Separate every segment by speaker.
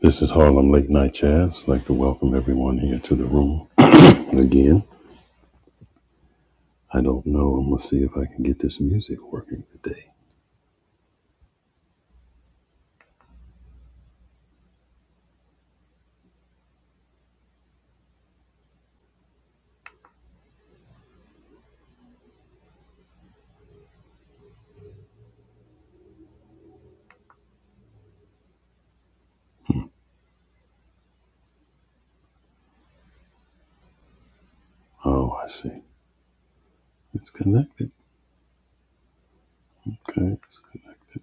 Speaker 1: This is Harlem Late Night Jazz. I'd like to welcome everyone here to the room again. I don't know. I'm going to see if I can get this music working today. Oh, I see. It's connected. Okay, it's connected.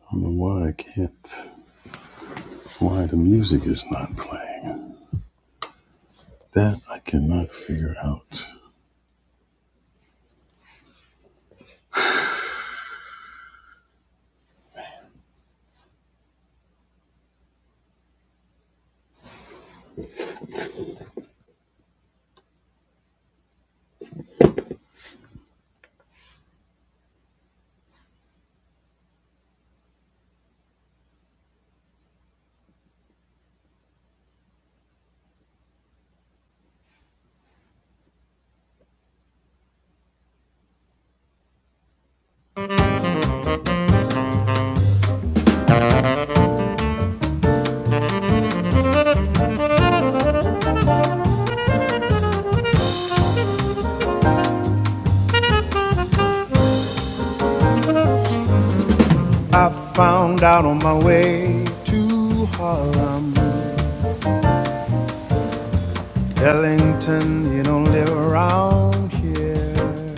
Speaker 1: I don't know why I can't, why the music is not playing. That I cannot figure out. I found out on my way to Harlem, Ellington, you don't live around here.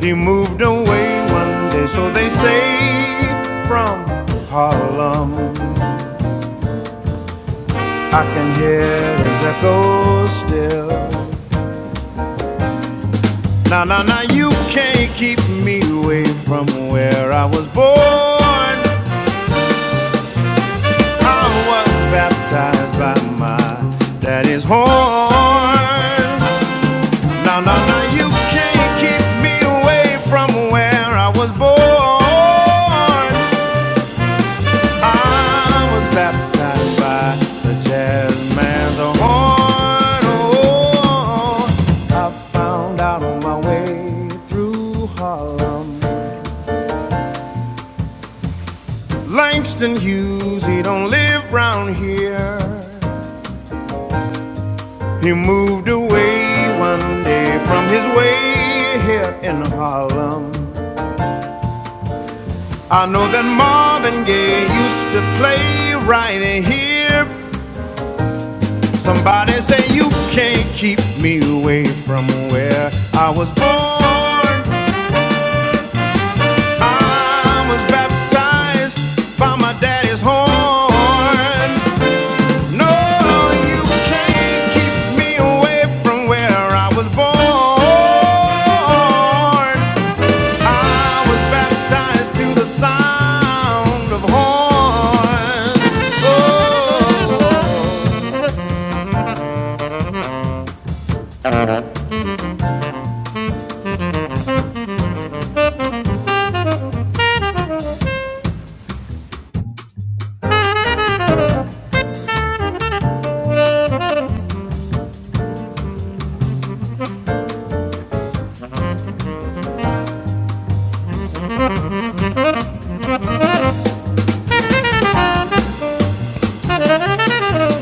Speaker 1: He moved away one day, so they say, from Harlem. I can hear his echo still. Now, now, now, you can't keep me away from where I was born. I was baptized by my daddy's horn. Now, now, now, you can't keep me away from where I was born. I was baptized by the jazz man's horn. Oh, I found out my way through Harlem. Langston Hughes, he don't live round here. He moved away one day from his way here in Harlem. I know that Marvin Gaye used to play right here Somebody say you can't keep me away from where I was born. I was baptized by my daddy's horn. No, you can't keep me away from where I was born. I was baptized to the sound of horn. Oh.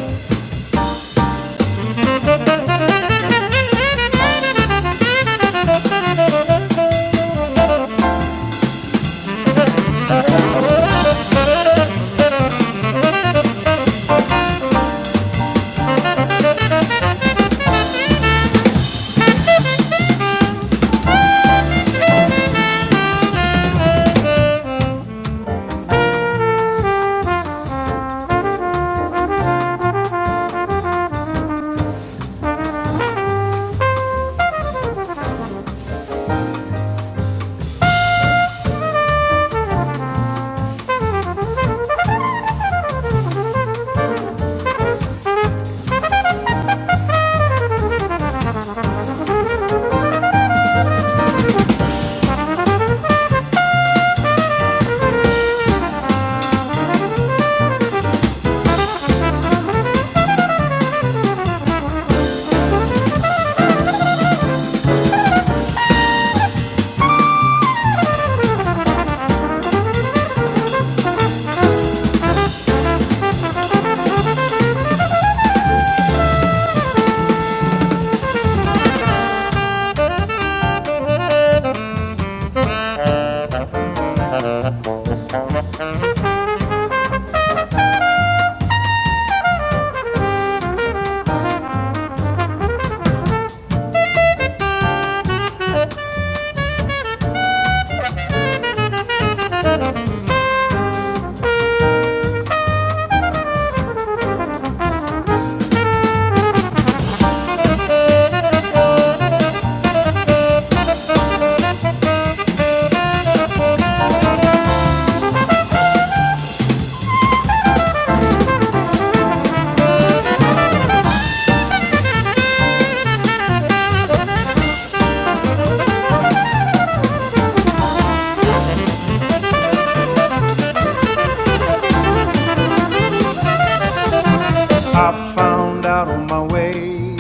Speaker 1: I found out on my way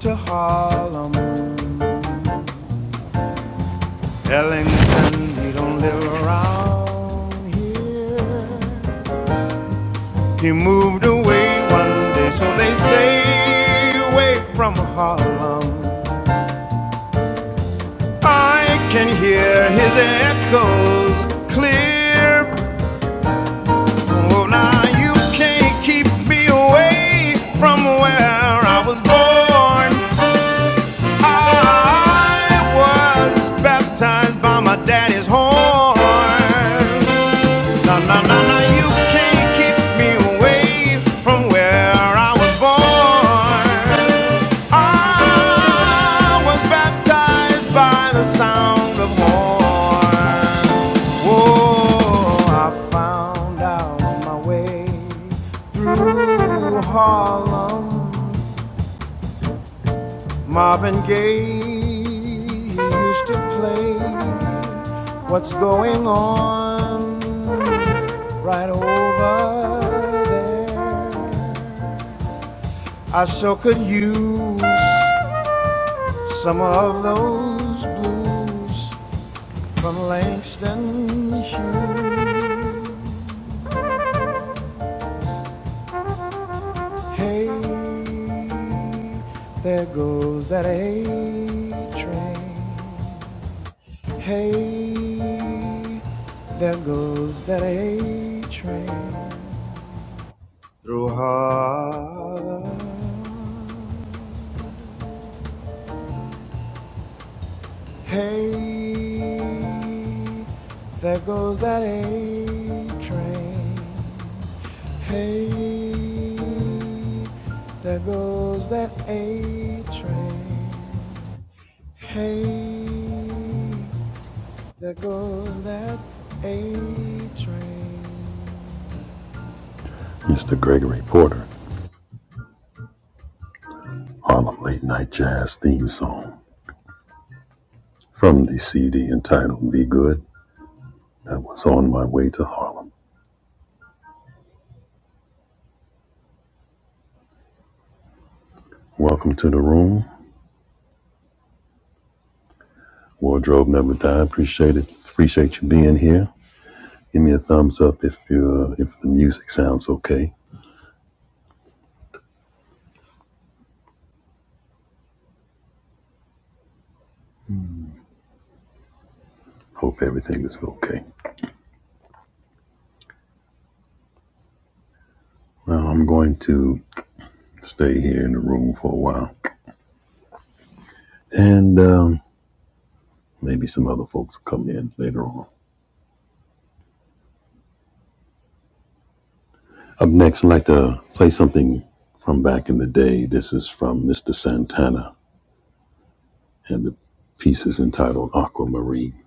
Speaker 1: to Harlem. Ellington, he don't live around here. He moved away one day, so they say, away from Harlem. I can hear his echoes clear. Oh, now you can't keep me away from where I was born. I was baptized by my daddy's horn. Na na na na, you can't keep me away from where I was born. I was baptized by the sound of horn. Whoa, I found out my way through Harlem. Marvin Gaye used to play What's Going On right over there. I so could use some of those blues from Langston Hughes. Hey, there goes that A train. Hey, there goes that A train through Harlem. Hey, there goes that A train. Hey, there goes that A train. Hey, there goes that A train. Mr. Gregory Porter. Harlem Late Night Jazz theme song from the CD entitled Be Good that was on my way to Harlem. Welcome to the room. Wardrobe Never Die. Appreciate it. Appreciate you being here. Give me a thumbs up if you if the music sounds okay. Hope everything is okay. Well, I'm going to stay here in the room for a while, and um, maybe some other folks will come in later on. Up next, I'd like to play something from back in the day. This is from Mr. Santana. and the piece is entitled Aquamarine.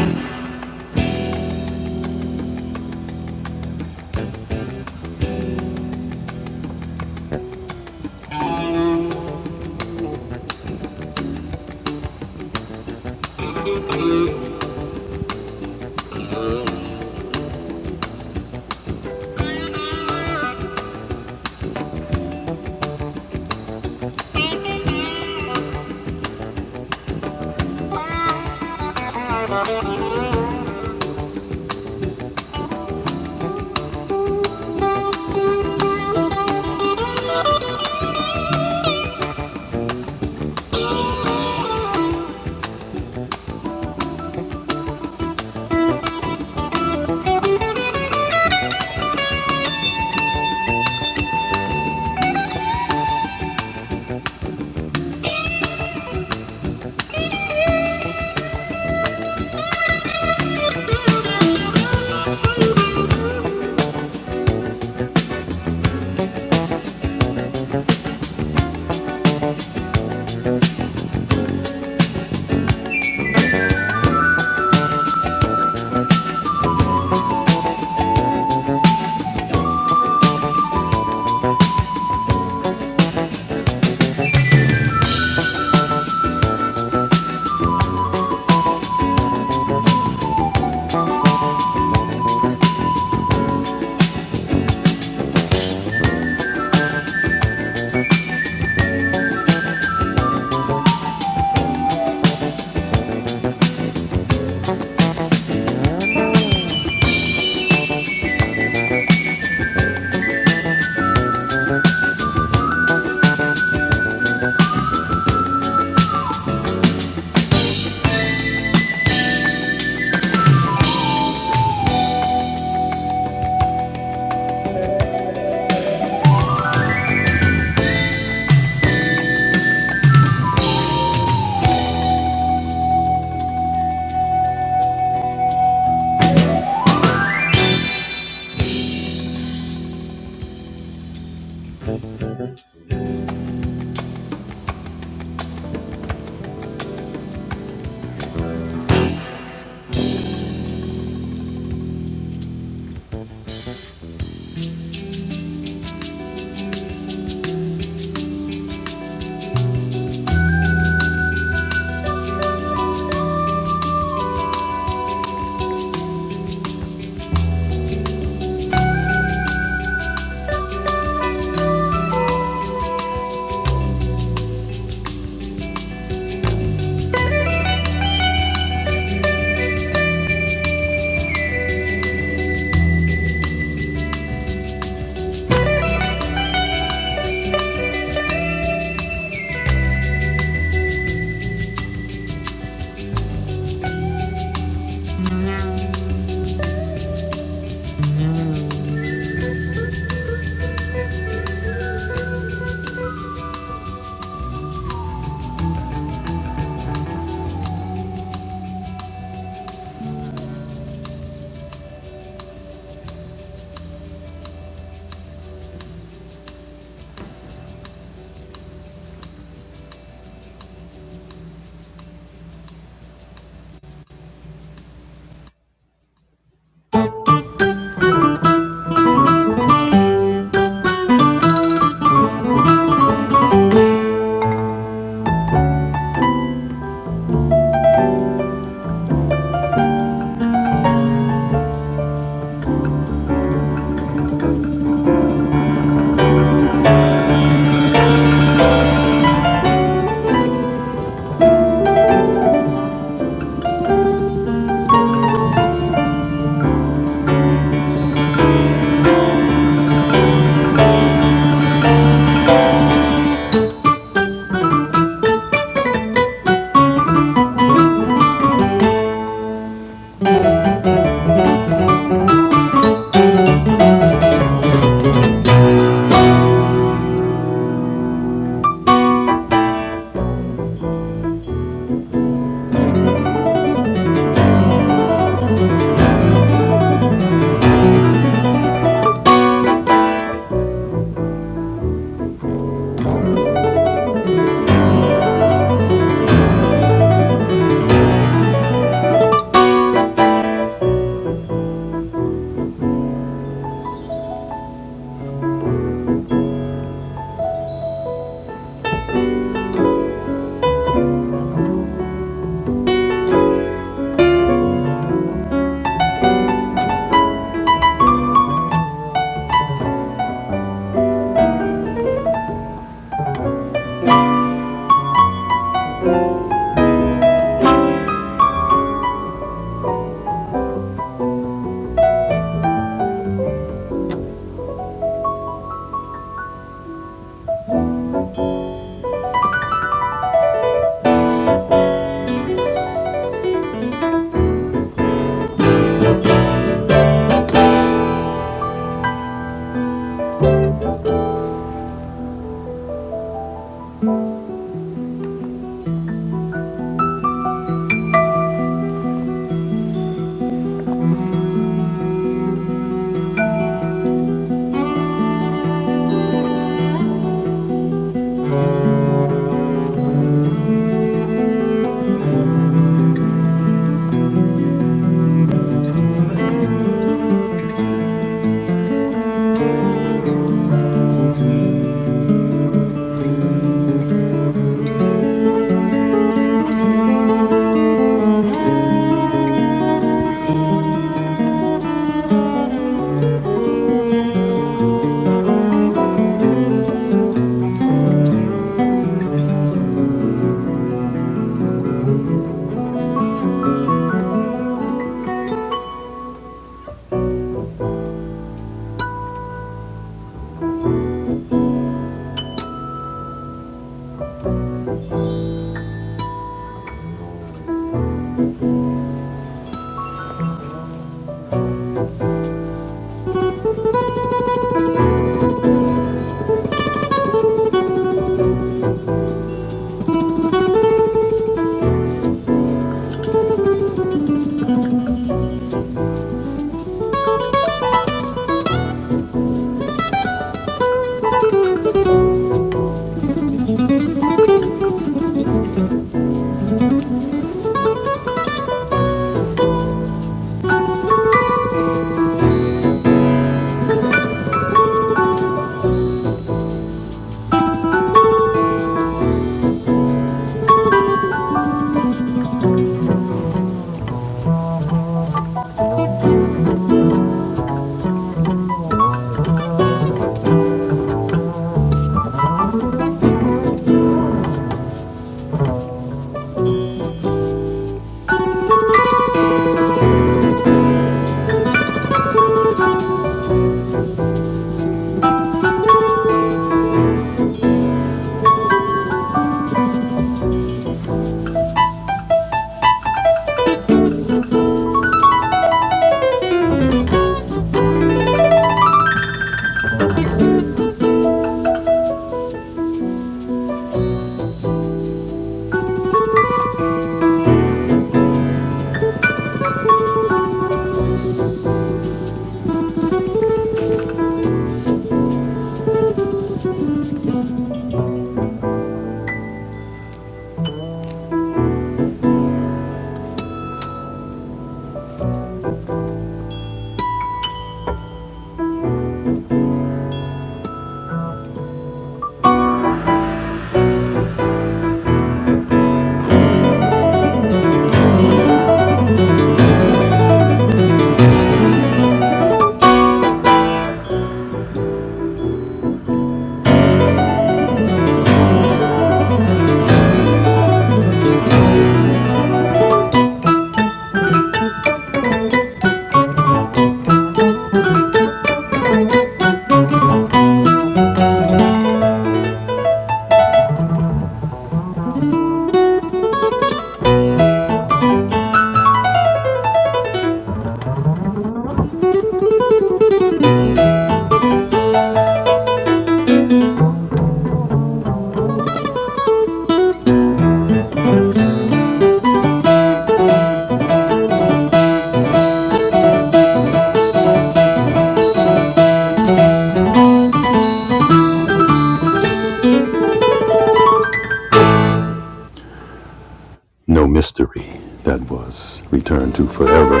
Speaker 1: No Mystery. That was returned to Forever.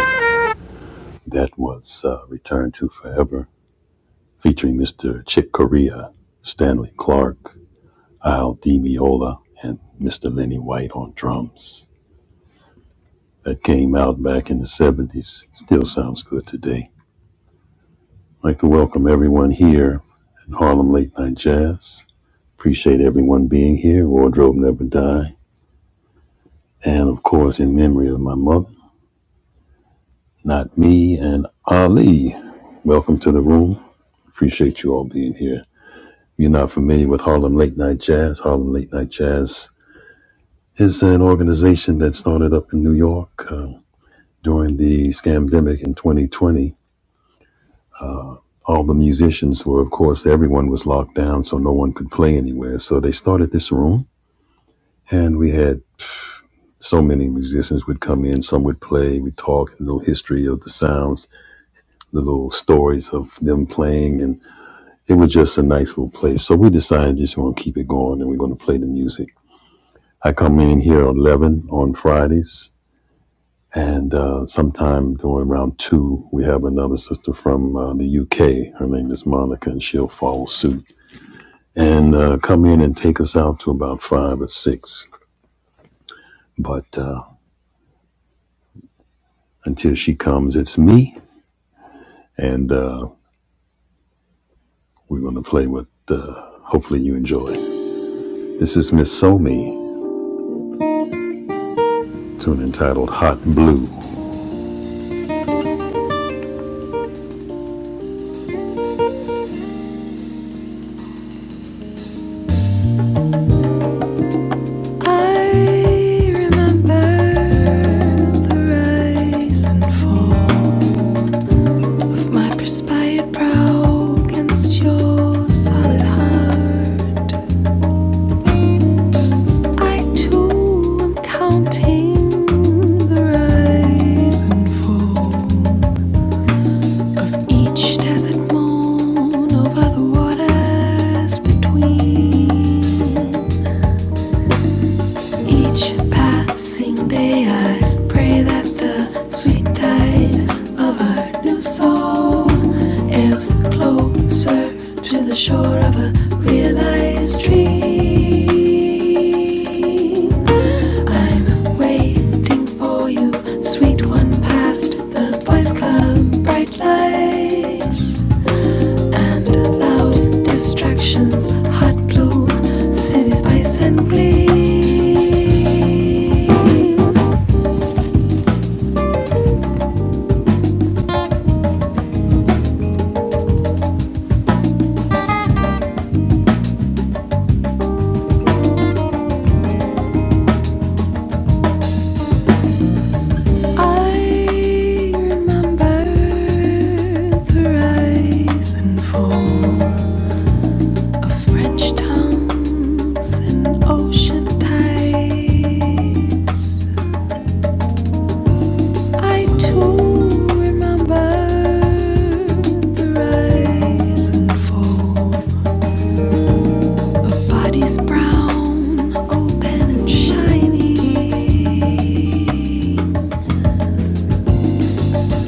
Speaker 1: That was uh, Return to Forever featuring Mr. Chick Corea, Stanley Clark, Al Di Meola, and Mr. Lenny White on drums. That came out back in the 70s. Still sounds good today. I'd like to welcome everyone here at Harlem Late Night Jazz. Appreciate everyone being here. Wardrobe Never Die. And of course, in memory of my mother. Not me and Ali. Welcome to the room. Appreciate you all being here. If you're not familiar with Harlem Late Night Jazz, Harlem Late Night Jazz is an organization that started up in New York uh, during the scamdemic in 2020. All the musicians were, of course, everyone was locked down, so no one could play anywhere. So they started this room, and we had so many musicians would come in. Some would play. We talk a little history of the sounds, the little stories of them playing, and it was just a nice little place. So we decided just going to keep it going and we're going to play the music. I come in here at 11 on Fridays. And uh, sometime during around two, we have another sister from uh, the UK. Her name is Monica, and she'll follow suit and uh, come in and take us out to about five or six. But uh, until she comes, it's me, and uh, we're going to play what uh, hopefully you enjoy. This is Miss Somi, tune entitled Hot Blue. I remember the rise and fall of my perspired brow against your solid heart. I too am counting the rise and fall of each desert moon over the waters between. Each passing day, I pray that the sweet tide of a new soul ebbs closer to the shore of a realized dream. I'm waiting for you, sweet one, past the boys' club bright lights and loud distractions, hot blue city spice and gleam. I remember the rise and fall of French tongues and ocean tides. I too remember the rise and fall. Her body's brown, open and shiny.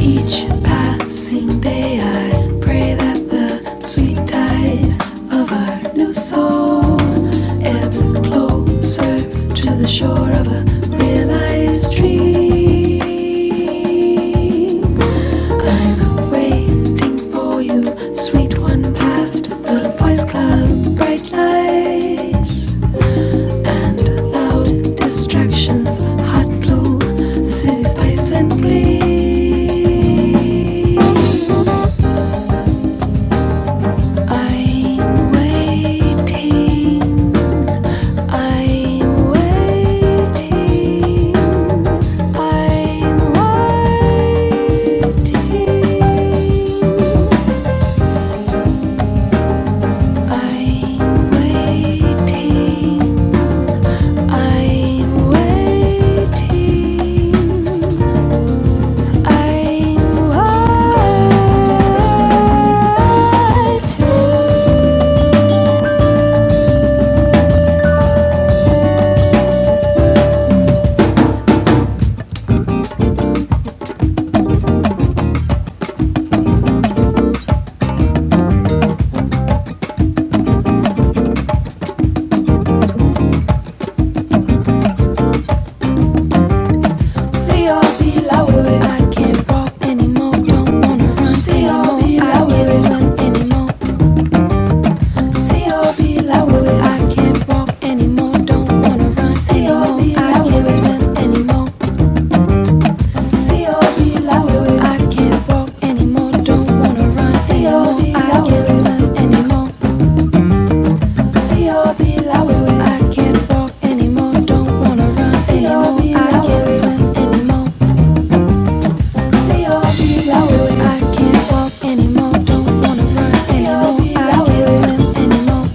Speaker 1: Each passing day, I pray that the sweet tide of our new soul ebbs closer to the shore of a realized dream. Waiting for you, sweet one, past the boys' club bright lights. and loud distractions, hot blue city space and glee. I'm waiting, I'm waiting, I'm waiting, I'm waiting. I'm wired to can't walk anymore, don't wanna run see all the Swim anymore, see can't walk anymore, don't wanna run see all the Swim anymore, see can't walk anymore, don't wanna run see all the Swim anymore. I can't walk anymore, don't wanna run anymore. I can't swim anymore. I can't walk anymore, don't wanna run anymore. I can't swim anymore.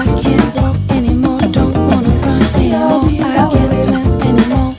Speaker 1: I can't walk anymore, don't wanna run anymore. I can't swim anymore.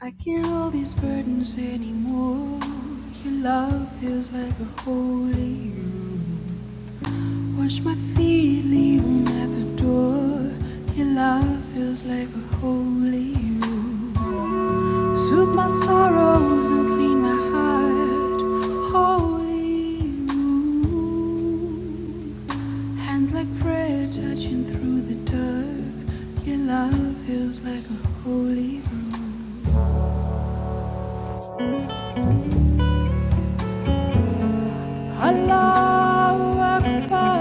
Speaker 1: I can't hold these burdens anymore. Your love feels like a holy Wash my feet, leave them at the door. Your love feels like a holy road. Soothe my sorrows and clean my heart. Holy room. Hands like prayer touching through the dark. Your love feels like a holy room. Allahu Akbar.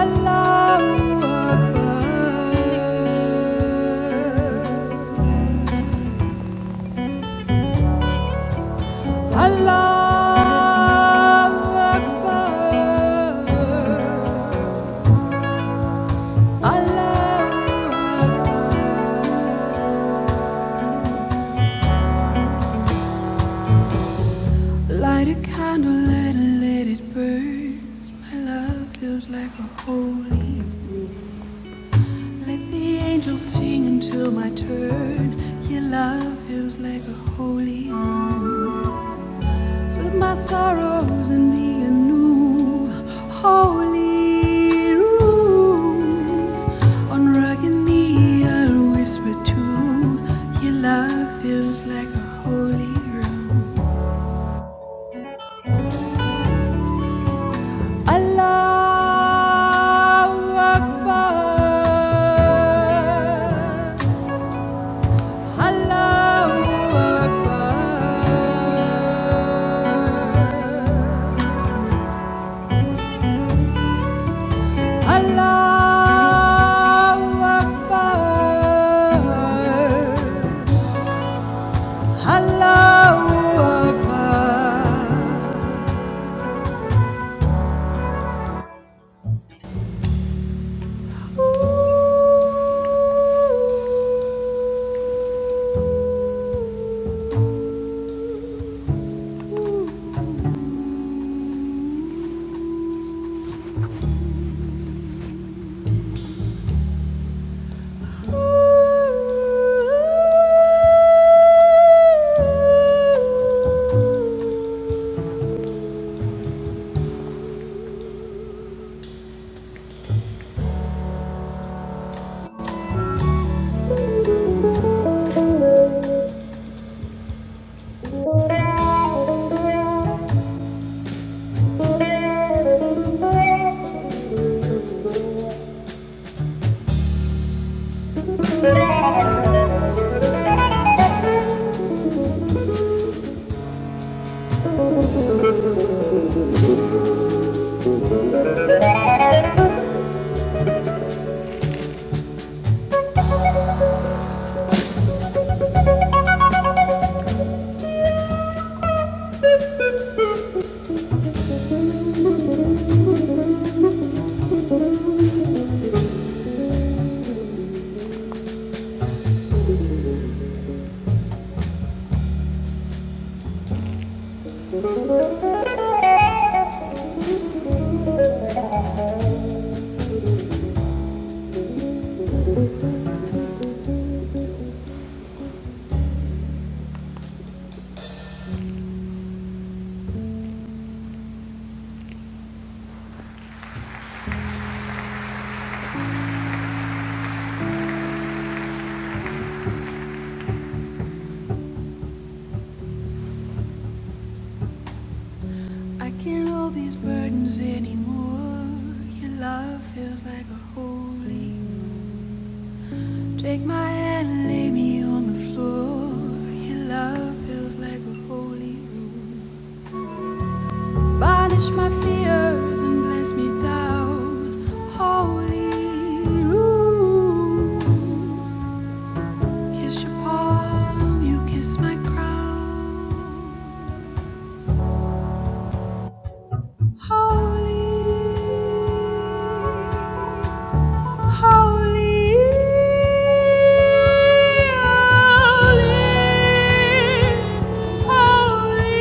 Speaker 1: Allahu Akbar. Allahu Akbar. Allahu Akbar. Light a candle, let let it burn. My love feels like a holy. Let the angels sing until my turn. Your love feels like a holy. with my sorrows and be a new holy room. On rugged knee, I'll whisper too. your love feels like a holy room. Allahu Akbar. Allahu Akbar. Allahu Akbar. Allahu Akbar. I can't hold these burdens anymore. Your love feels like a holy. Take my hand and lay me on the floor. It feels like a holy. room. Banish my fears and bless me down. Holy. room. Kiss your palm, you kiss my crown. Holy, holy, holy, holy.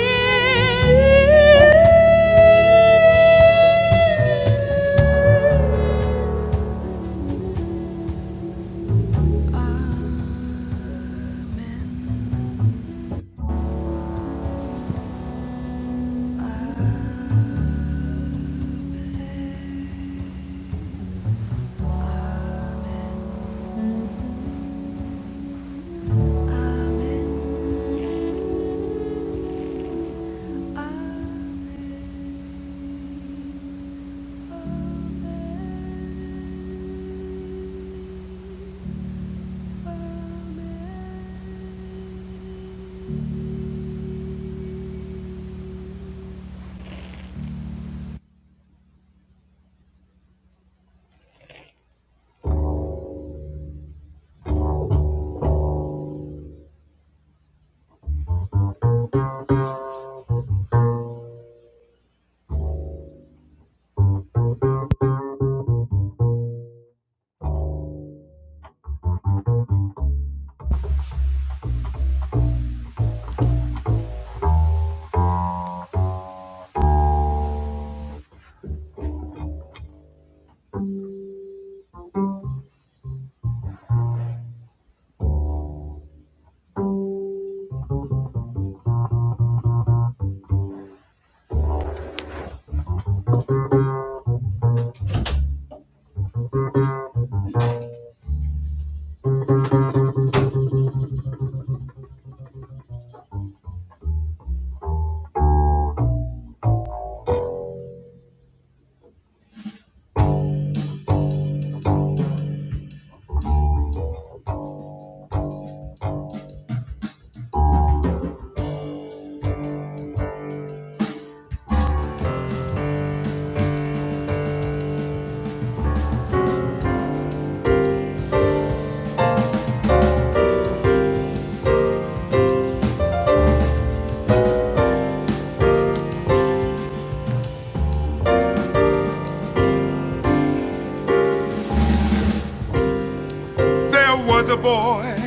Speaker 1: There was a boy,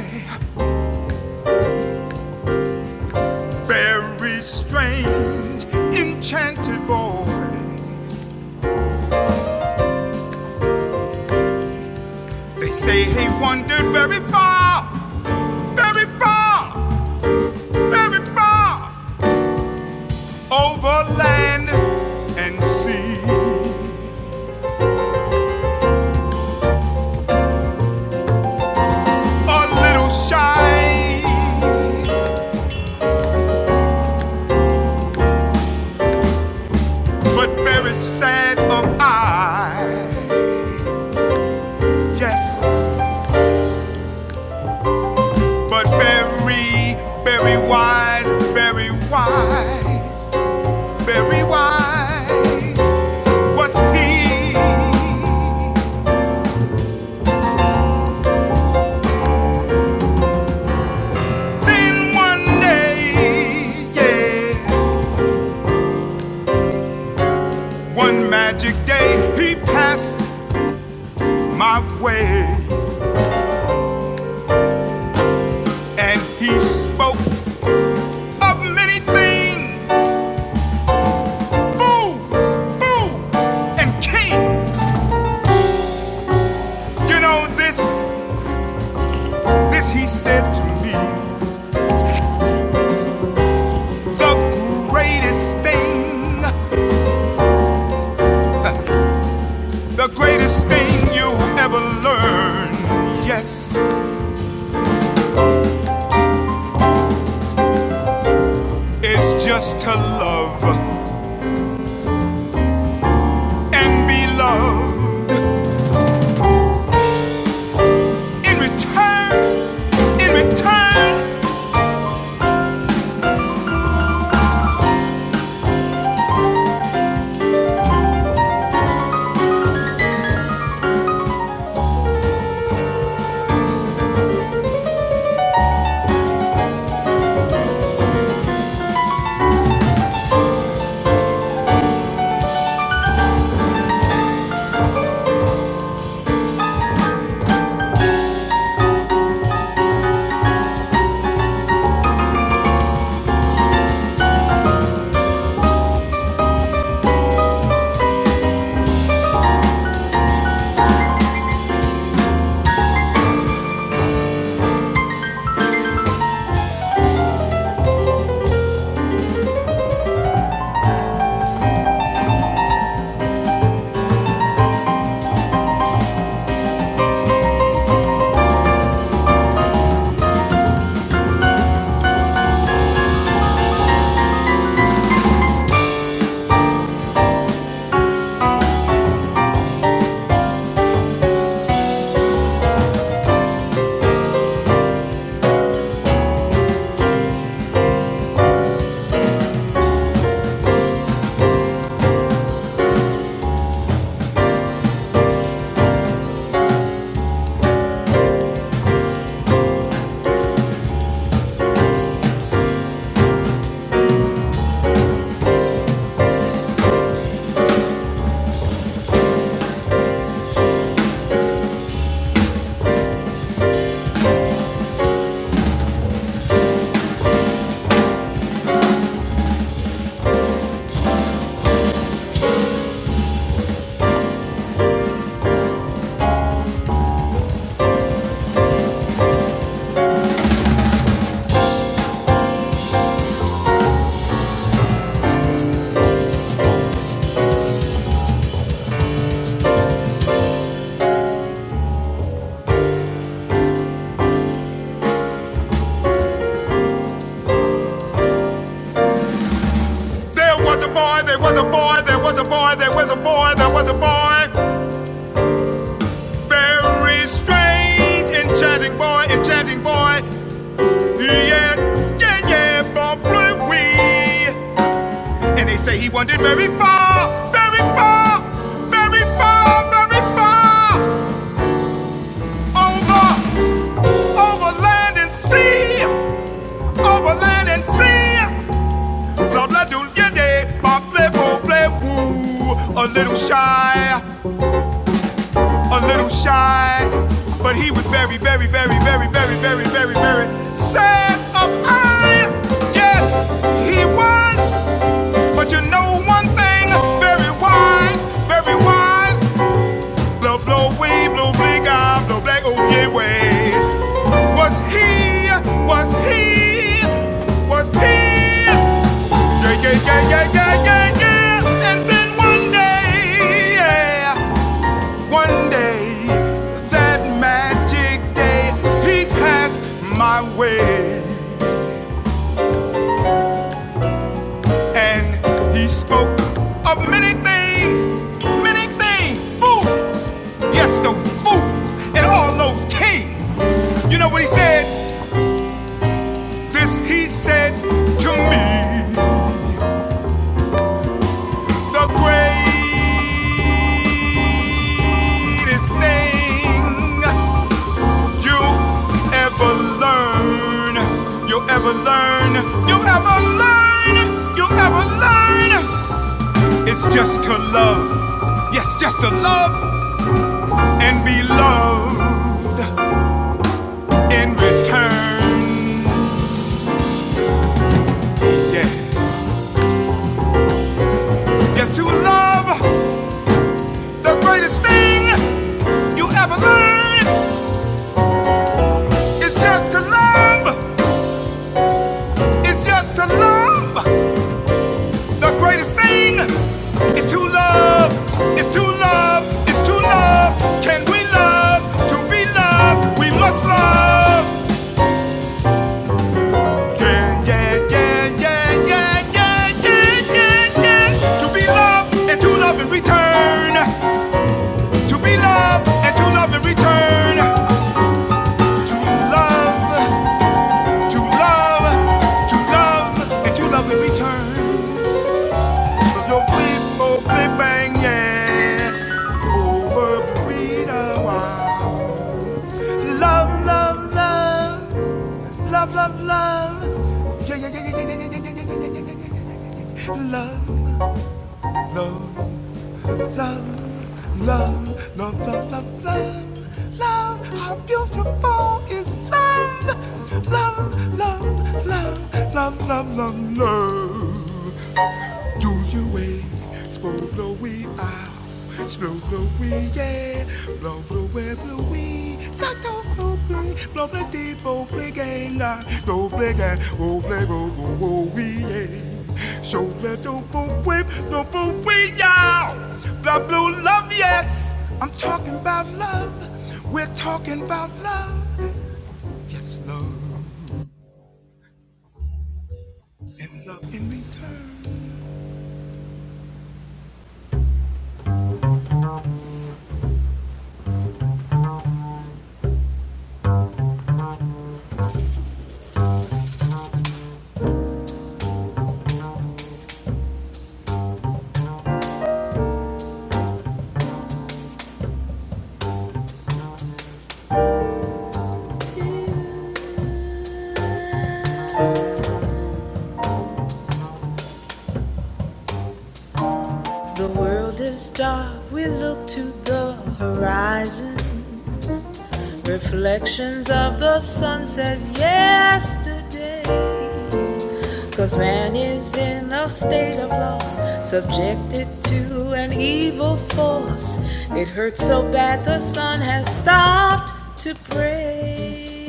Speaker 1: very strange, enchanted boy. They say he wandered very far, very far, very far. over land and sea. A little shy, but very sad of eye. Yes, but very, very wise, very wise, very wise was he. Then one day, yeah, one magic day, he passed my way and he spoke of many things, fools, fools, and kings. You know this, this he said to me. The greatest thing, the greatest thing you ever learn, yes, is just to love and be loved. In return, in return, there was a boy, there was a boy, there was a boy, there was a boy, there was a boy. Very strange enchanting boy, enchanting boy. Yeah, yeah, yeah, bon bleu, oui. And they say he wandered very far, very far, very far, very far. Over, over land and sea, over land and sea. Blah, blah, doo, yeah, yeah, bon bleu, bon bleu, woo. A little shy. a little shy, but he was very, very, very, very, very, very, very, very sad of eye. Yes, he was. But you know one thing, very wise, very wise. Blow, blow, way, blow, blink, eye, blow, black, oh, yeah, way. Was he, was he, was he? Yeah, yeah, yeah, yeah, yeah, yeah, yeah. And then one day, yeah. One day, that magic day, he passed my way and he spoke of many things, many things, fools, yes, those fools and all those kings. You know what he said? This he said to me, the greatest thing you ever learn, you ever learn, you ever learn, you ever learn. It's just to love, yes, just to love and be loved in return. Yeah, yes, to love the greatest thing you ever learn. is just to love, it's just to love. The greatest thing is to love, is to love, is to love. Can we love? To be loved, we must love. Yeah, yeah, yeah, yeah, yeah, yeah, yeah, yeah, yeah. To be loved and to love in return. To be loved and to love in return. To love, to love, to love and to love in return. No people be banging over burrito. Love, love, love, love, love, love. Yeah, yeah, yeah, yeah, yeah, yeah, yeah, yeah, yeah, yeah, yeah, yeah, yeah. yeah, yeah, yeah. Love, love, love, love, love, love, love, love, love. How beautiful is love? Love, love, love, love, love, love, love. Do you wait? Slow blowy out. Slow blowy, yeah. Blow blowy, blowy. Tato blow blowy. Blow blow deep, blow blowy gang. Blow blowy gang. Blow blowy, blow blowy, yeah. So blow blow blowy, blow blowy, yeah. Blow blow love, yes. I'm talking about love. We're talking about love. Yes, love. And love in return. The world is dark, we look to the horizon. Reflections of the sunset yesterday. Cause man is in a state of loss, subjected to an evil force. It hurts so bad the sun has stopped to pray.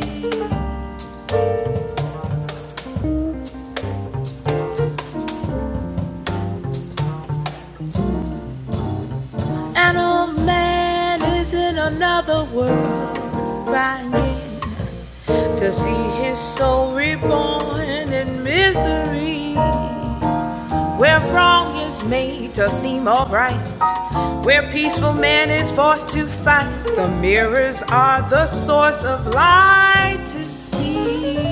Speaker 1: And oh man is in another world, crying to see his soul reborn in misery, where wrong is made to seem alright, where peaceful man is forced to fight. The mirrors are the source of light to see.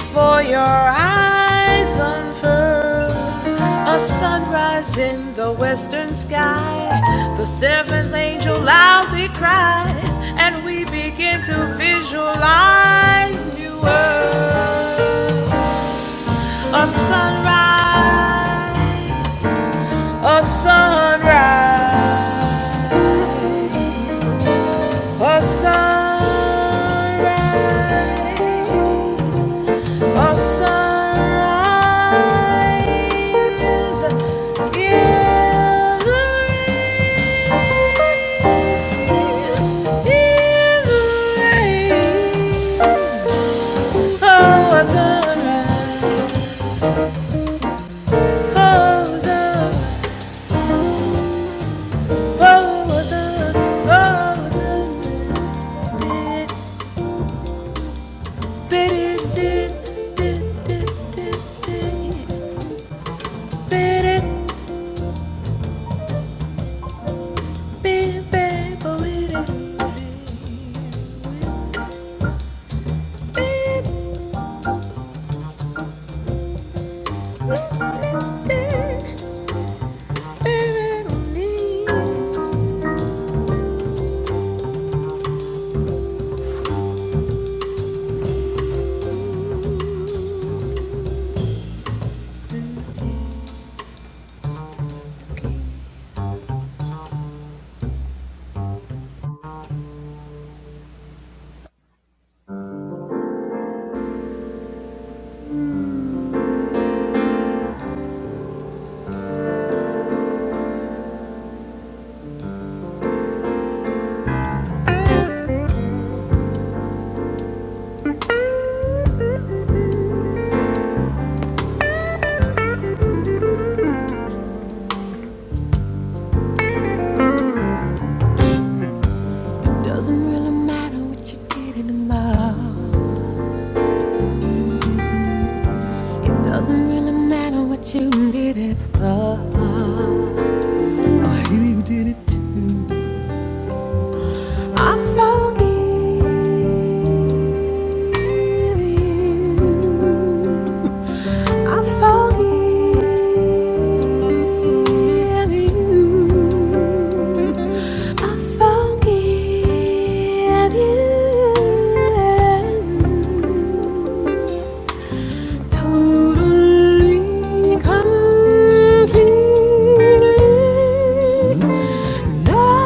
Speaker 1: Before your eyes unfurl, a sunrise in the western sky. The seventh angel loudly cries, and we begin to visualize new earth. A sunrise, a sunrise. A sunrise, a sunrise in the rain, in the rain. Oh, a sunrise, oh, sunrise, oh, a sunrise, oh, a sunrise. Did, did, did, did, did, did, did. It Doesn't really matter what you did in the It doesn't really matter what you did it for. Why You did it. I forgive you. I found in you. I found in you. Totally, completely. Now,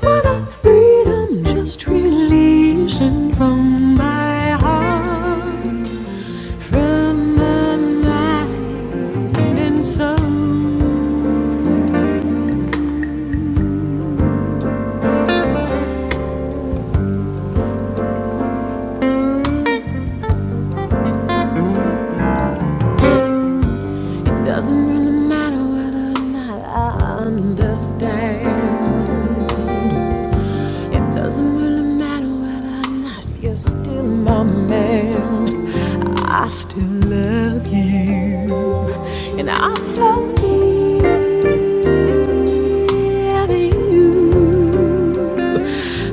Speaker 1: what a freedom just releasing from my heart. From my mind and soul, it doesn't really matter whether or not I understand. It doesn't really matter whether or not you're still my man. I still love you, and I forgive you.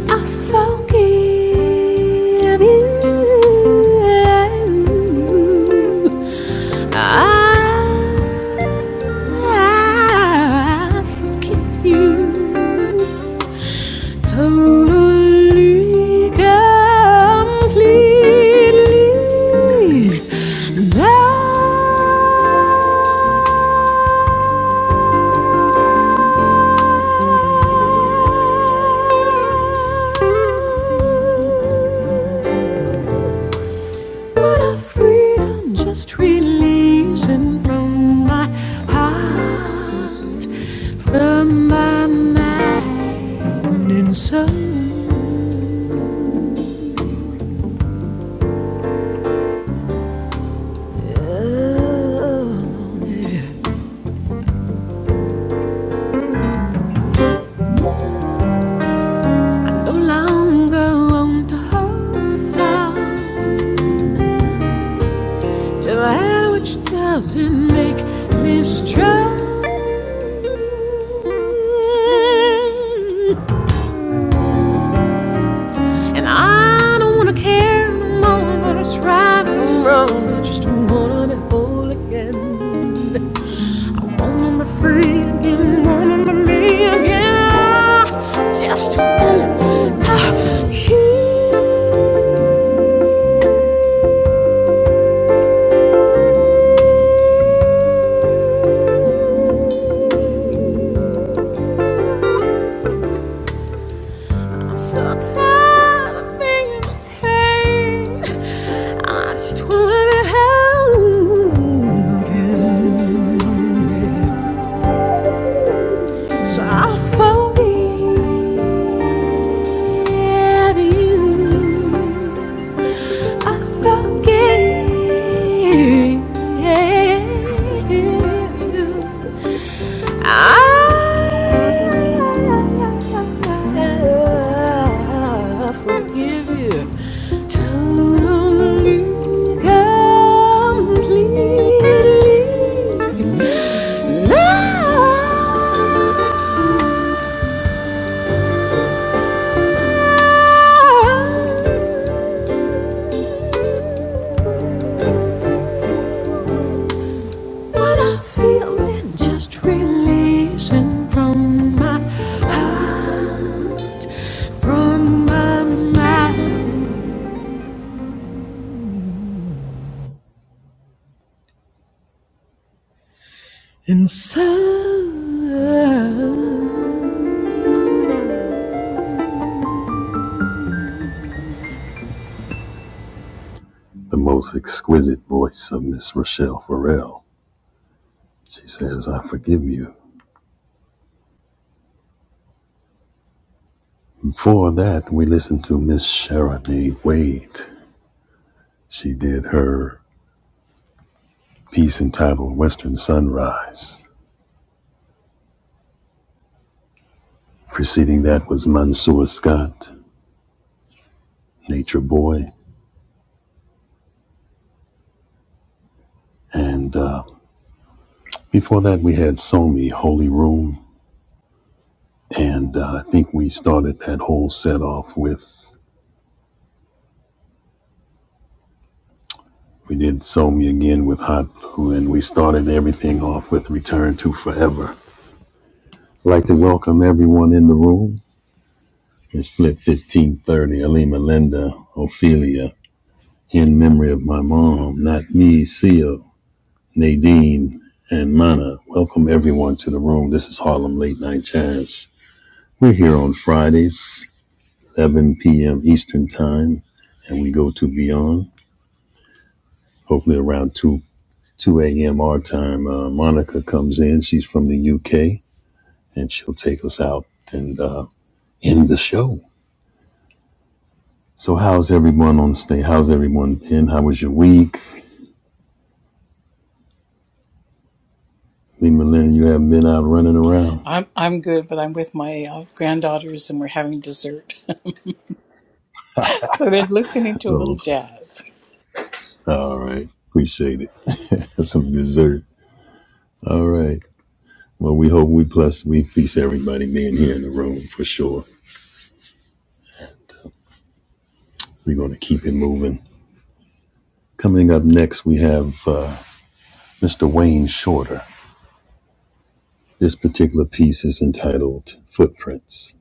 Speaker 1: I forgive you. I, I forgive you. Totally, completely down. What a freedom, just releasing from my heart, from my mind and soul. Oh, no longer want to hold on. No matter which doesn't make me strong. And I don't wanna care no more whether it's right or wrong. I just wanna be whole again. Wanna be free again. Wanna be me again. Just wanna talk. So tired of being in pain. I just wanna be home again. So I found you. I forget. I forgive you totally, completely. Love. What I'm feeling, just releasing from my heart, from my mind and soul. The most exquisite voice of Miss Rochelle Farrell. She says, I forgive you. Before that, we listened to Miss Sharonee Wade. She did her piece entitled Western Sunrise. Preceding that was Mansour Scott, Nature Boy, and uh, Before that, we had Somi Holy Room, and uh, I think we started that whole set off with we did Somi again with Hot Blue, and we started everything off with Return to Forever. I'd like to welcome everyone in the room. It's Flip 1530, Alima Linda, Ophelia, in memory of my mom, not me, Seal, Nadine, and Mana. Welcome everyone to the room. This is Harlem Late Night Jazz. We're here on Fridays 11 p.m. Eastern Time, and we go to Beyond. Hopefully, around 2 2 a.m. our time, uh, Monica comes in. She's from the UK, and she'll take us out and uh, end the show. So, how's everyone on stage? How's everyone been? How was your week? Lee Millennium, you haven't been out running around?
Speaker 2: I'm I'm good, but I'm with my uh, granddaughters and we're having dessert. so they're listening to a
Speaker 1: Oh,
Speaker 2: little
Speaker 1: okay.
Speaker 2: jazz.
Speaker 1: All right. Appreciate it. Some dessert. All right. Well, we hope we bless, we feast everybody being here in the room for sure. We're going to keep it moving. Coming up next, we have uh, Mr. Wayne Shorter. This particular piece is entitled Footprints.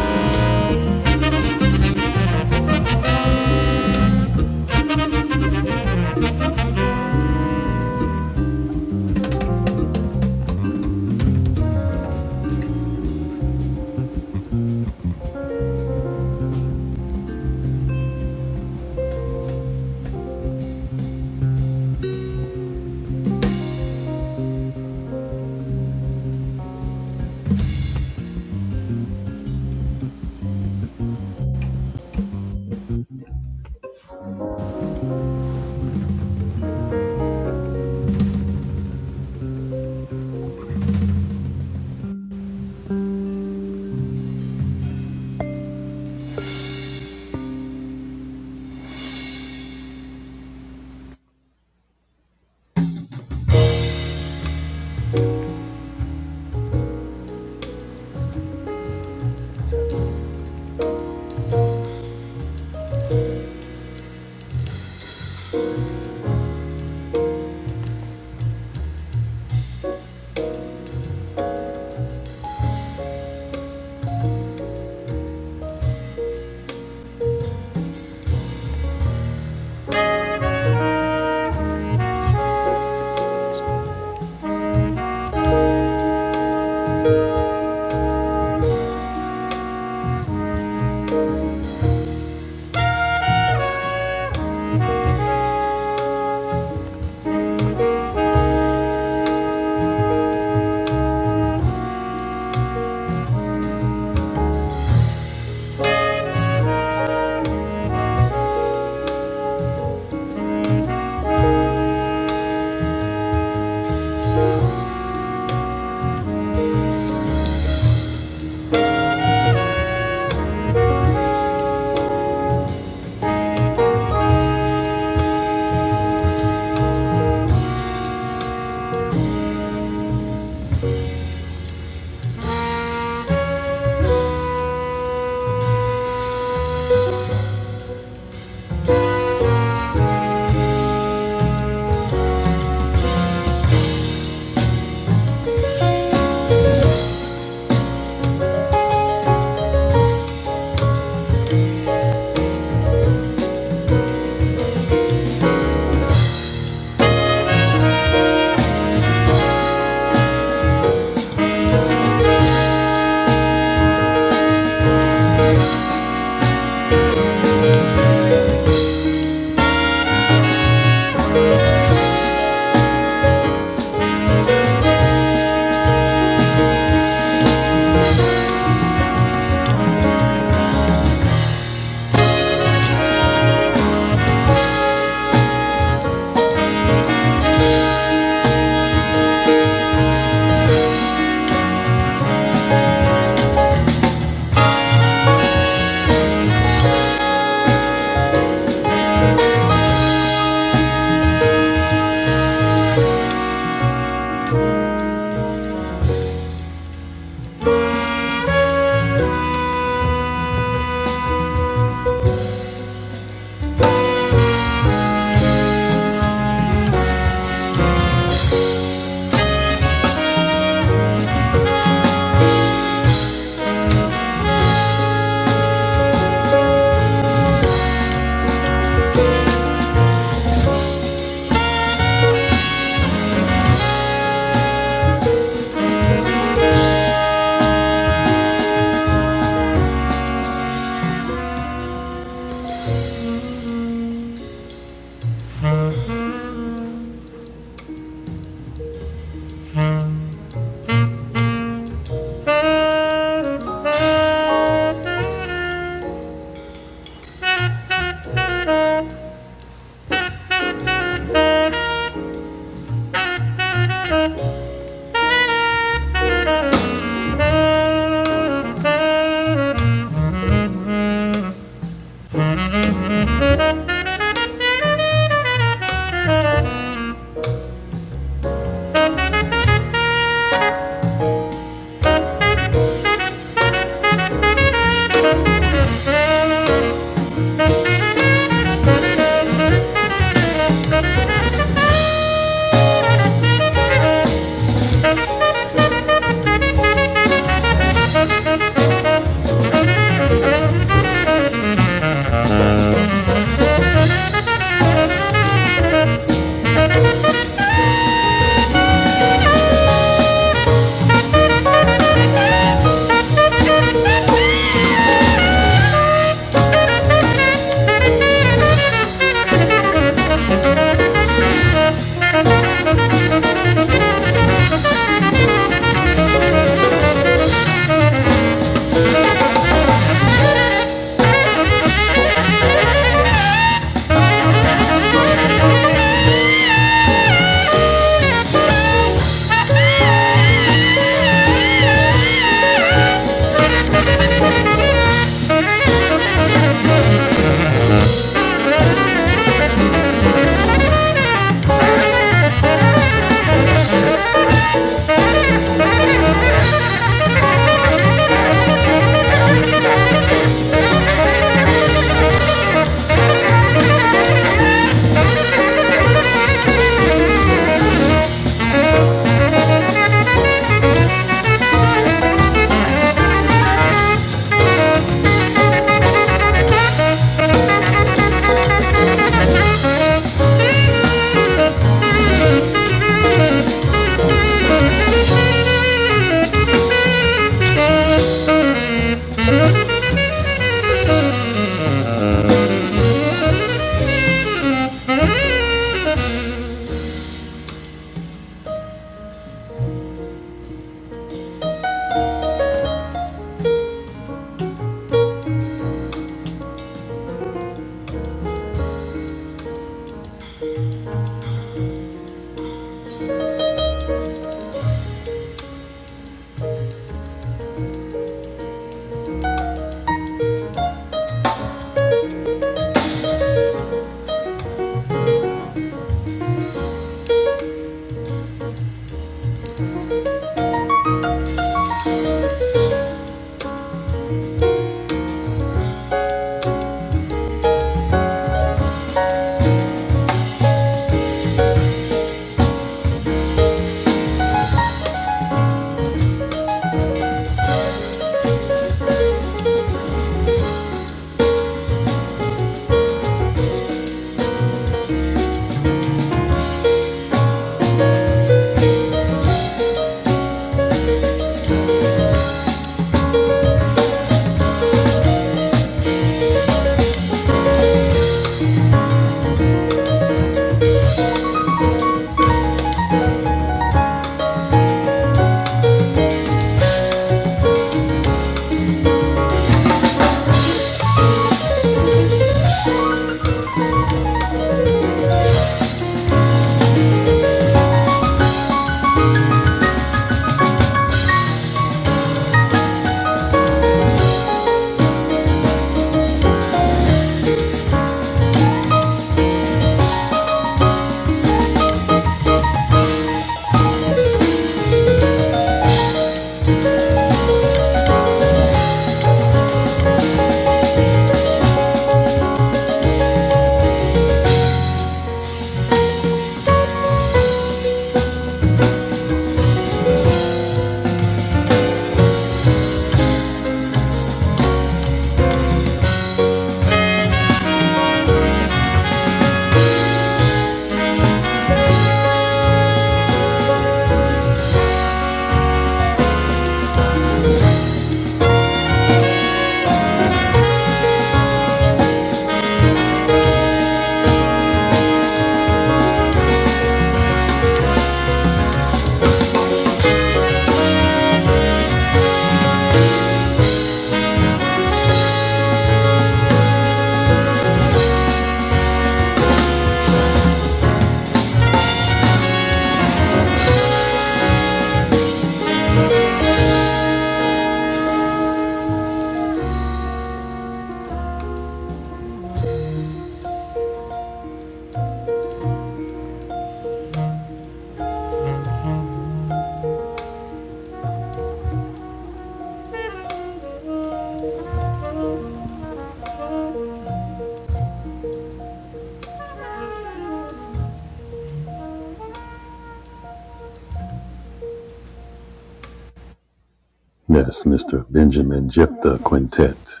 Speaker 1: That's Mr. Benjamin Jephthah Quintet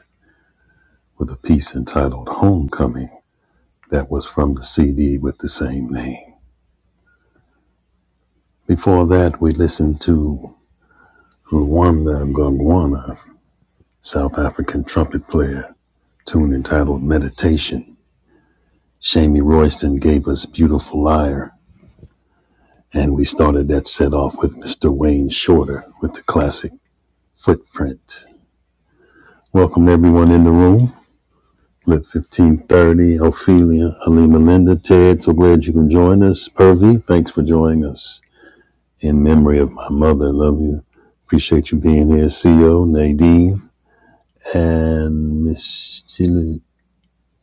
Speaker 1: with a piece entitled Homecoming that was from the CD with the same name. Before that, we listened to Rwanda Gongwana South African trumpet player, tune entitled Meditation. Shamie Royston gave us Beautiful Liar, and we started that set off with Mr. Wayne Shorter with the classic Footprint. Welcome everyone in the room. Lit 1530, Ophelia, Halima Linda, Ted, so glad you can join us. Purvi, thanks for joining us. In memory of my mother, love you. Appreciate you being here. Co, Nadine, and Miss Chile.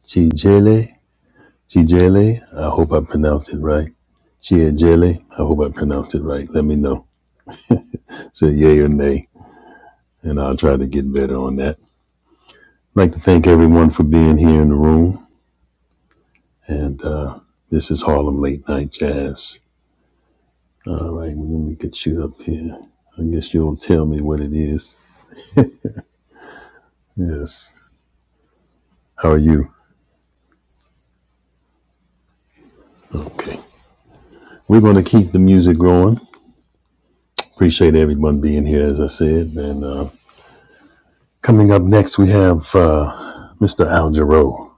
Speaker 1: Chijele. Chijele, I hope I pronounced it right. Chiajele, I hope I pronounced it right. Let me know. Say yay or nay, and I'll try to get better on that. I'd like to thank everyone for being here in the room. And uh, this is Harlem Late Night Jazz. All right, well, let me get you up here. I guess you'll tell me what it is. Yes. How are you? Okay. We're going to keep the music going. Appreciate everyone being here, as I said. And uh, coming up next, we have uh, Mr. Al Jarreau.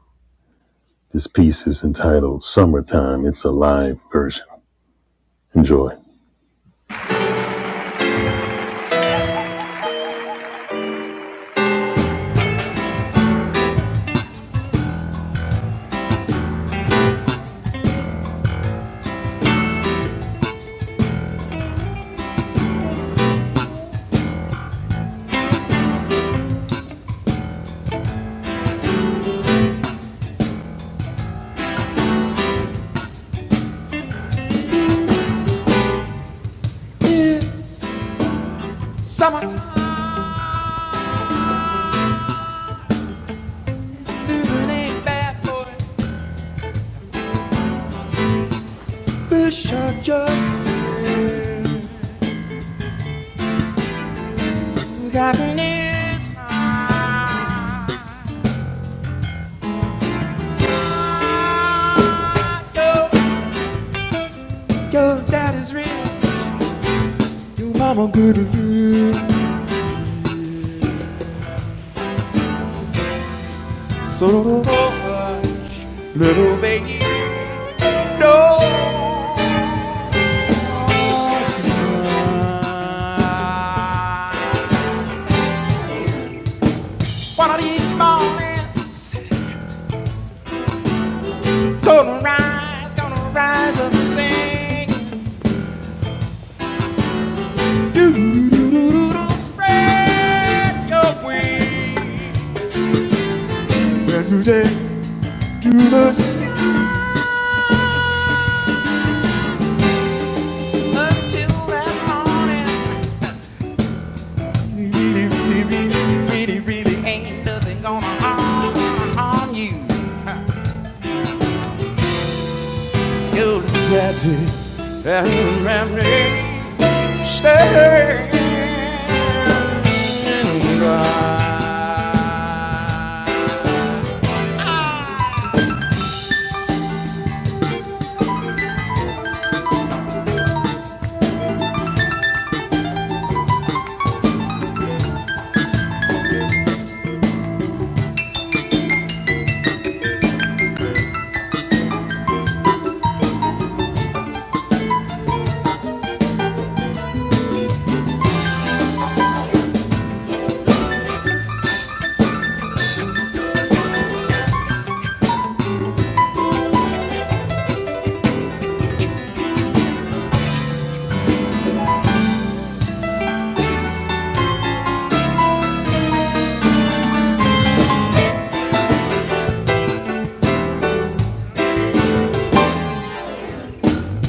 Speaker 1: This piece is entitled Summertime. It's a live version. Enjoy. It ain't real. I'm a good little baby. No. One of these mornings, gonna rise, gonna rise up and sing. Doodle spread your wings until that morning. Really, really, really, really ain't gonna harm you. That reminiscence dry.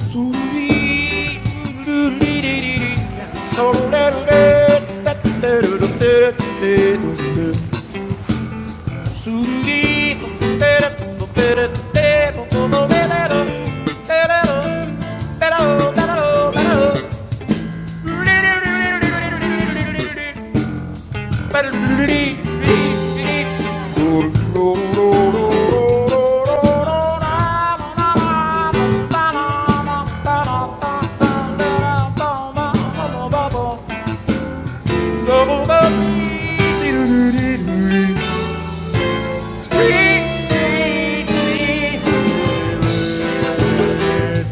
Speaker 1: Sweet, so let Sweet. Thank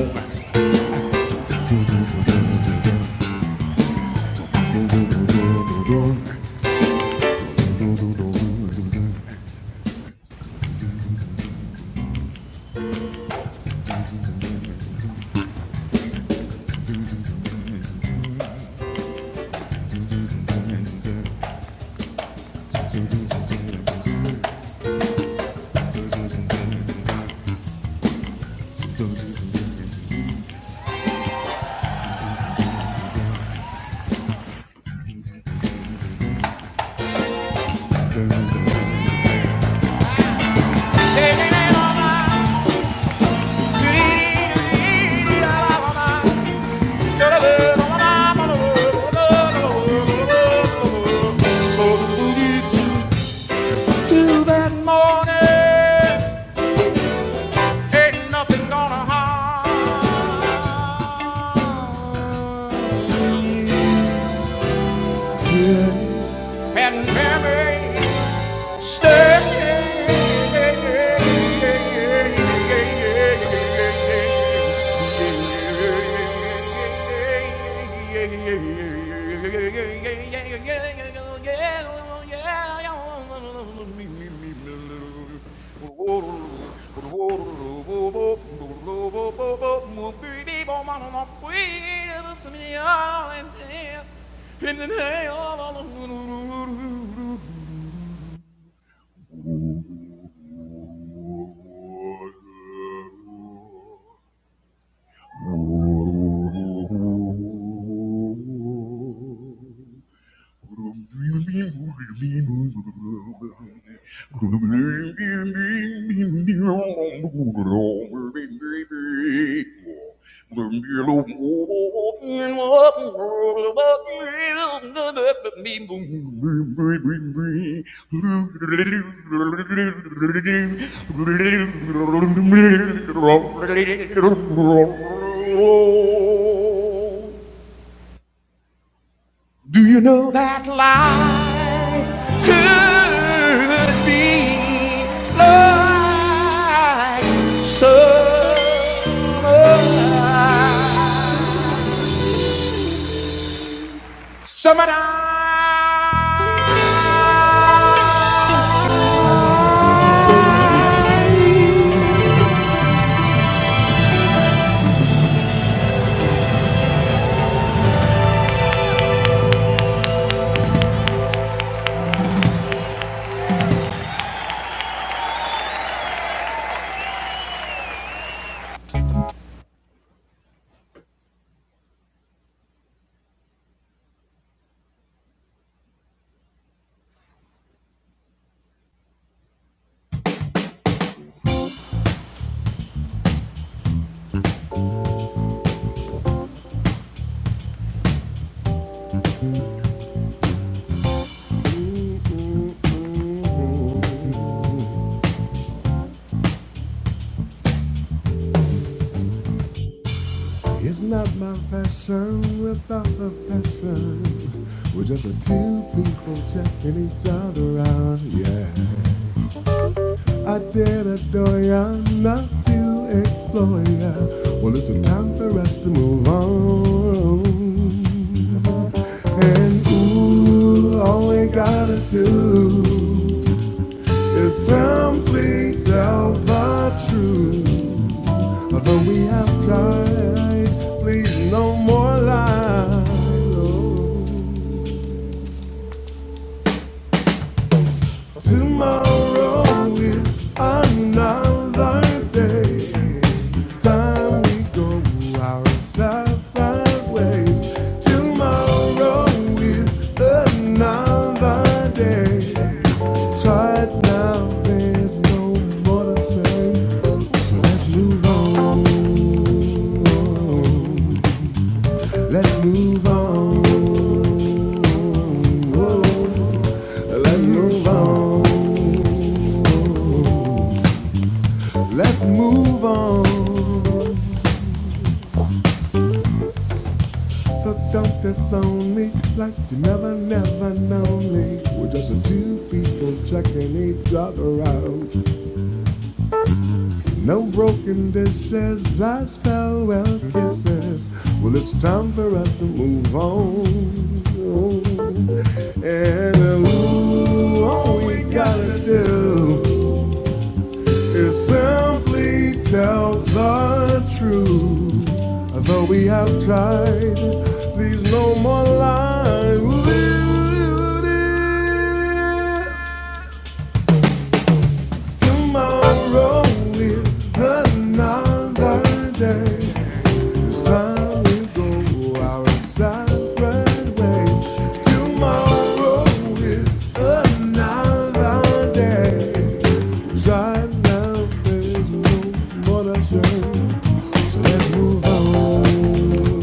Speaker 1: you. To that morning. Ain't nothing gonna harm. Can hear Stay ooh, you. Do you know that life could be like summer? Summertime is not my passion without the passion. We're just a two people checking each other out, yeah. I did adore ya, not to explore ya. Well, it's a time for us to move on. And ooh, all we gotta do is simply tell the truth. Although we have tried, please no more lies. Oh. Tomorrow is another day. It's time we go our separate ways. Tomorrow is another day. Try it now, there's no more to say. So let's move on. Let's move on. Let's move on. Let's Like you never, never known me. We're just the two people checking each other out. No broken dishes, last farewell kisses. Well, it's time for us to move on. And uh, ooh, all we gotta do You simply tell the truth. Although we have tried, please no more lies. Tomorrow is another day. It's time we go our separate ways. Tomorrow is another day. Right now there's no more to say. So let's move on.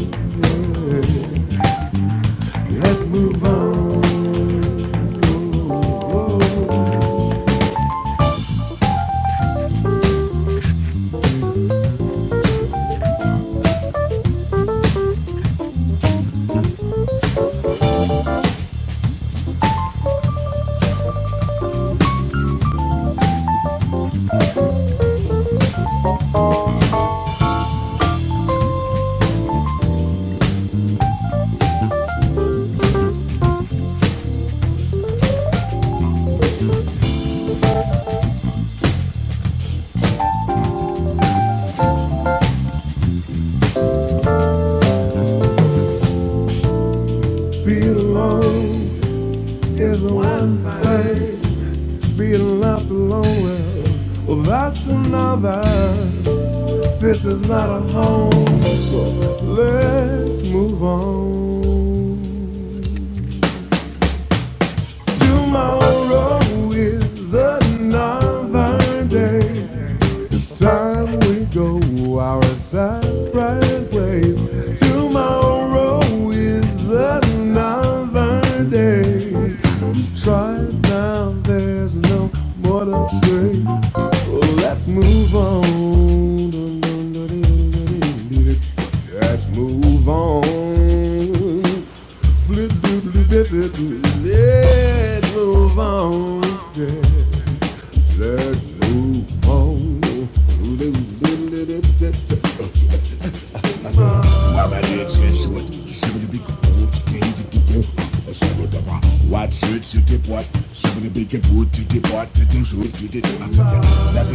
Speaker 1: Yeah. Let's move on. Being alone is one thing. Being left alone, well, well that's another. This is not a home, so let's move on. Tomorrow is another day. It's time we go our separate ways. Tomorrow is another day. Try it now, there's no more to pray. Well, Let's move on. Let's move on that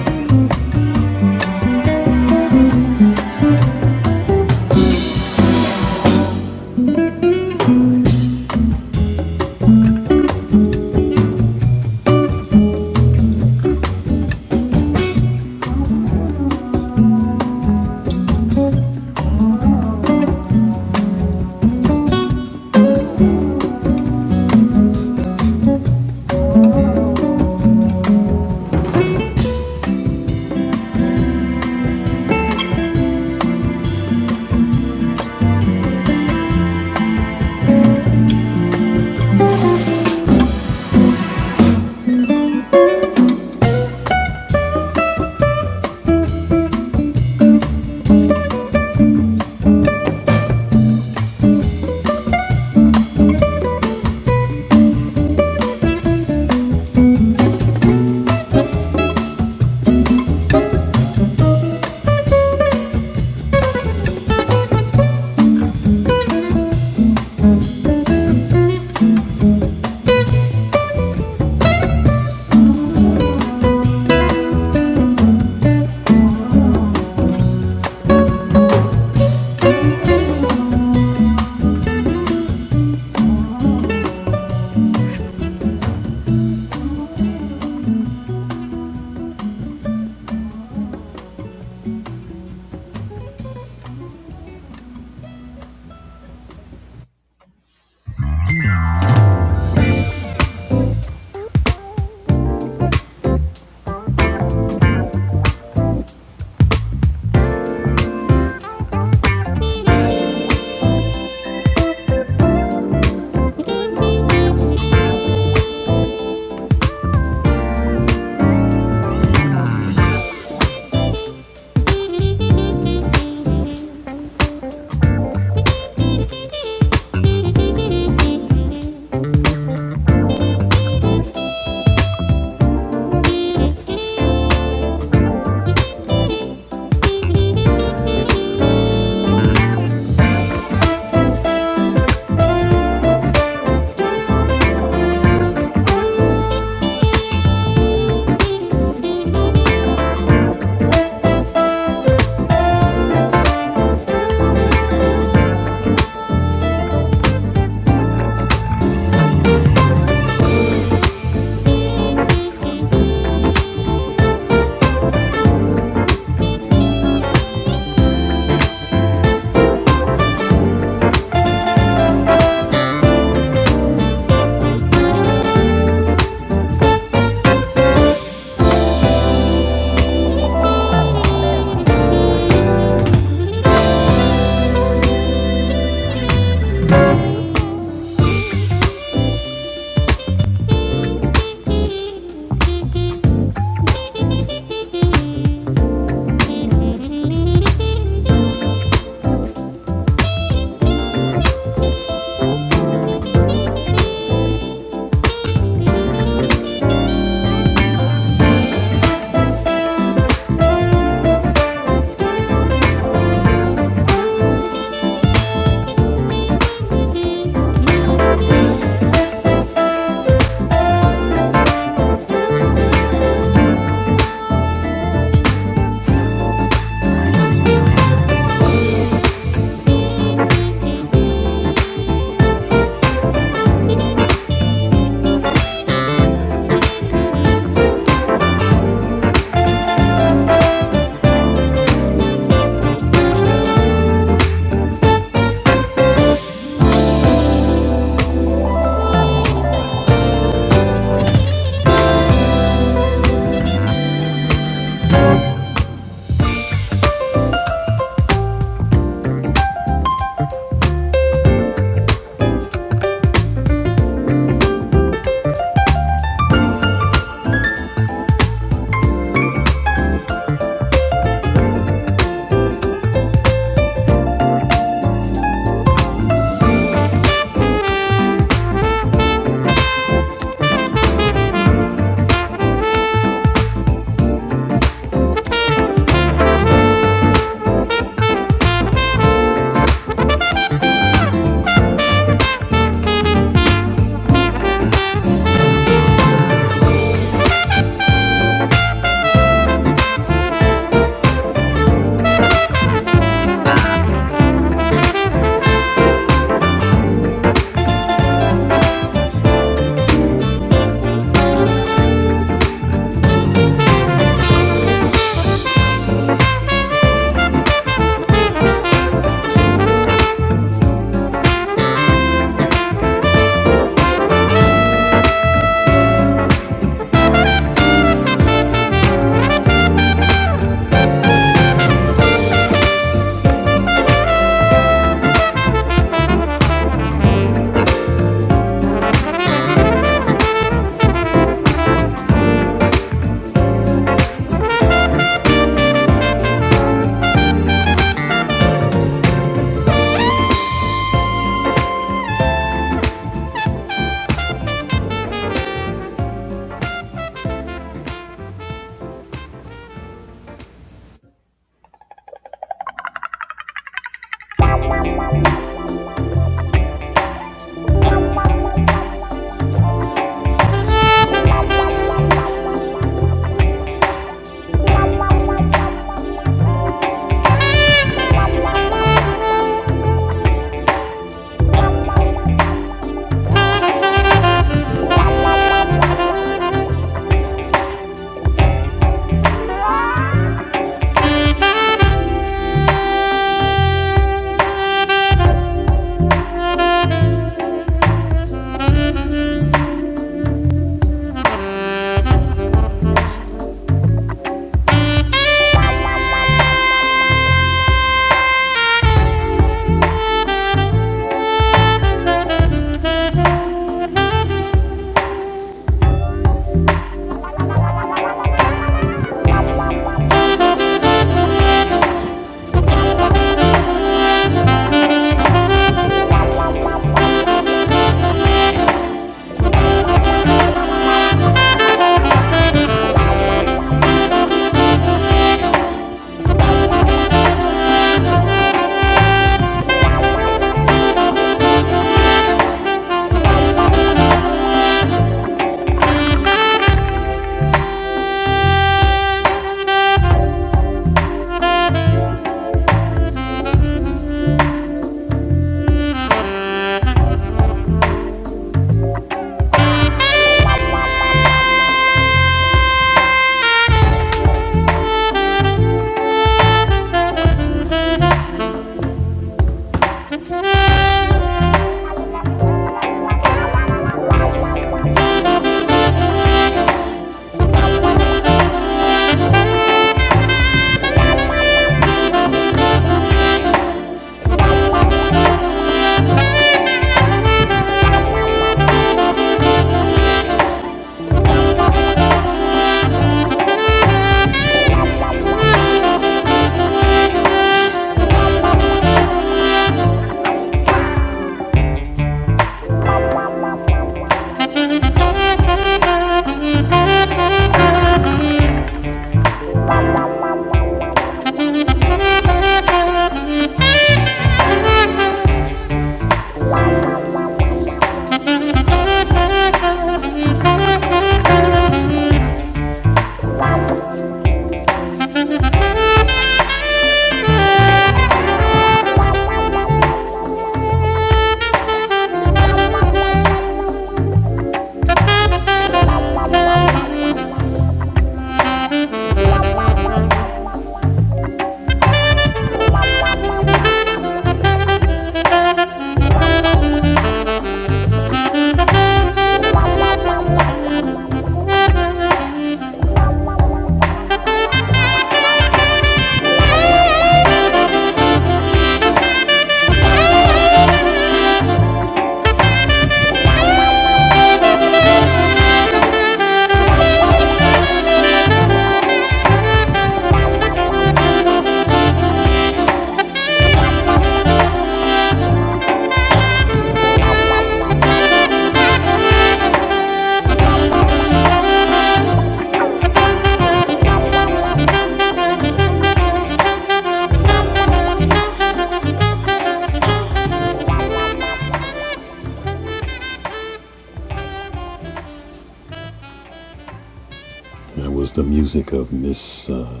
Speaker 1: That was the music of Miss uh,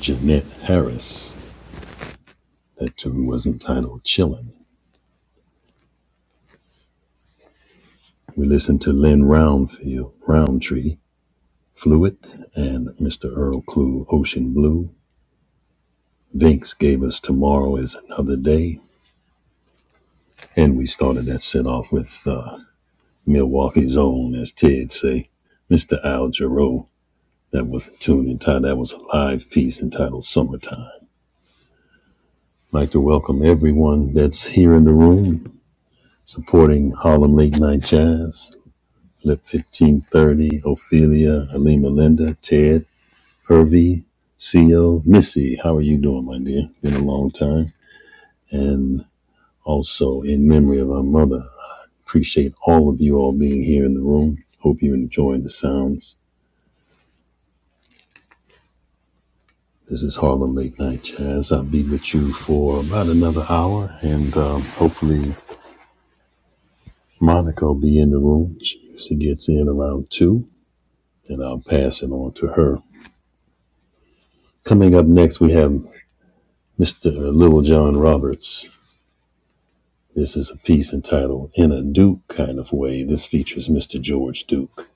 Speaker 1: Jeanette Harris. That tune was entitled Chillin'. We listened to Lynn Roundfield, Roundtree, Fluid, and Mr. Earl Clue, Ocean Blue. Vinx gave us Tomorrow is Another Day, and we started that set off with uh, Milwaukee's Own, as Ted say, Mr. Al Jarreau. That was a tune entitled, that was a live piece entitled Summertime. I'd like to welcome everyone that's here in the room supporting Harlem Late Night Jazz. Lip 1530, Ophelia, Halima Linda, Ted, Pervy, CO, Missy. How are you doing, my dear? Been a long time. And also in memory of our mother, I appreciate all of you all being here in the room. Hope you enjoying the sounds. This is Harlem Late Night Jazz. I'll be with you for about another hour, and um, hopefully Monica will be in the room. She usually gets in around two, and I'll pass it on to her. Coming up next, we have Mr. Little John Roberts. This is a piece entitled In a Duke Kind of Way. This features Mr. George Duke.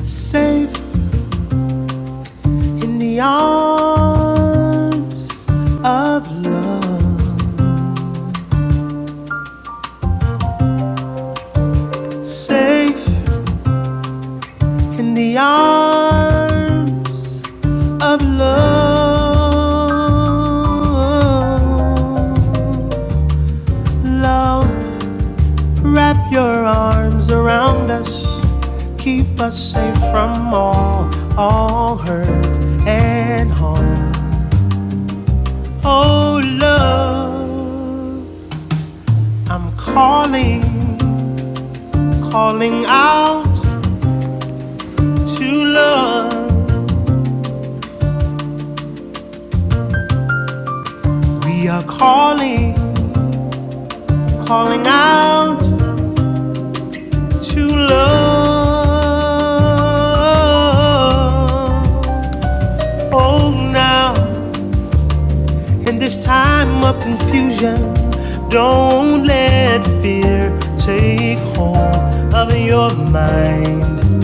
Speaker 1: Safe in the arms of love. Safe in the arms of love. Love Wrap your arms around us, keep us safe from all, all hurt and harm. Oh love, I'm calling, calling out to love. We are calling, calling out to love. Oh now. In this time of confusion, don't let fear take hold of your mind.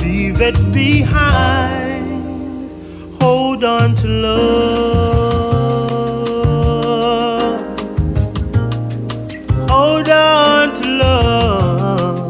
Speaker 1: Leave it behind. Hold on to love. Hold on to love.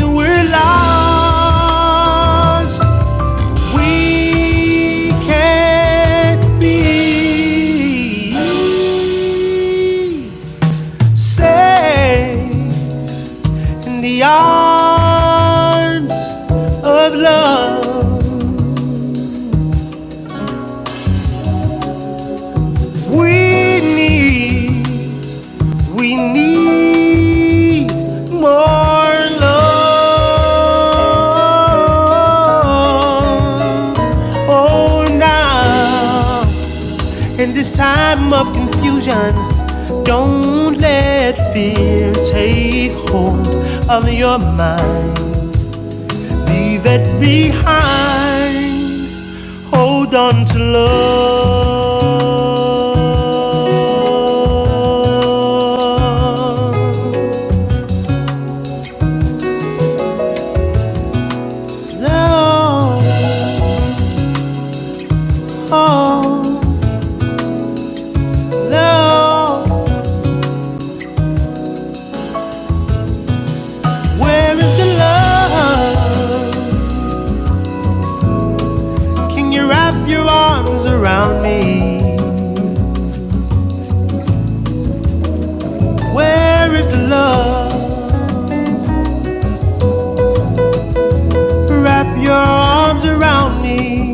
Speaker 1: We're lost. We can't be. Say in the arms of love, we need, we need more love. Oh, now, in this time of confusion, don't let fear take hold of your mind. Leave it behind. Hold on to love. Now, the wrap your arms. Where is the love? Wrap your arms around me.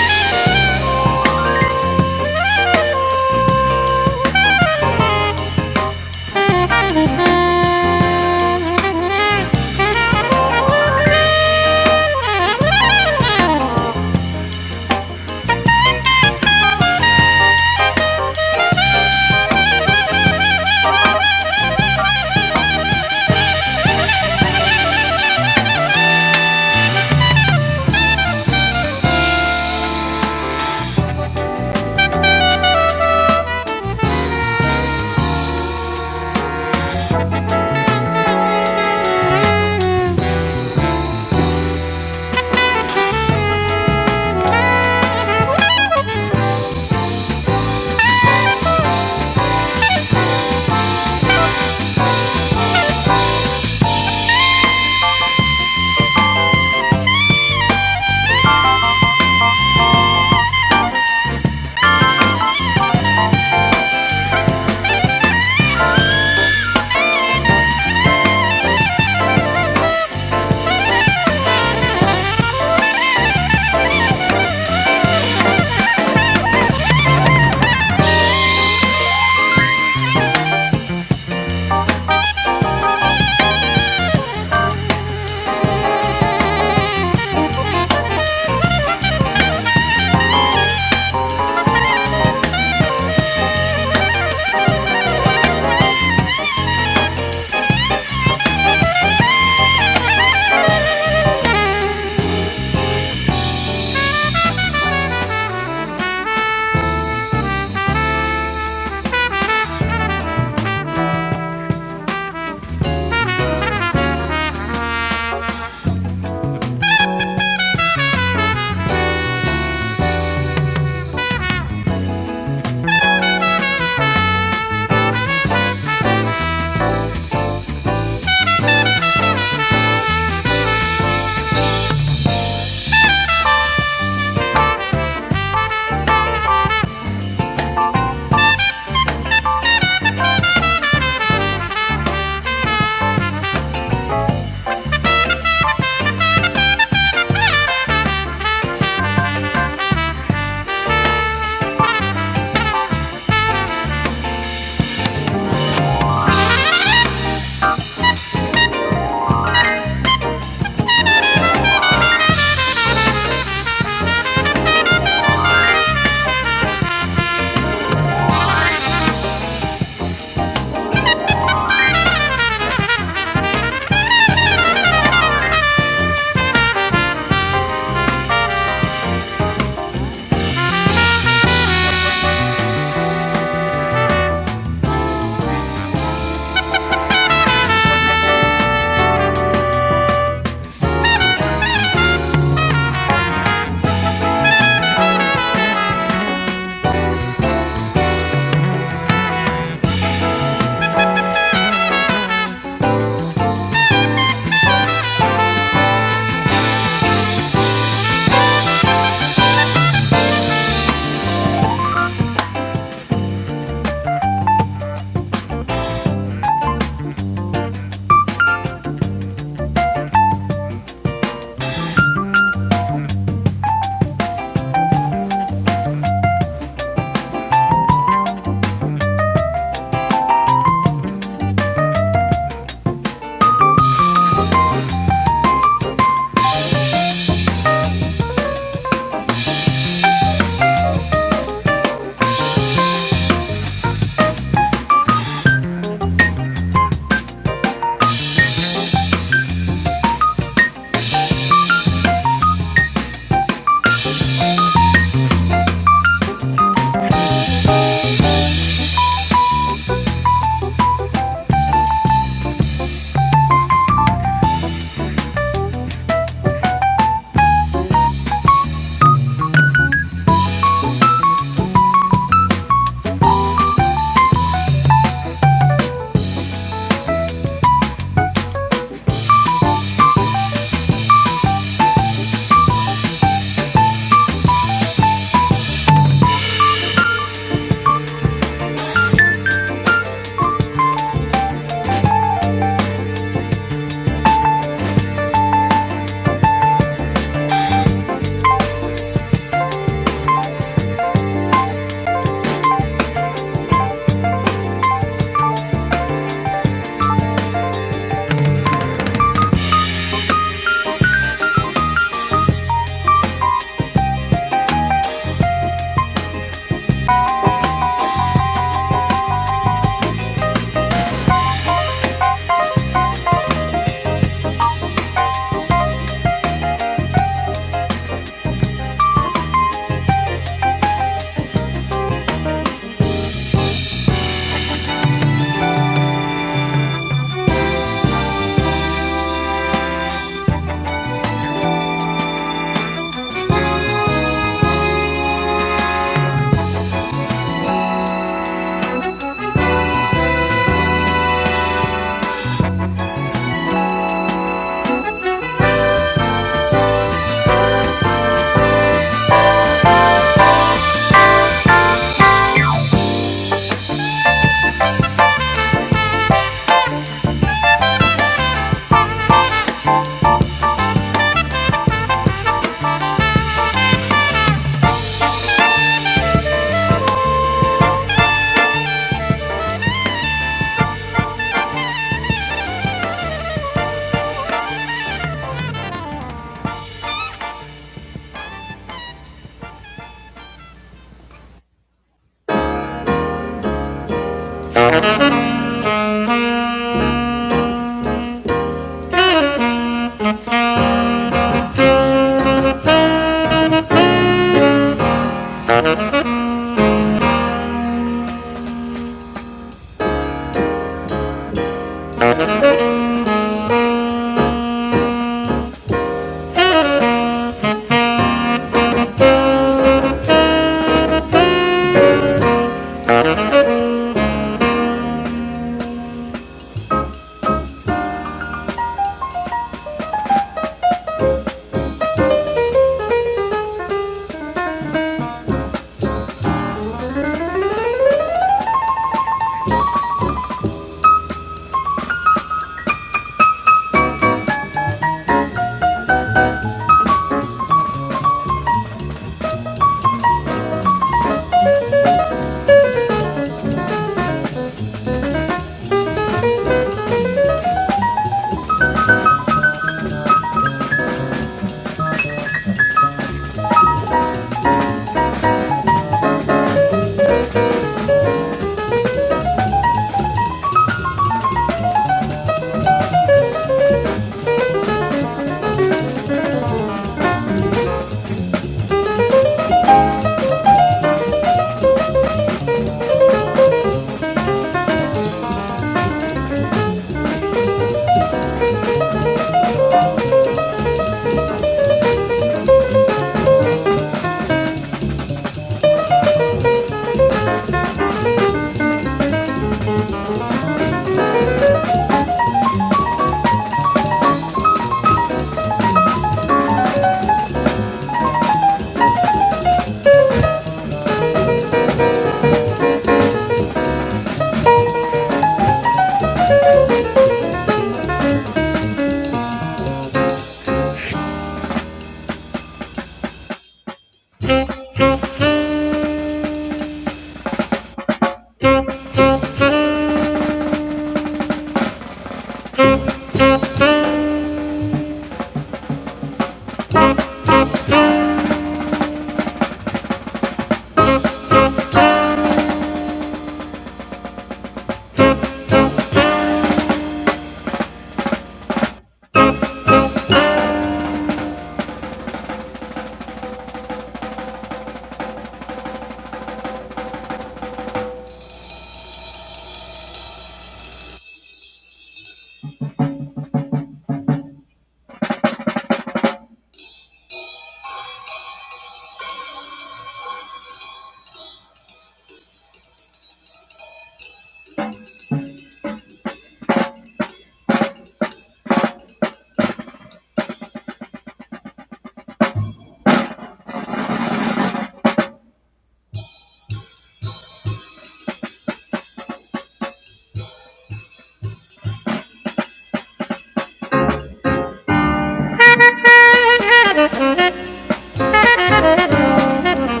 Speaker 1: Thank you.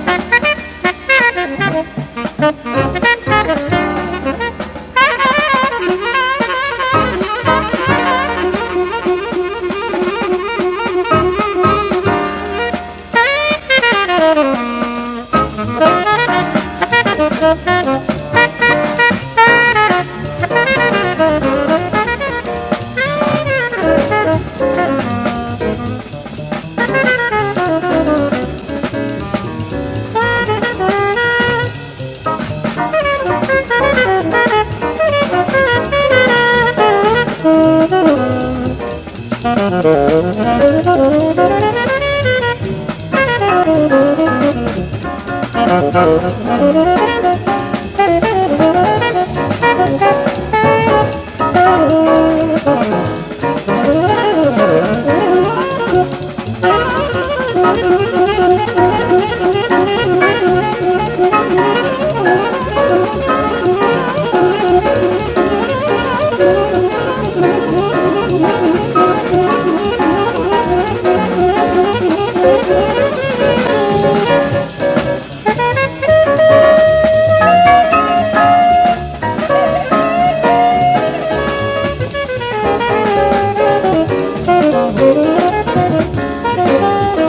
Speaker 1: Thank you oh, you. Thank you.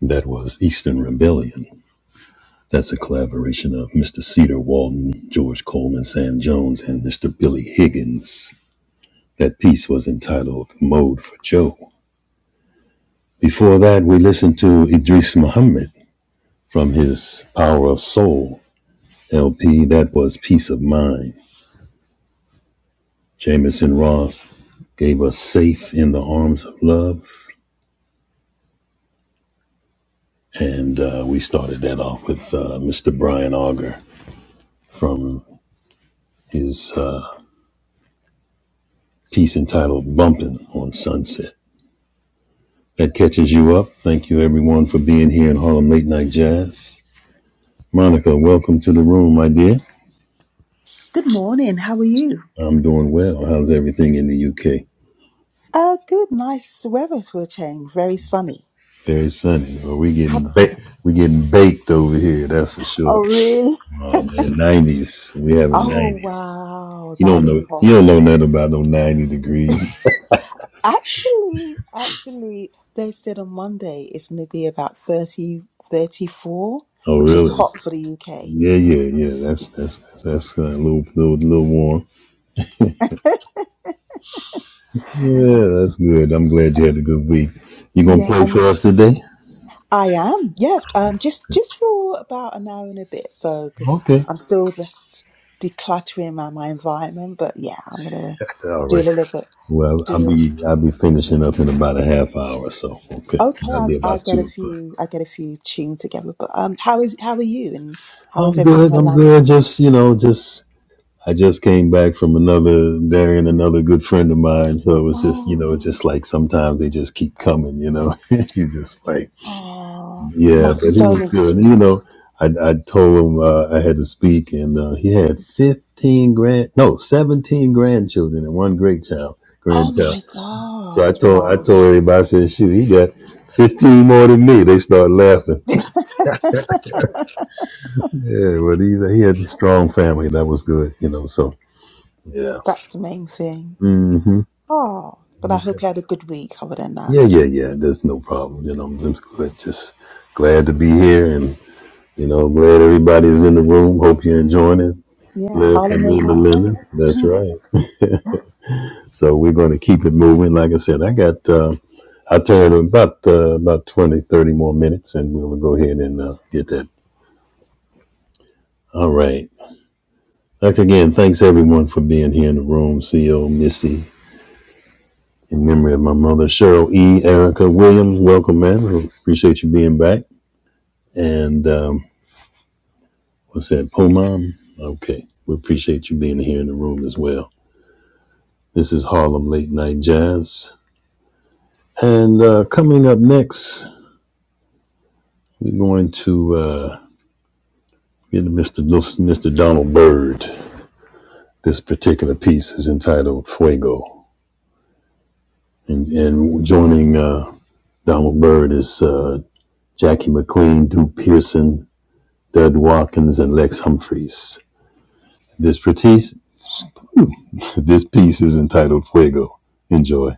Speaker 1: That was Eastern Rebellion. That's a collaboration of Mr. Cedar Walton, George Coleman, Sam Jones, and Mr. Billy Higgins. That piece was entitled Mode for Joe. Before that, we listened to Idris Muhammad from his Power of Soul LP that was Peace of Mind. Jameson Ross gave us Safe in the Arms of Love. And uh, we started that off with uh, Mr. Brian Auger from his uh, piece entitled Bumpin' on Sunset. That catches you up. Thank you, everyone, for being here in Harlem Late Night Jazz. Monica, welcome to the room, my dear.
Speaker 3: Good morning. How are you?
Speaker 1: I'm doing well. How's everything in the UK?
Speaker 3: Uh, good, nice weather we're change. Very sunny.
Speaker 1: Very sunny. Well, we getting
Speaker 3: Hap-
Speaker 1: baked. We getting baked over here. That's for
Speaker 3: Oh,
Speaker 1: sure.
Speaker 3: really?
Speaker 1: Oh man, nineties. We having
Speaker 3: Oh
Speaker 1: nineties.
Speaker 3: wow,
Speaker 1: You
Speaker 3: that
Speaker 1: don't
Speaker 3: is
Speaker 1: know. You
Speaker 3: hot.
Speaker 1: don't know nothing about no ninety degrees.
Speaker 3: Actually, actually, they said on Monday it's going to be about 30, 34,
Speaker 1: Oh
Speaker 3: which is
Speaker 1: really?
Speaker 3: hot for the UK.
Speaker 1: Yeah, yeah, yeah. That's that's that's, that's uh, a little little little warm. Yeah, that's good. I'm glad you had a good week. You gonna
Speaker 3: Yeah,
Speaker 1: play
Speaker 3: and
Speaker 1: for us today?
Speaker 3: I am. Yeah, um, just just for about an hour and a bit. So, because
Speaker 1: Okay.
Speaker 3: I'm still just decluttering my, my environment, but yeah, I'm gonna
Speaker 1: All
Speaker 3: do a
Speaker 1: right.
Speaker 3: little bit.
Speaker 1: Well, I'll
Speaker 3: Do it.
Speaker 1: be I'll be finishing up in about a half hour or so. Okay,
Speaker 3: Okay,
Speaker 1: that'll
Speaker 3: I,
Speaker 1: be
Speaker 3: I
Speaker 1: about
Speaker 3: get a
Speaker 1: two o'clock.
Speaker 3: few. I get a few tunes together. But um, how is how are you, and how is
Speaker 1: I'm
Speaker 3: everything in
Speaker 1: good. I'm
Speaker 3: Atlanta?
Speaker 1: good. Just you know, just I just came back from another burying another good friend of mine. So it was just you know, it's
Speaker 3: Oh,
Speaker 1: just like sometimes they just keep coming. You know, you just like
Speaker 3: oh,
Speaker 1: yeah.
Speaker 3: my
Speaker 1: But he was good. You know,
Speaker 3: condolences.
Speaker 1: I I told him uh, I had to speak, and uh, he had fifteen grand, no, seventeen grandchildren and one great child
Speaker 3: Oh
Speaker 1: grandchild.
Speaker 3: my
Speaker 1: So I
Speaker 3: God!
Speaker 1: told I
Speaker 3: Wow,
Speaker 1: told everybody I said, shoot, he got fifteen more than me. They start laughing.
Speaker 3: that's
Speaker 1: Yeah, but he he had a strong family. That was good. You know, so. Yeah.
Speaker 3: the main thing. Oh, but I hope you had a good week other than that.
Speaker 1: Yeah, yeah, yeah. There's no problem. You know, I'm just glad, just glad to be here, and you know, glad everybody's in the room. Hope you're enjoying it.
Speaker 3: Yeah,
Speaker 1: Glad for
Speaker 3: Harlem
Speaker 1: me
Speaker 3: late
Speaker 1: and
Speaker 3: night.
Speaker 1: Melinda. That's right. so we're going to keep it moving. Like I said, I got. Uh, I turned about uh, about 20 30 more minutes, and we'll go ahead and uh, get that. All right. Like again, thanks everyone for being here in the room. Co Missy, in memory of my mother, Cheryl E. Erica Williams. Welcome, man. Appreciate you being back. And um, What's that, Pomam? Okay. We appreciate you being here in the room as well. This is Harlem Late Night Jazz. And uh, coming up next, we're going to uh, get to Mr. Mr. Donald Byrd. This particular piece is entitled Fuego. And, and joining uh, Donald Byrd is uh, Jackie McLean, Duke Pearson, Dud Watkins, and Lex Humphreys. This, piece, this piece is entitled Fuego. Enjoy.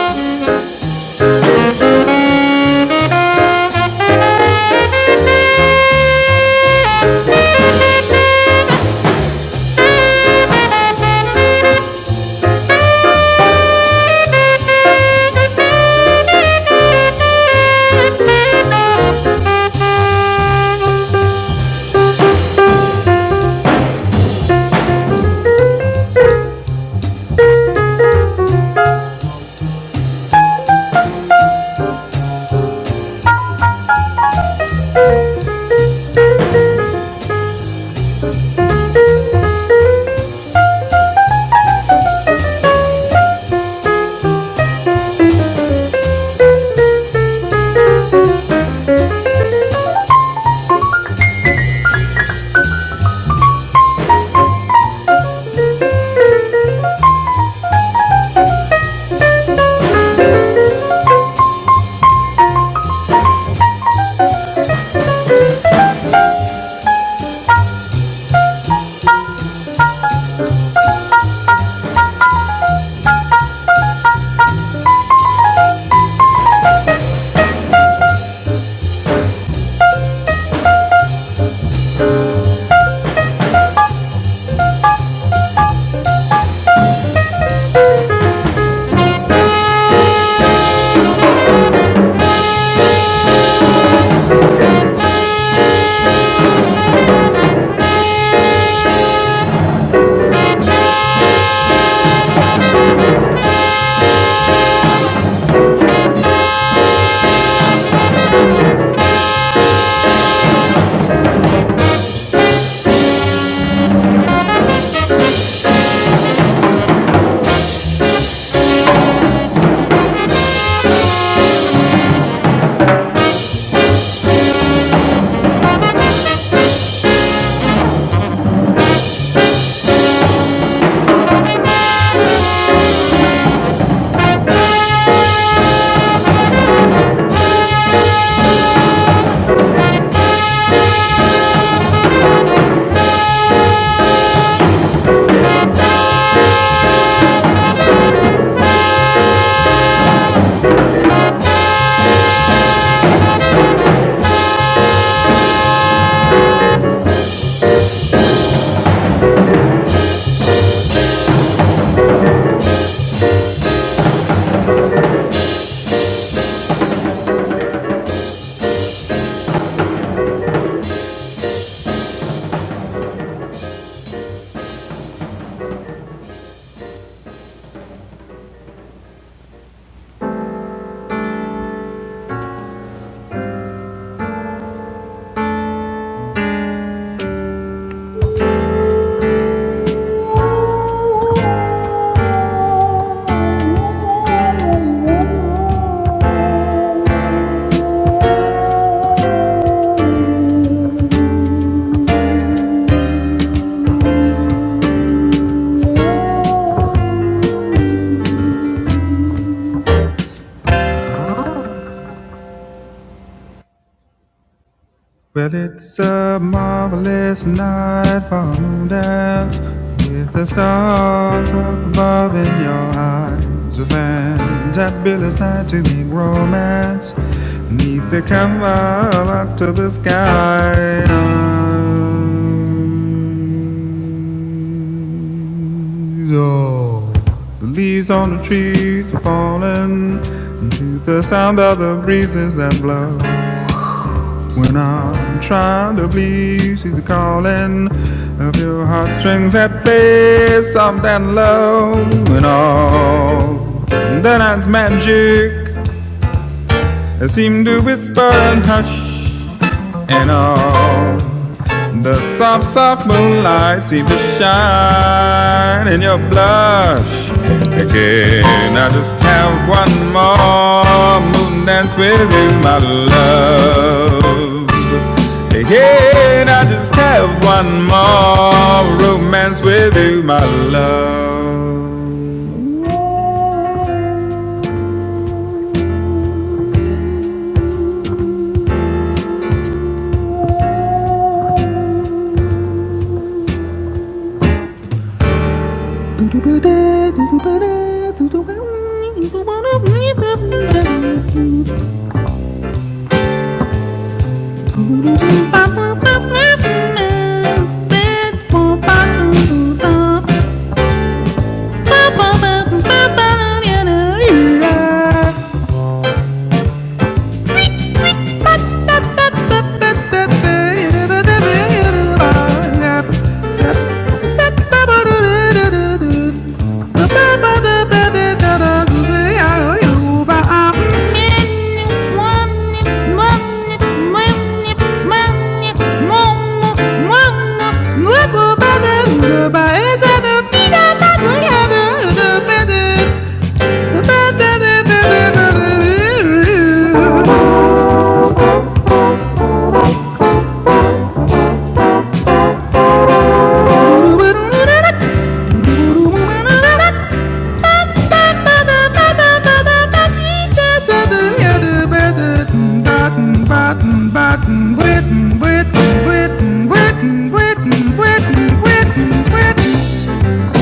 Speaker 1: Well, it's a marvelous night for a moon dance with the stars up above in your eyes. A fantabulous night to make romance neath the cover of October skies. Oh, the leaves on the trees are falling to the sound of the breezes that blow. When I'm trying to please you, the calling of your heartstrings that play soft and low. And all the night's magic seem to whisper and hush. And all the soft, soft moonlight seem to shine in your blush. Again, I just have one more moon with you, my love. Yeah. Thank you.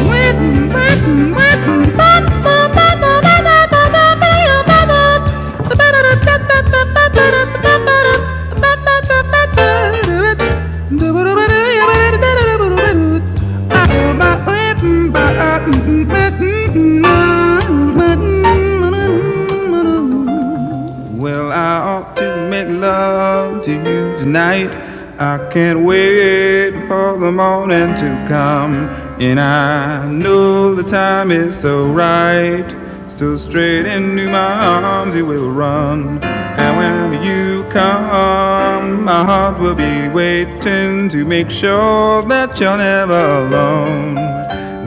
Speaker 1: Mm-mm. Well, I ought to make love to you tonight. I can't wait for the morning to come. And I know the time is so right. So straight into my arms you will run. And when you come, my heart will be waiting to make sure that you're never alone.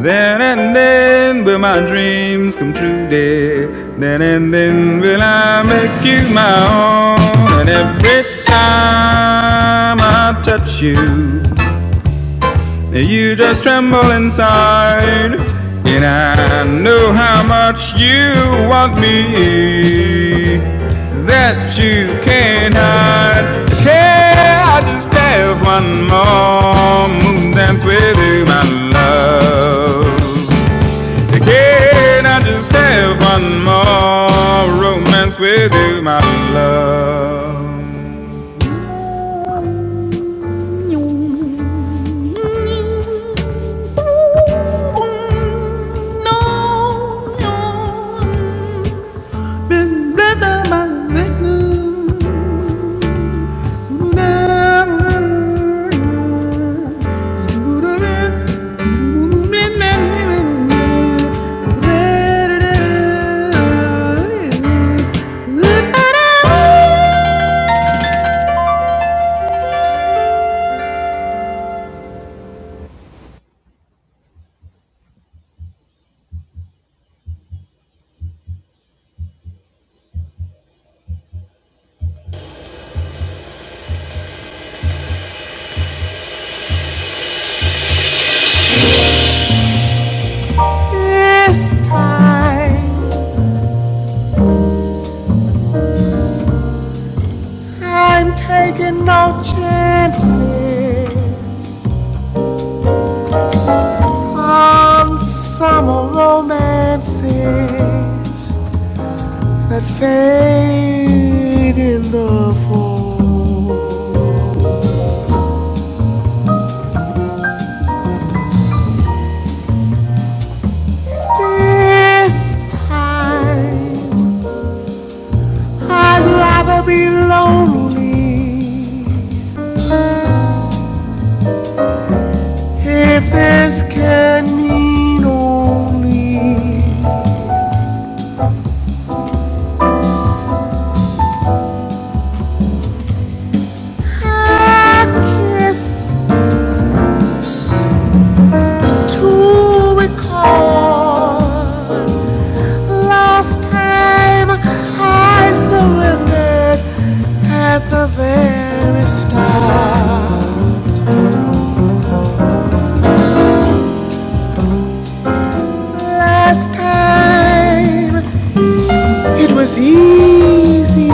Speaker 1: There and then will my dreams come true, dear. Then and then will I make you my own. And every time I touch you, you just tremble inside. And I know how much you want me that you can't hide. Can I just have one more moon dance with you, my love? Can I just have one more romance with you, my love? This time, I'm taking no chances on summer romances that fade in the fall. This time, I'd rather be lonely If this can mean only a kiss to recall last time I surrendered at the very start. Last time it was easy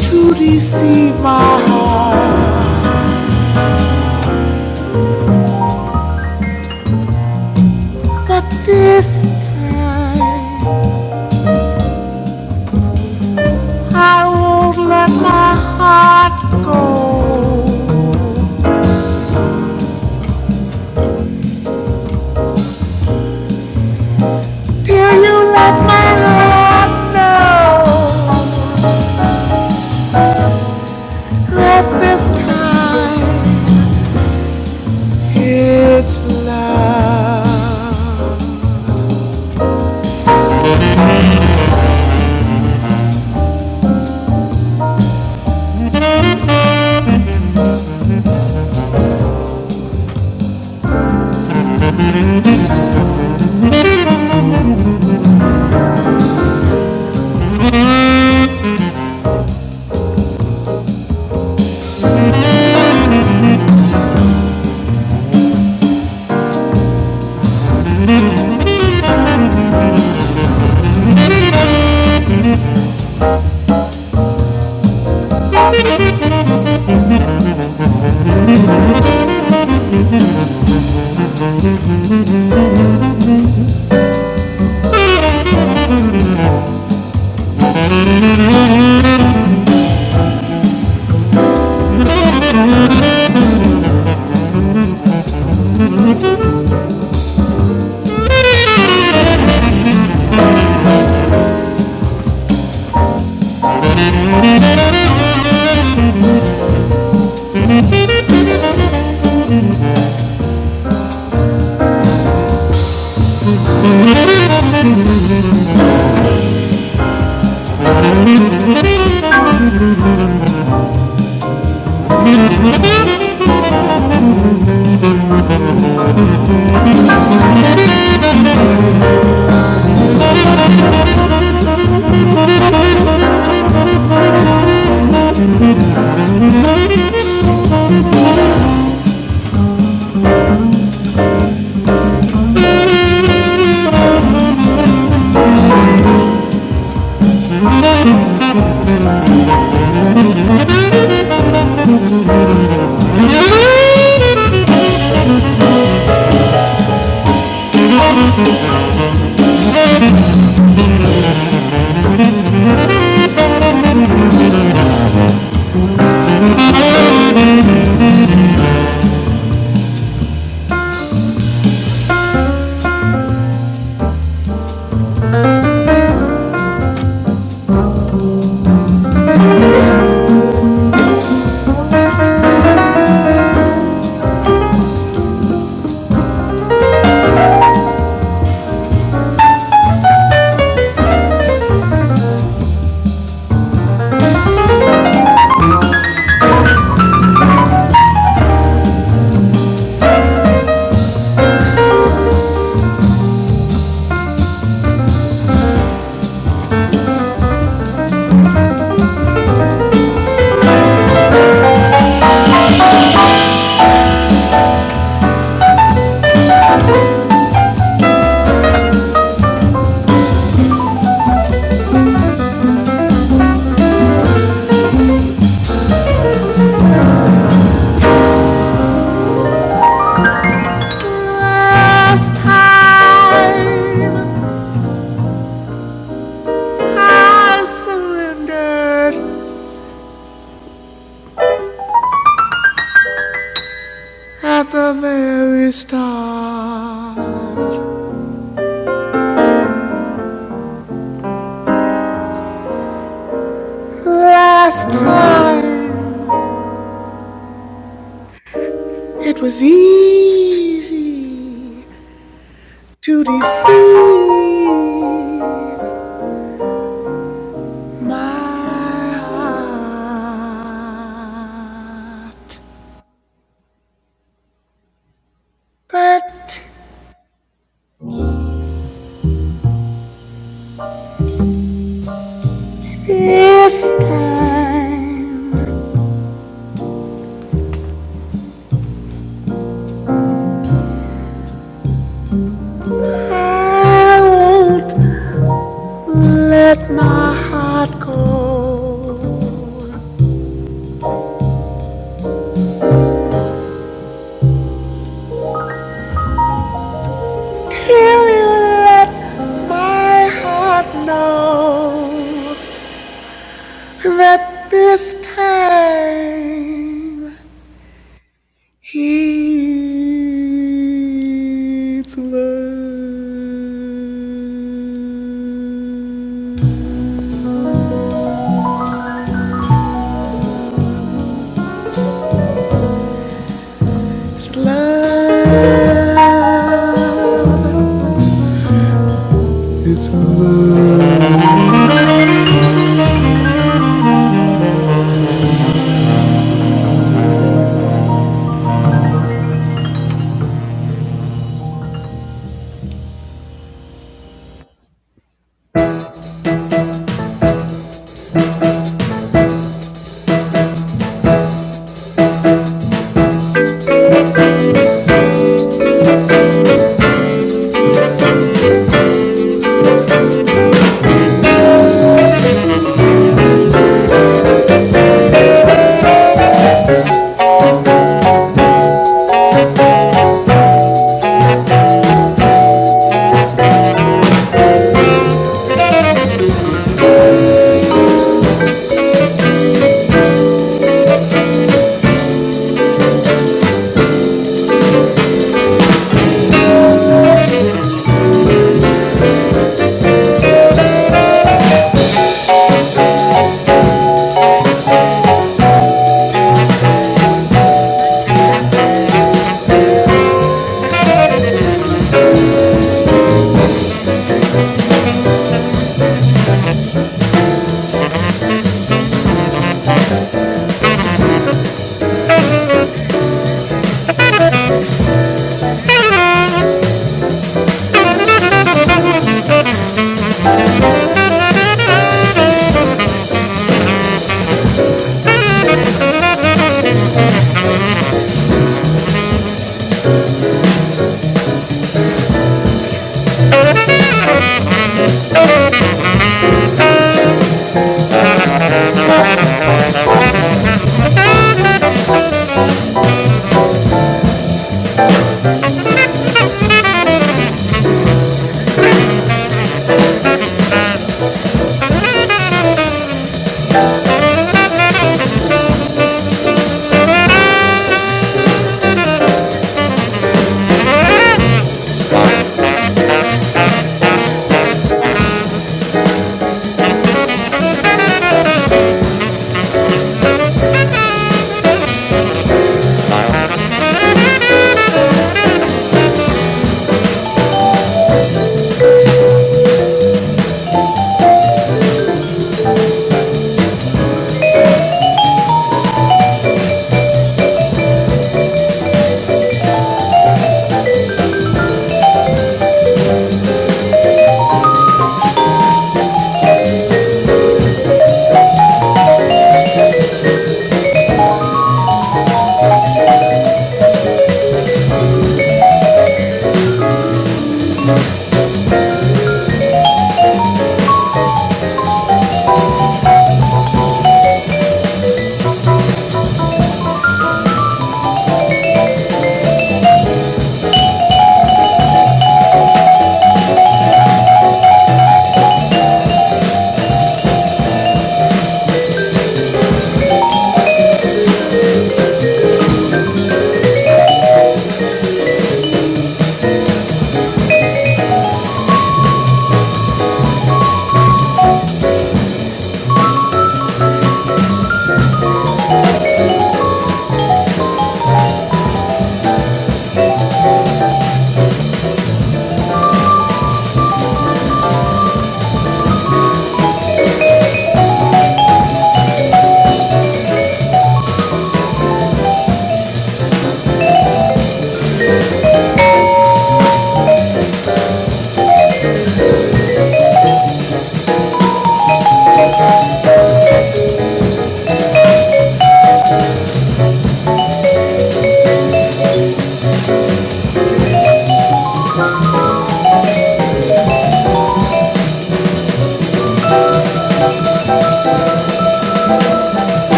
Speaker 1: to deceive my heart, but this time. I won't let my heart go till you let my heart know that this time it's love. Last time I surrendered at the very start. This time I won't let my heart go.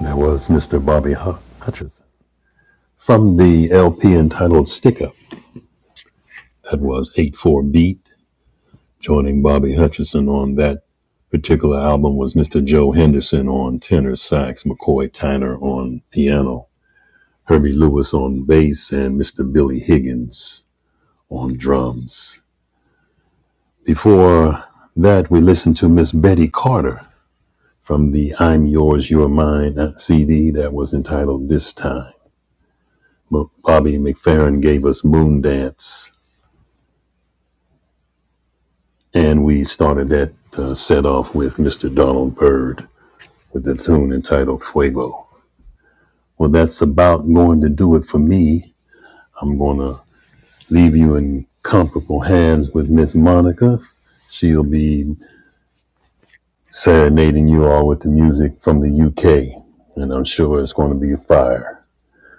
Speaker 1: That was Mr. Bobby Hutcherson from the LP entitled Stick Up. That was 8 4 Beat. Joining Bobby Hutcherson on that particular album was Mr. Joe Henderson on tenor sax, McCoy Tyner on piano, Herbie Lewis on bass, and Mr. Billy Higgins on drums. Before that, we listened to Miss Betty Carter from the I'm Yours, You're Mine CD that was entitled This Time. Bobby McFerrin gave us Moon Dance, and we started that uh, set off with Mr. Donald Byrd with the tune entitled Fuego. Well, that's about going to do it for me. I'm going to leave you in comparable hands with Miss Monica. She'll be serenading you all with the music from the UK, and I'm sure it's going to be a fire.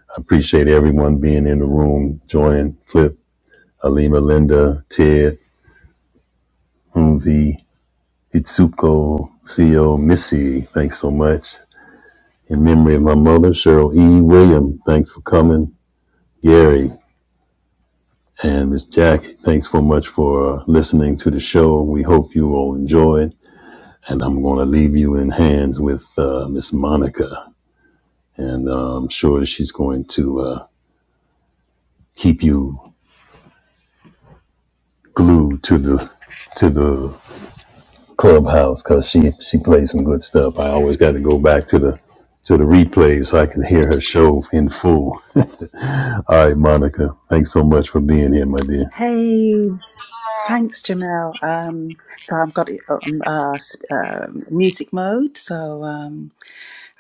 Speaker 1: I appreciate everyone being in the room, joining Flip, Alima, Linda, Ted, Humvee, Itsuko Seo Missy, thanks so much. In memory of my mother, Cheryl E. William, thanks for coming. Gary and Miss Jackie, thanks so much for uh, listening to the show. We hope you all enjoyed. And I'm going to leave you in hands with uh, Miss Monica. And uh, I'm sure she's going to uh, keep you glued to the to the Clubhouse because she she played some good stuff. I always got to go back to the to the replay so I can hear her show in full. All right, Monica, thanks so much for being here, my dear.
Speaker 3: Hey, thanks, Jamel. Um, so I've got it on uh, s- um music mode. So um.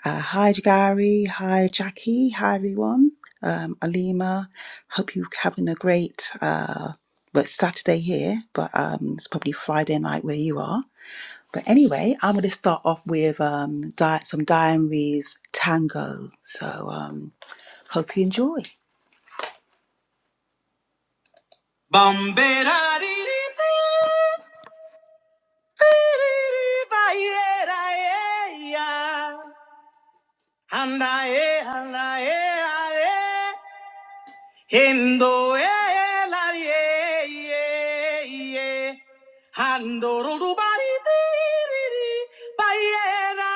Speaker 3: Uh, hi, Gary. Hi, Jackie. Hi, everyone. Um, Alima, hope you're having a great, uh, well, it's Saturday here, but um, it's probably Friday night where you are. But anyway, I'm going to start off with um, di- some Diaries Tango. So um, hope you enjoy. Bambera, Hendo e la ye ye ye. Hando rodu bari biri ri. Bayera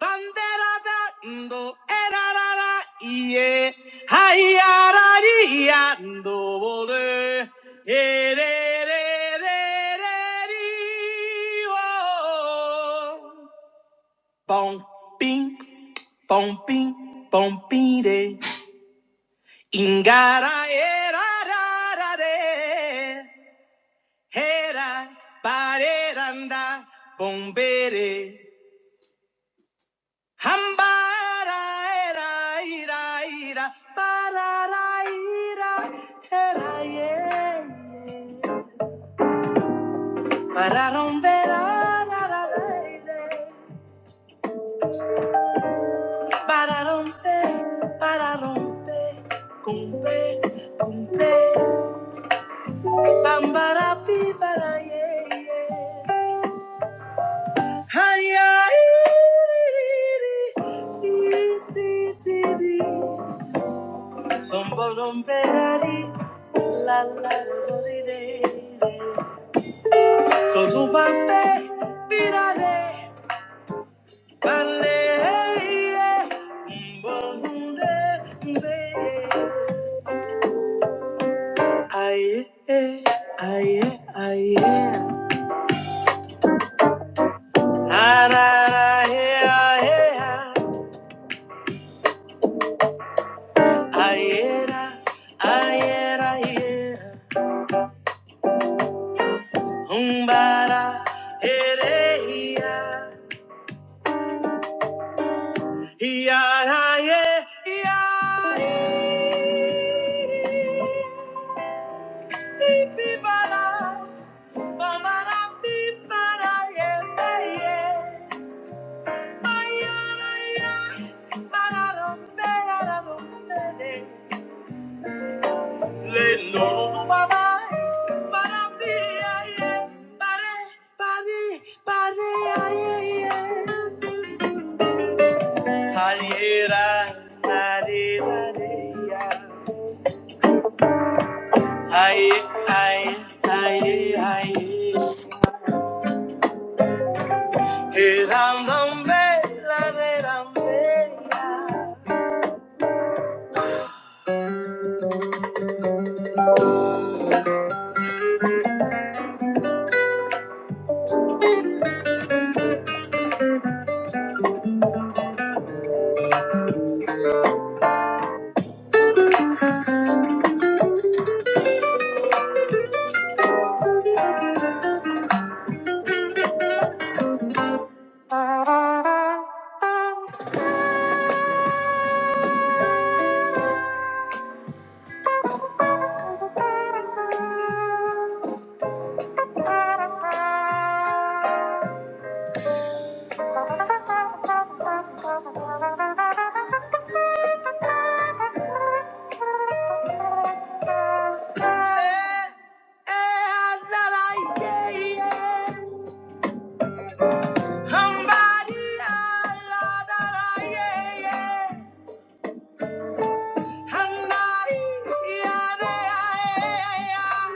Speaker 3: bandera da ndo era ra ra ye. Haya ra ri ya ndo bole. E re re re re ri. Oh. Bong bing, bong bing, bong bing Ingara era ra ra re, hera pareranda bombere, hambara era ira ira parara ira hera ye, pararon vera ra ra ra ire, romper. pe, pararon cumpe, cumpe, bambara pi para ye ye. So to my baby, be that day, Aye, aye, aye, aye. Ah, ra, ra, eh, ah, eh, ah. Aye, ra, aye, ra, eh. Umbara, ere, ia, iara, ie, iari, pipibara, babara, pipara, ie, ie, maiara, ia, barara, perara, rompere. Le loro mamai, barabia, ie, bare, bare, bare, ie, ie. Aye, ra, aye, aye, ya. aye, aye, aye, aye. Hey, ram, ram, be, la, re, ram, be, Eh, eh, ah, ye, ye. Hum, ba, di, ah, la, da, ye, ye. ah, eh, ah, eh.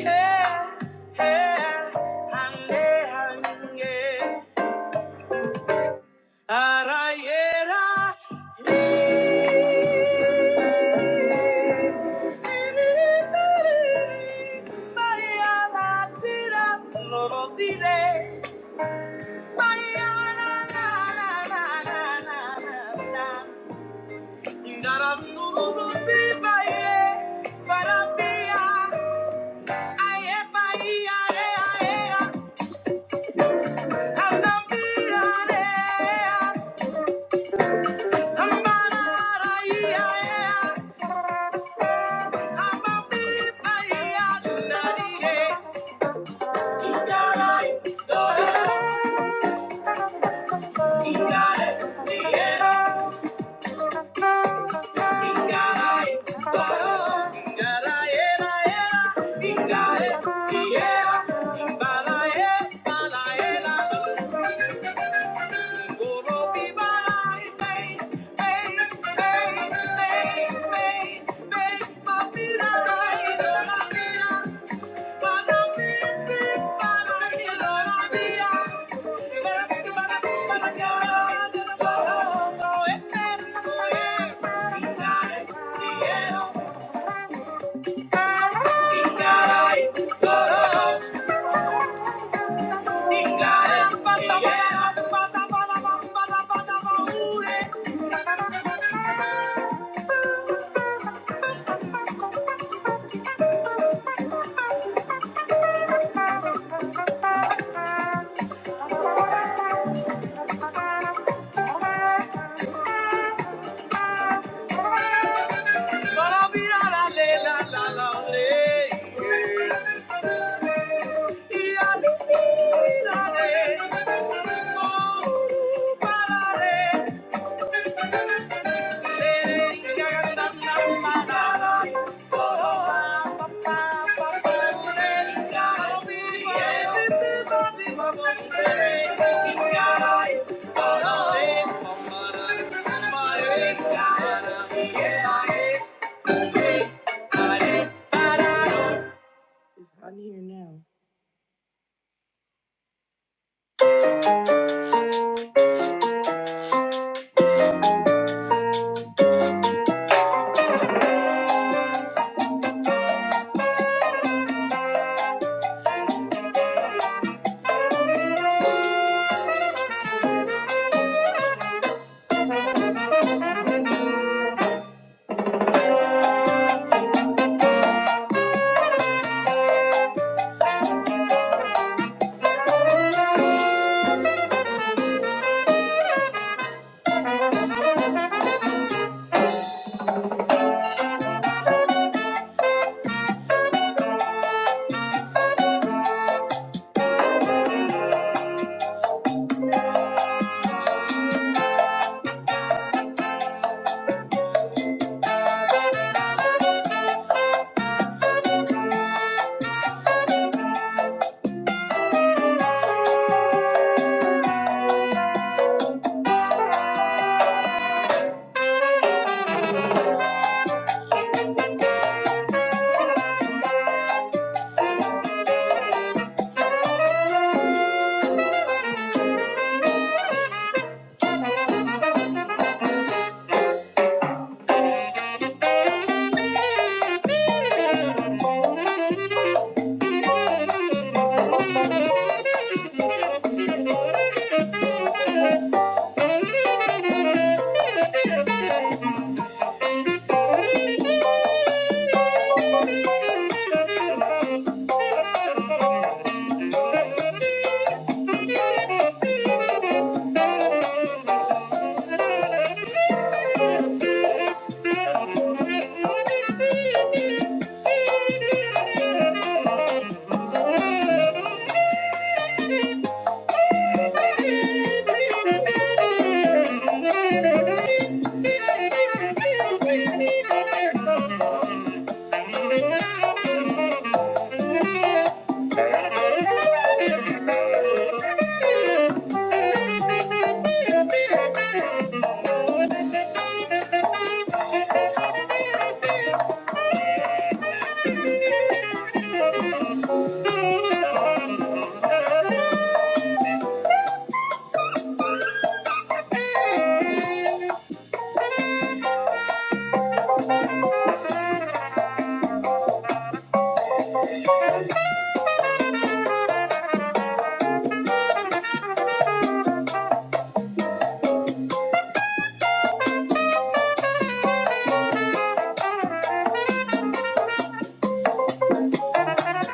Speaker 3: Hey, hey, hum, de, Ara yera. Bayana dira, loro dire. Bayana na na na na na na na. Ndara nuru bi baye, bara biya. Aye baiya re aye a. Handa biya re a. Hamba na ra e Thank you. Para mirar a la la la la Yeah. Thank you. Thank you. Thank you. Thank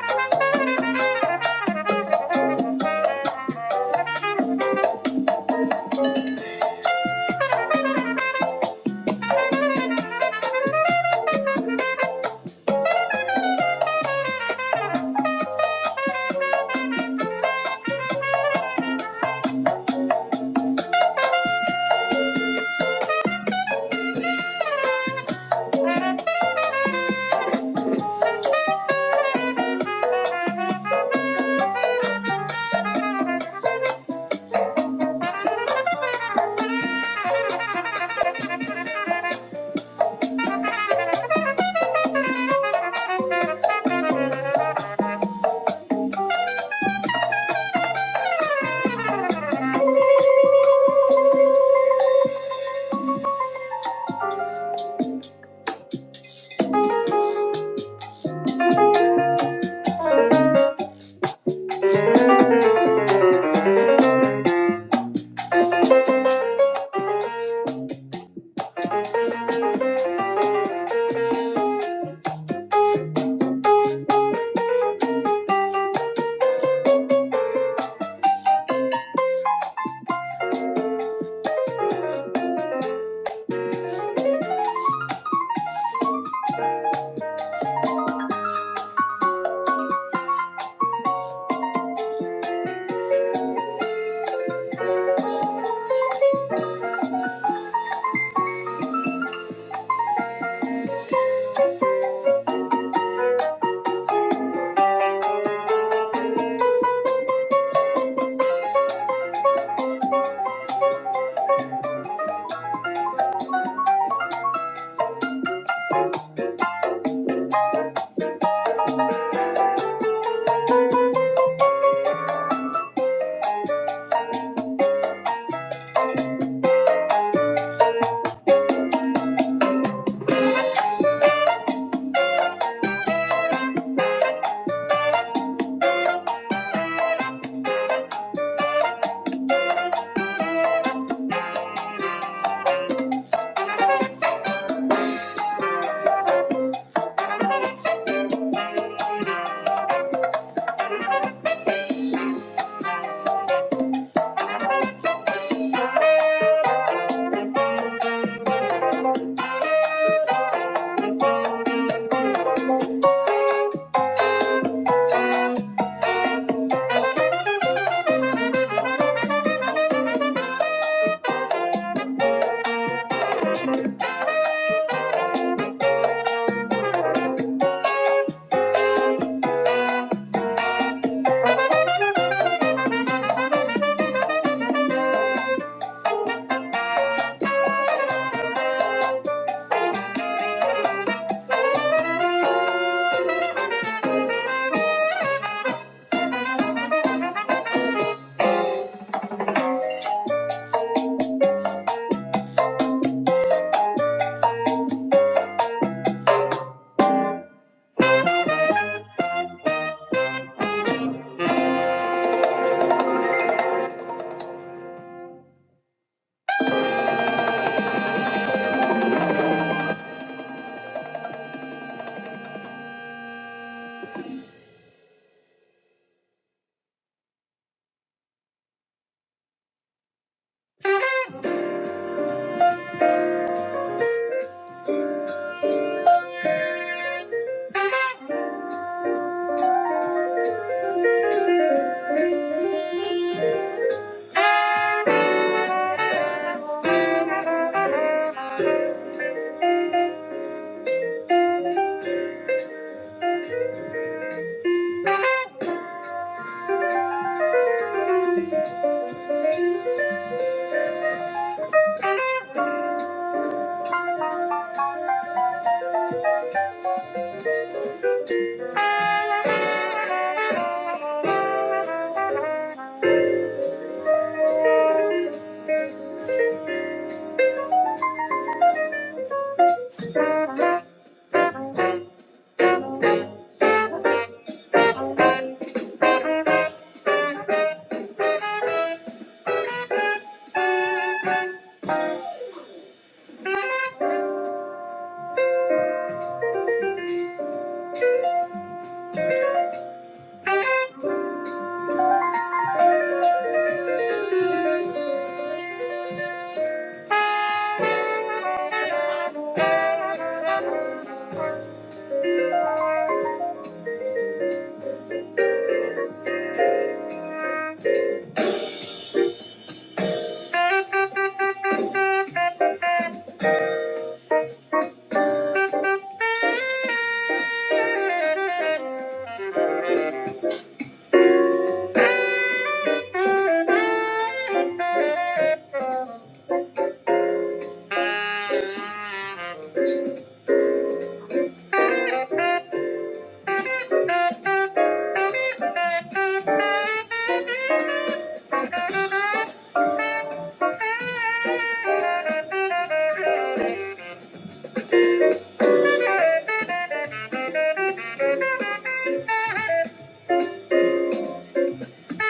Speaker 3: you.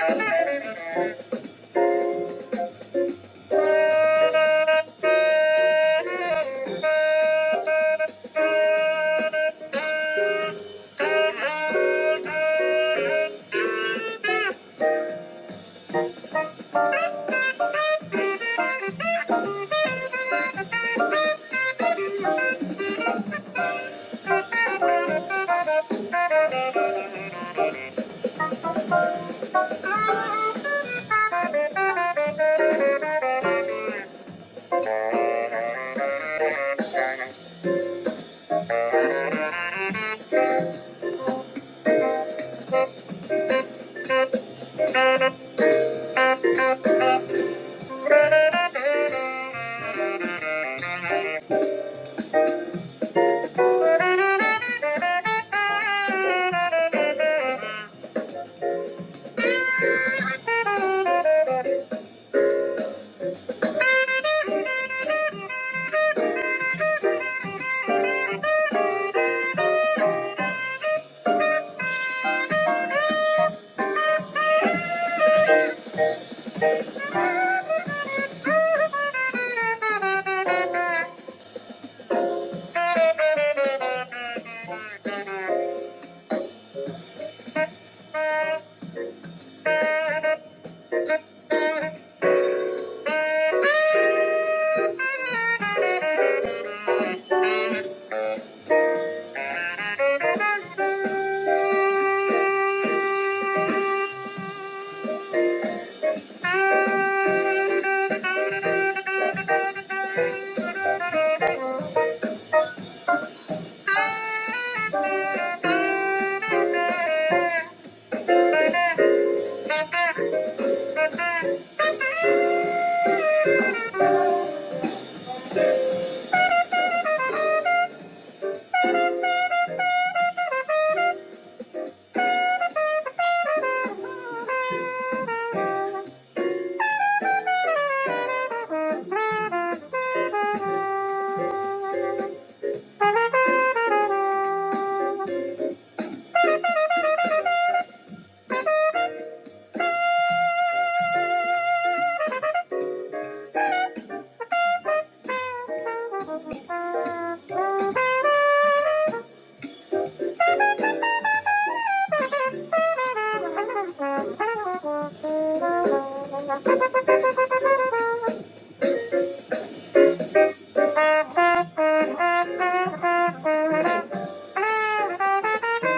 Speaker 3: Thank you. Ah. Thank you. Thank you.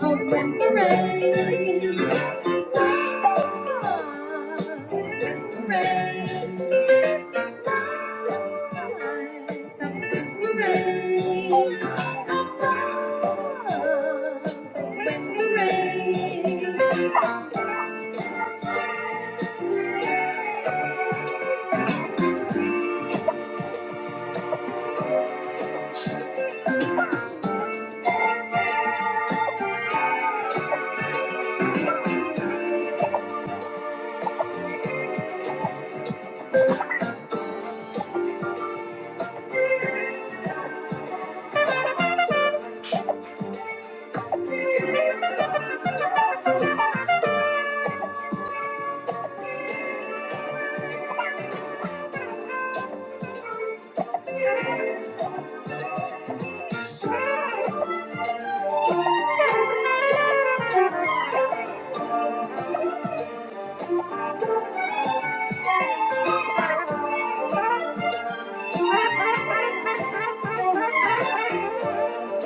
Speaker 3: Open the rain.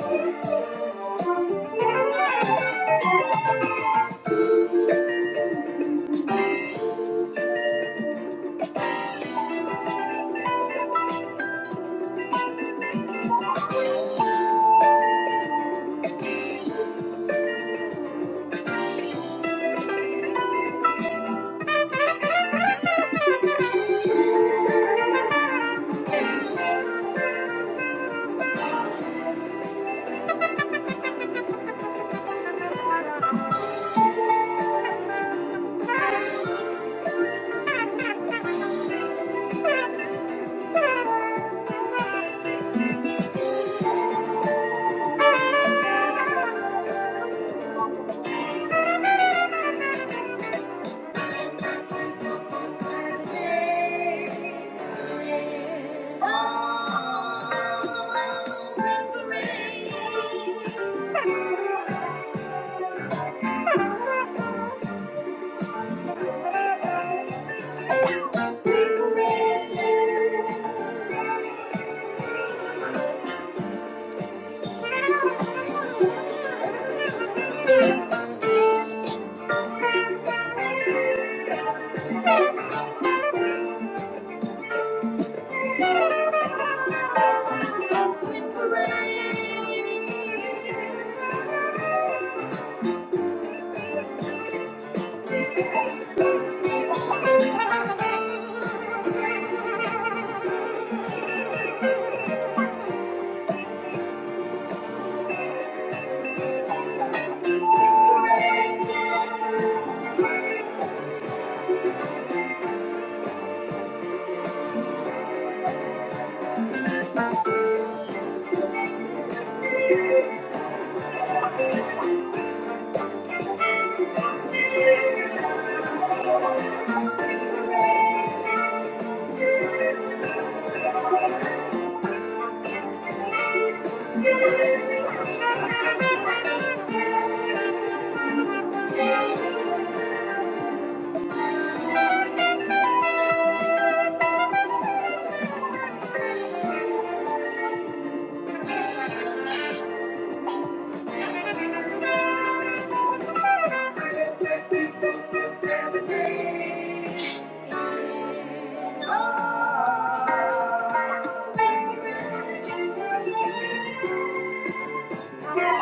Speaker 3: Thank you. Thank you. Thank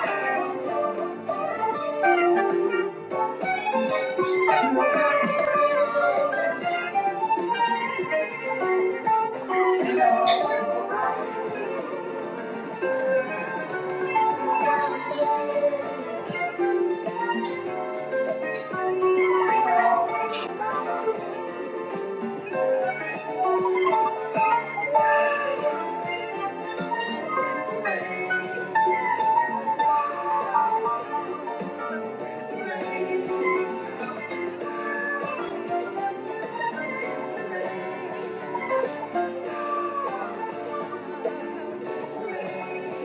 Speaker 3: you. Thank you.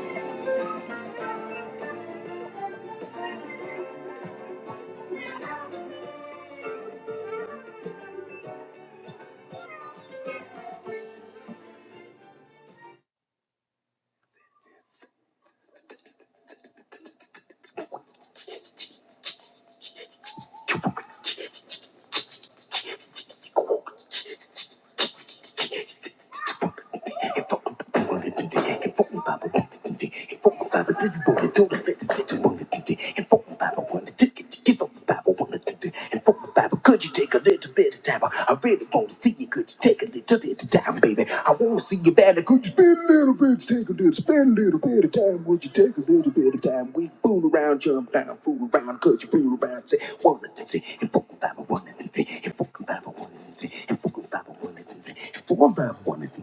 Speaker 3: Could you take a little bit of time? I really want to see you. Could you take a little bit of time, baby? I want to see you better. Could you spend a little bit, take a little, spend a little bit of time? Would you take a little bit of time? We fool around, jump down, fool around. Could you fool around? Say one and three, and four fool about one and three, and fool about one and three, and fool about one and three, and fool about one and three.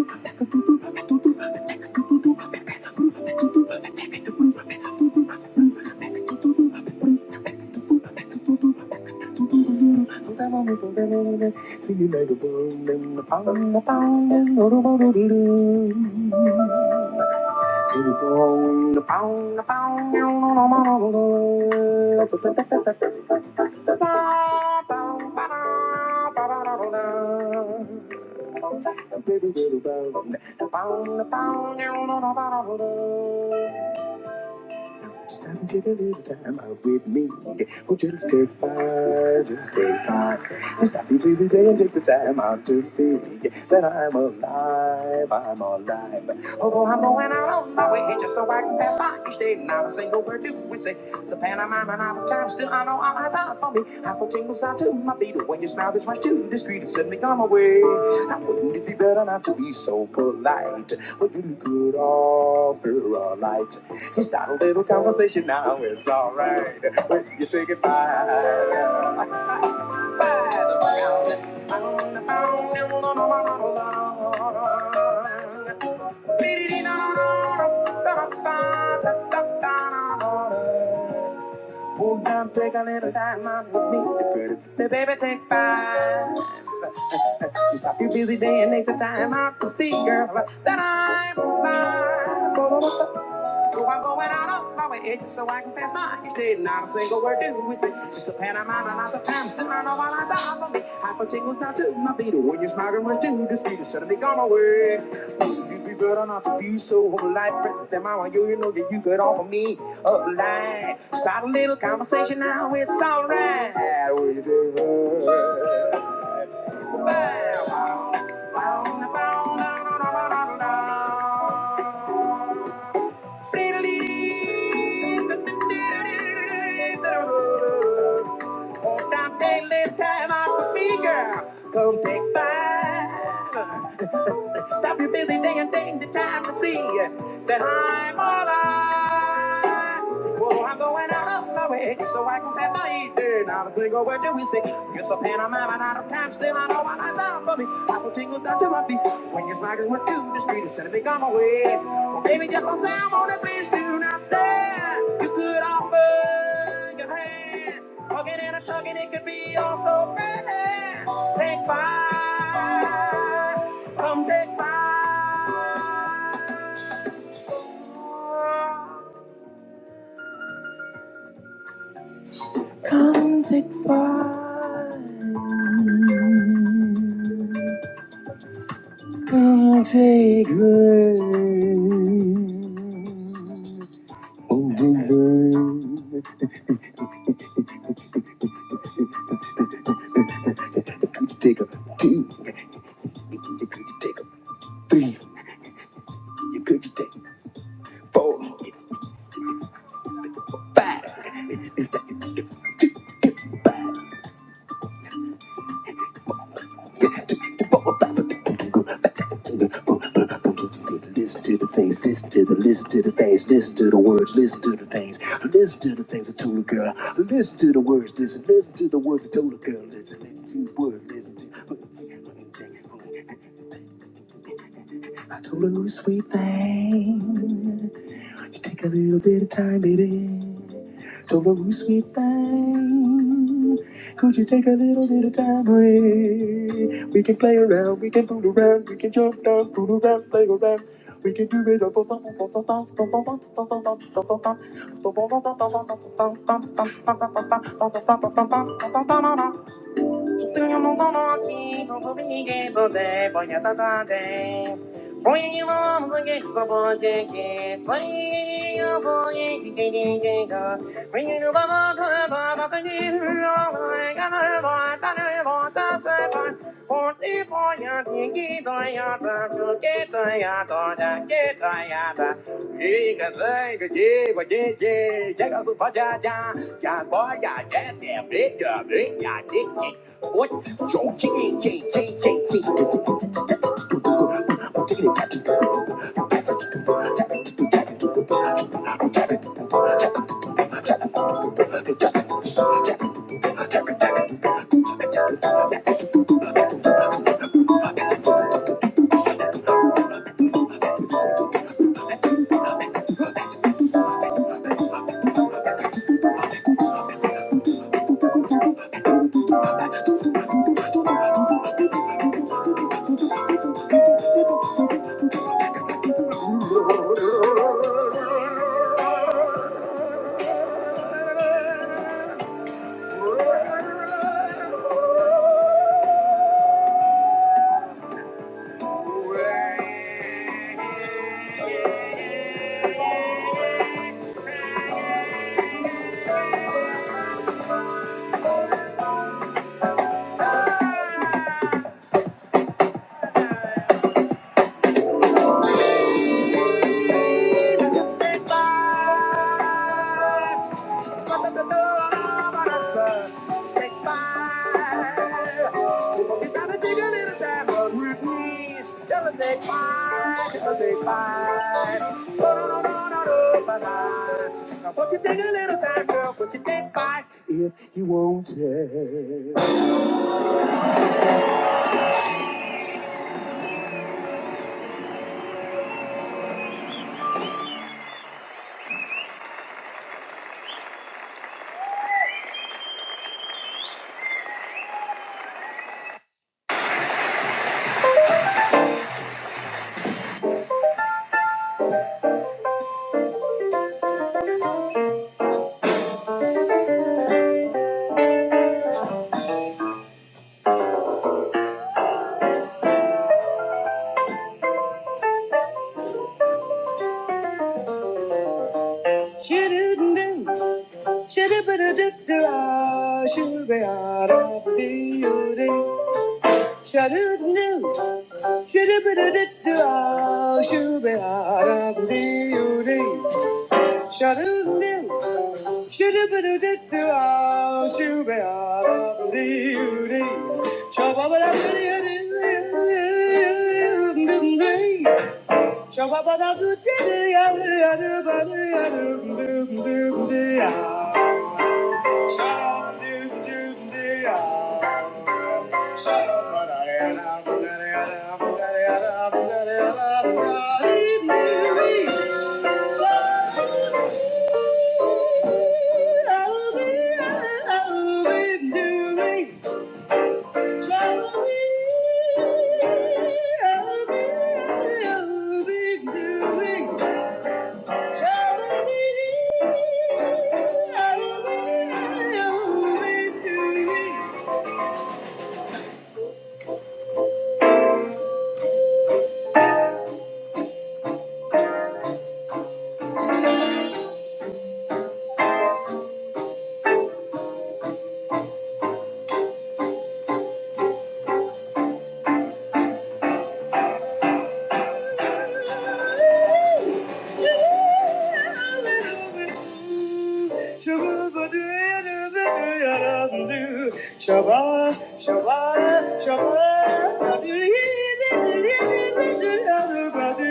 Speaker 3: The Just have take a little time out with me. Oh, just take five, just take five. Just have a busy day and take the time out to see that I'm alive, I'm alive. Although I'm going out on my way just so I can pass by each day. Not a single word do we say. It's a pantomime and I'm time. Still, I know all eyes are for me. I feel tingles out to my feet. When your smile is right to the street, it sent me on my way. Now, wouldn't it be better not to be so polite? But you could offer a light. Just start a little conversation now. It's all right. when you take it by. By the way. Hold down, take a little time out with me. Say, baby, take five. You stop your busy day and take the time out to see, girl, that I'm blind. So I'm going out of my way so I can pass by. You did not a single word do we say. It's a pantomime and not the time. Still I know my lines are for me. I put tingles down to my feet. When you're smiling, rush to this beat. is Suddenly gone away. Oh, you be better not to be so polite. life. Princess, am I on you? You know that you could offer me a line. Start a little conversation now. It's all right. Will you do? Bow. Bow, bow, bow, bow, bow, bow, on that daily time out with me, girl, come take five. Stop your busy day and take the time to see that I'm alive. Whoa, I'm going away. So I compare my eating. Now the thing over there we say, Guess I'm in a man, and out of time. Still, I know my life's out for me. Apple tingles down to my feet. When your smiles went to the street instead of me gone away. Well, baby, just don't say I'm on the please do not stand. You could offer your hand. Hugging and a tugging, it could be all so grand. Take five. Come take five. Take good. on the run. Could you take a two? Could you take a three? Could you take a four? Five. Listen to the things, listen to the, listen to the things, listen to the words, listen to the things, listen to the things I told a girl, listen to the words, listen, listen to the words I told a girl, listen, listen to the words, listen to, Not to lose sweet thing. You take a little bit of time, baby. To lose sweet thing. Could you take a little bit of time away? We can play around, we can fool around, we can jump down, fool around, play around. We can do it up. Thank you. take five. What you take a little time, girl? Won't you take five if you want it? Shoo-doo-doo-doo, shoo-doo-doo-doo-doo, ah, shoo-dee-ah-dah-dee-oh-dee. Sha-doo-doo-doo, sha-doo-ba-doo-doo-doo, shoo-ba-da-da-dee-oo-dee. Sha-doo-doo-doo, sha-doo-ba-doo-doo-doo, shoo-ba-da-da-dee-oo-dee. Sha-ba-ba-da-doo-doo-doo-doo-doo-doo-doo-doo. Sha-ba-ba-da-doo-doo-doo-doo-doo-doo-doo-doo-doo-doo-doo. Shabbat, Shabbat, Shabbat, Shabbat,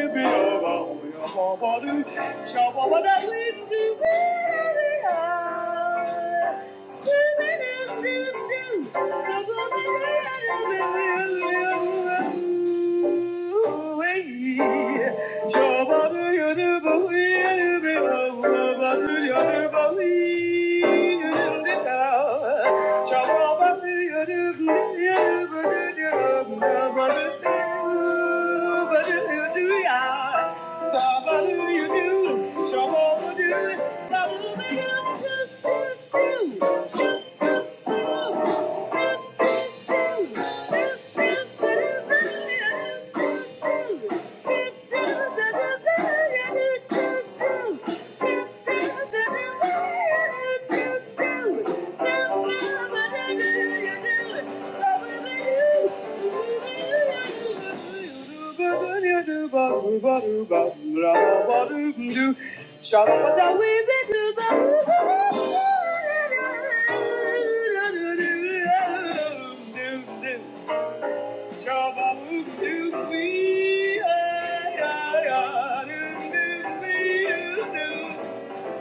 Speaker 3: Shabbat, Shabbat, Shabbat, Shabbat, Shabbat, Shabba Do you do shabba do Yeah. Shabba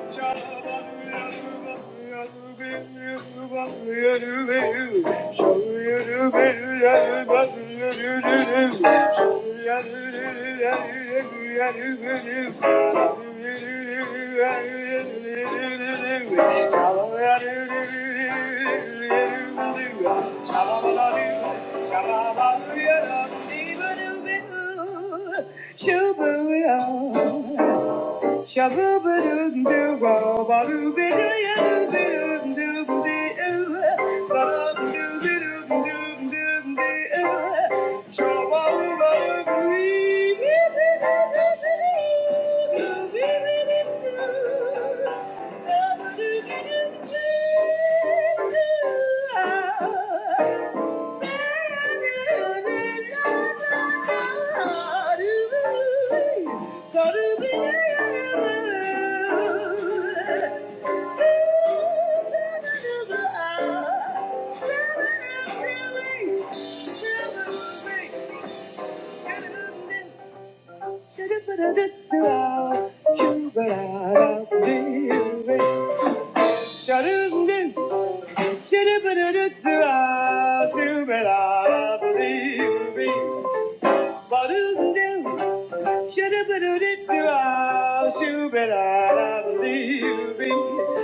Speaker 3: Shabba Shabba Shut up, Shoo-da-ba-da-da-da, shoo-ba-da-da, believe me.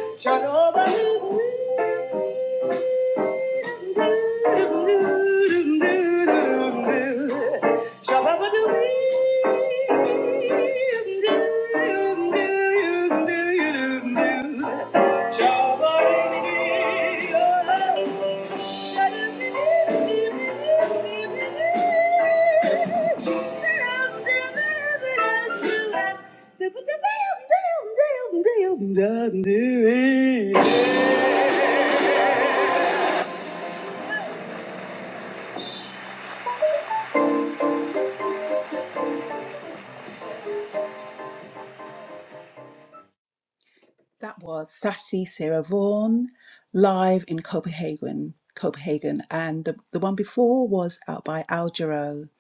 Speaker 3: That was Sassy Sarah Vaughan live in Copenhagen, Copenhagen, and the, the one before was out by Al Jarreau.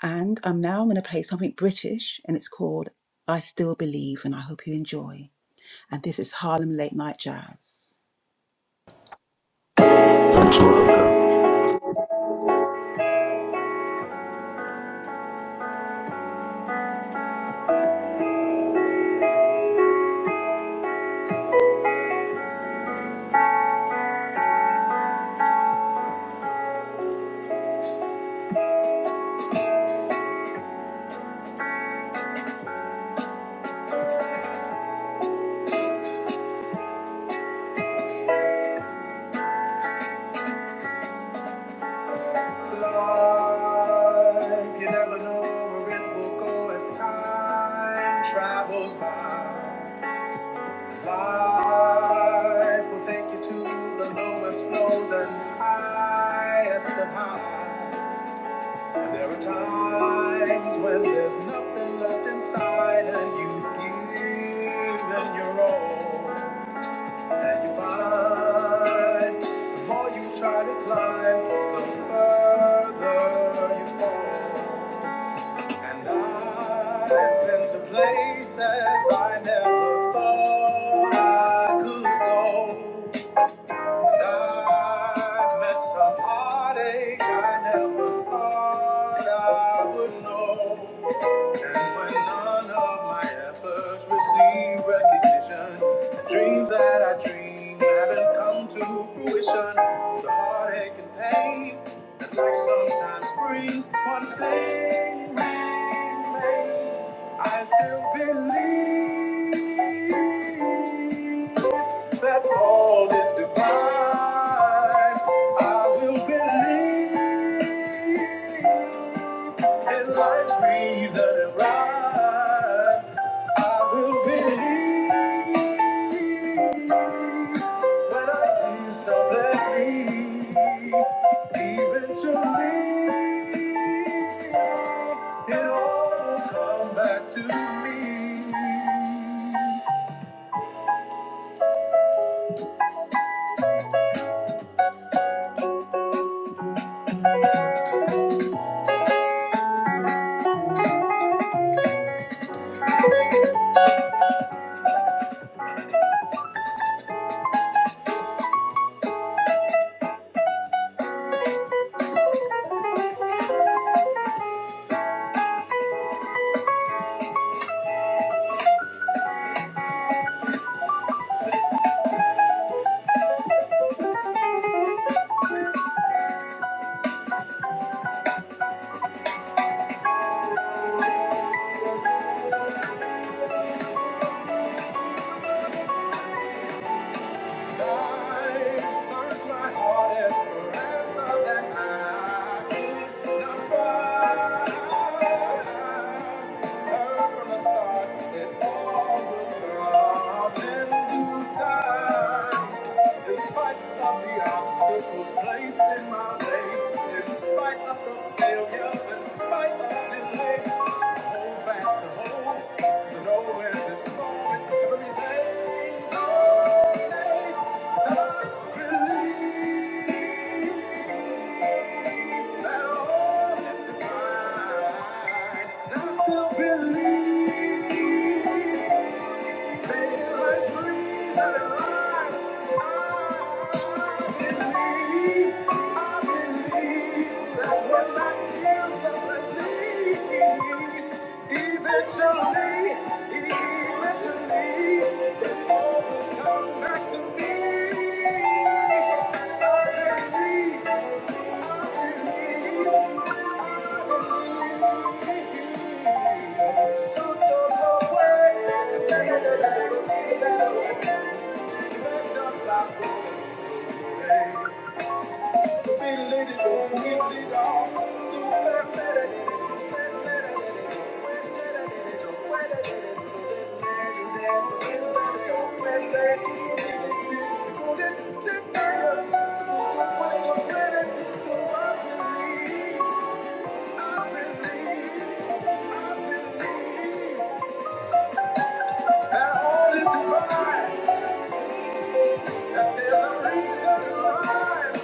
Speaker 3: And I'm now going to play something British, and it's called "I Still Believe," and I hope you enjoy. And this is Harlem Late Night Jazz.
Speaker 4: Thanks, Veronica.
Speaker 3: I met some heartache I never thought I would know. When none of my efforts receive recognition, the dreams that I dream haven't come to fruition. The heartache and pain that life sometimes brings, one thing remains. I still believe that all is divine. I will believe in life's reason and right. I will believe. Placed in my way, in spite of the failures, in spite of the delay. Hold fast to hope, to know at this moment everything's alright. I believe that all is And I still believe. Eventually, eventually, it all will come back to me. I believe. Thank you. Thank you.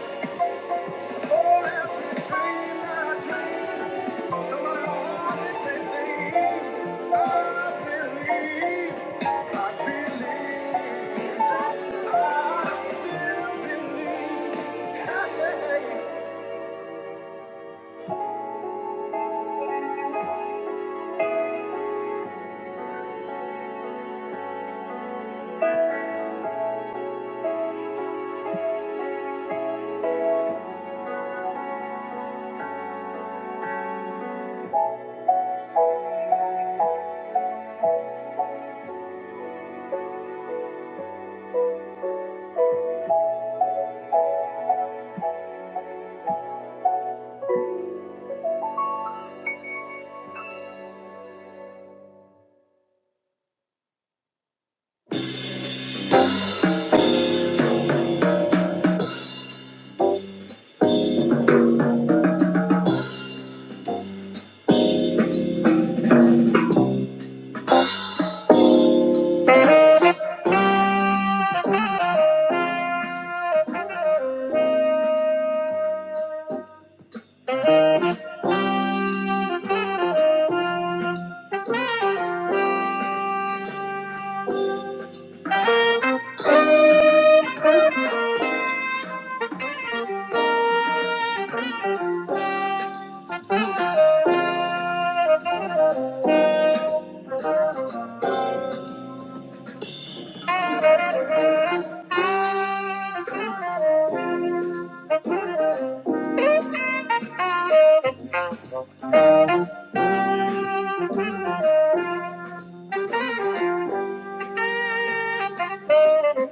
Speaker 3: Thank you.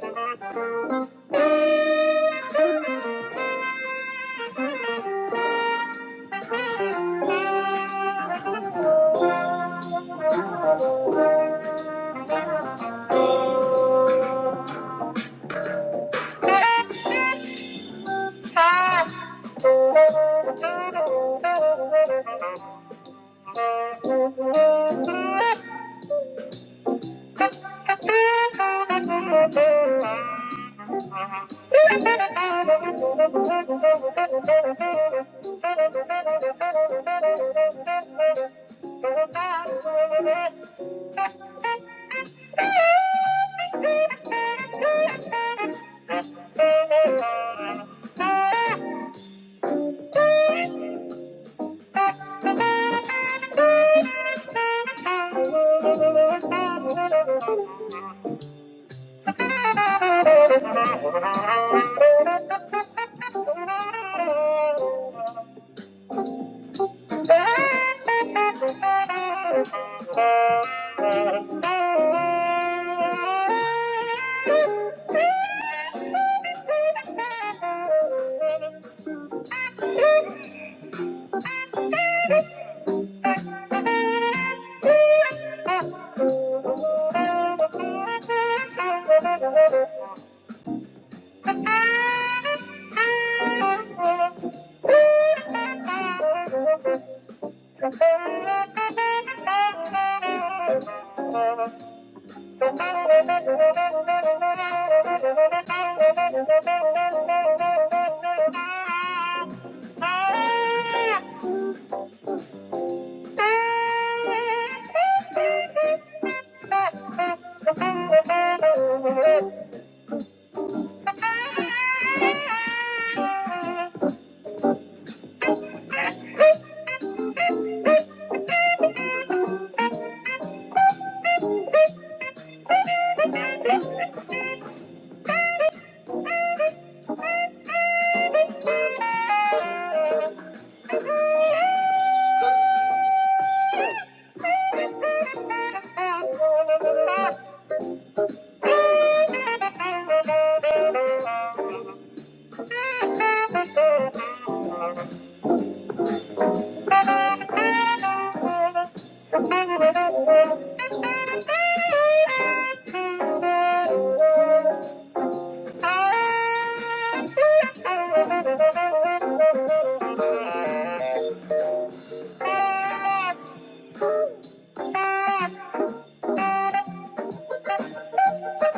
Speaker 3: Thank you. Ah! Ah! Thank you. Thank you. Thank you. Thank you. Thank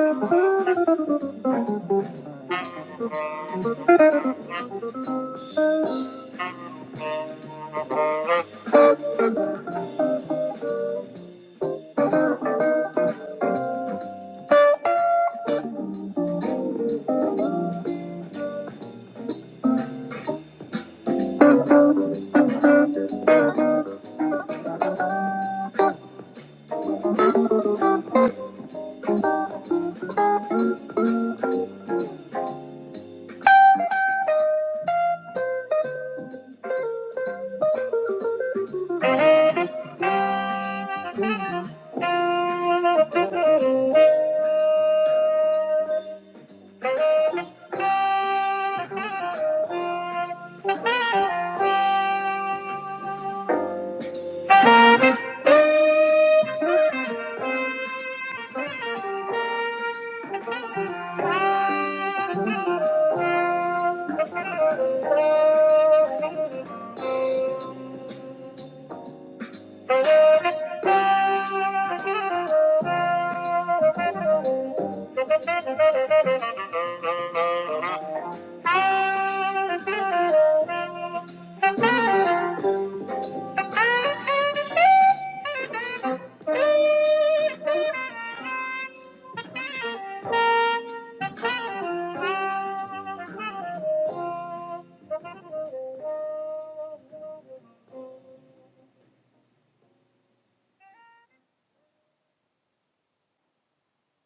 Speaker 3: you. Thank you.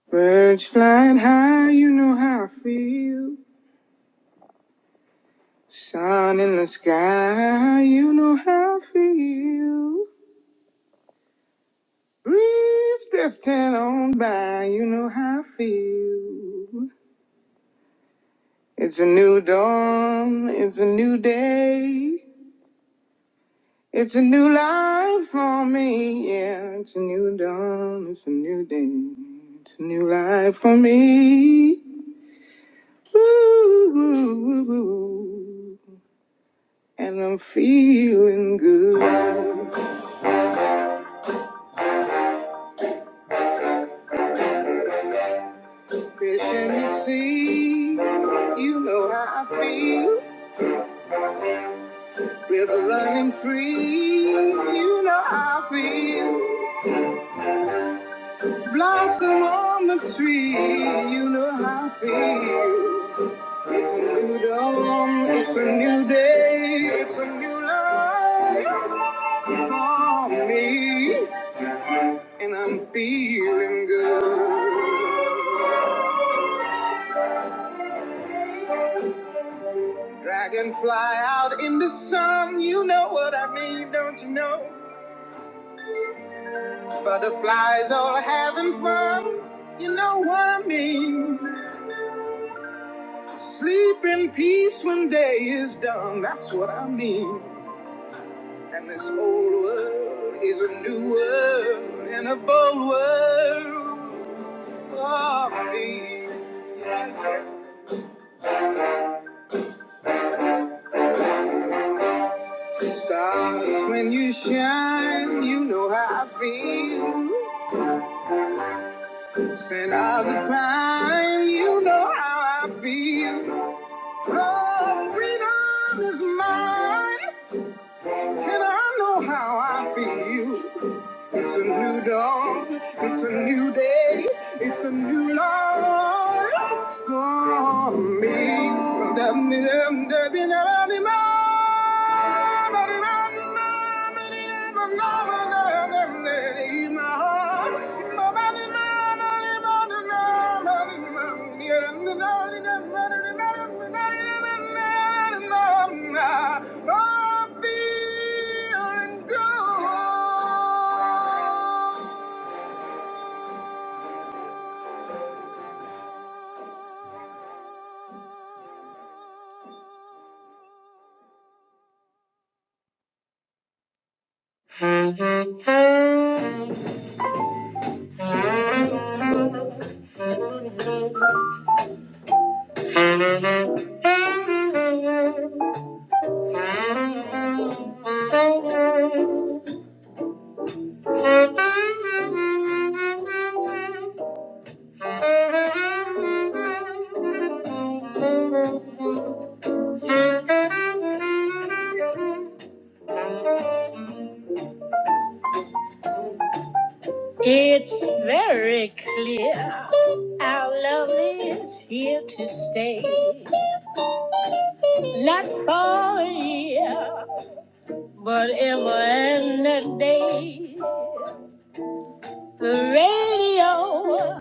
Speaker 3: Birds flying high, you know how I feel. Sun in the sky, you know how I feel. Breeze drifting on by, you know how I feel. It's a new dawn, it's a new day. It's a new life for me, yeah. It's a new dawn, it's a new day. It's a new life for me. Ooh, ooh, ooh, ooh. and I'm feeling good. Fish in the sea, you know how I feel. River running free, you know how I feel. Blossom on the tree, you know how I feel. You know, it's a new day, it's a new life for me, and I'm feeling good. Dragonfly out in the sun, you know what I mean, don't you know? Butterflies all having fun, you know what I mean. Sleep in peace when day is done, that's what I mean. And this old world is a new world and a bold world for me. It's very clear our love is here to stay. Not for a year, but ever and a day. The radio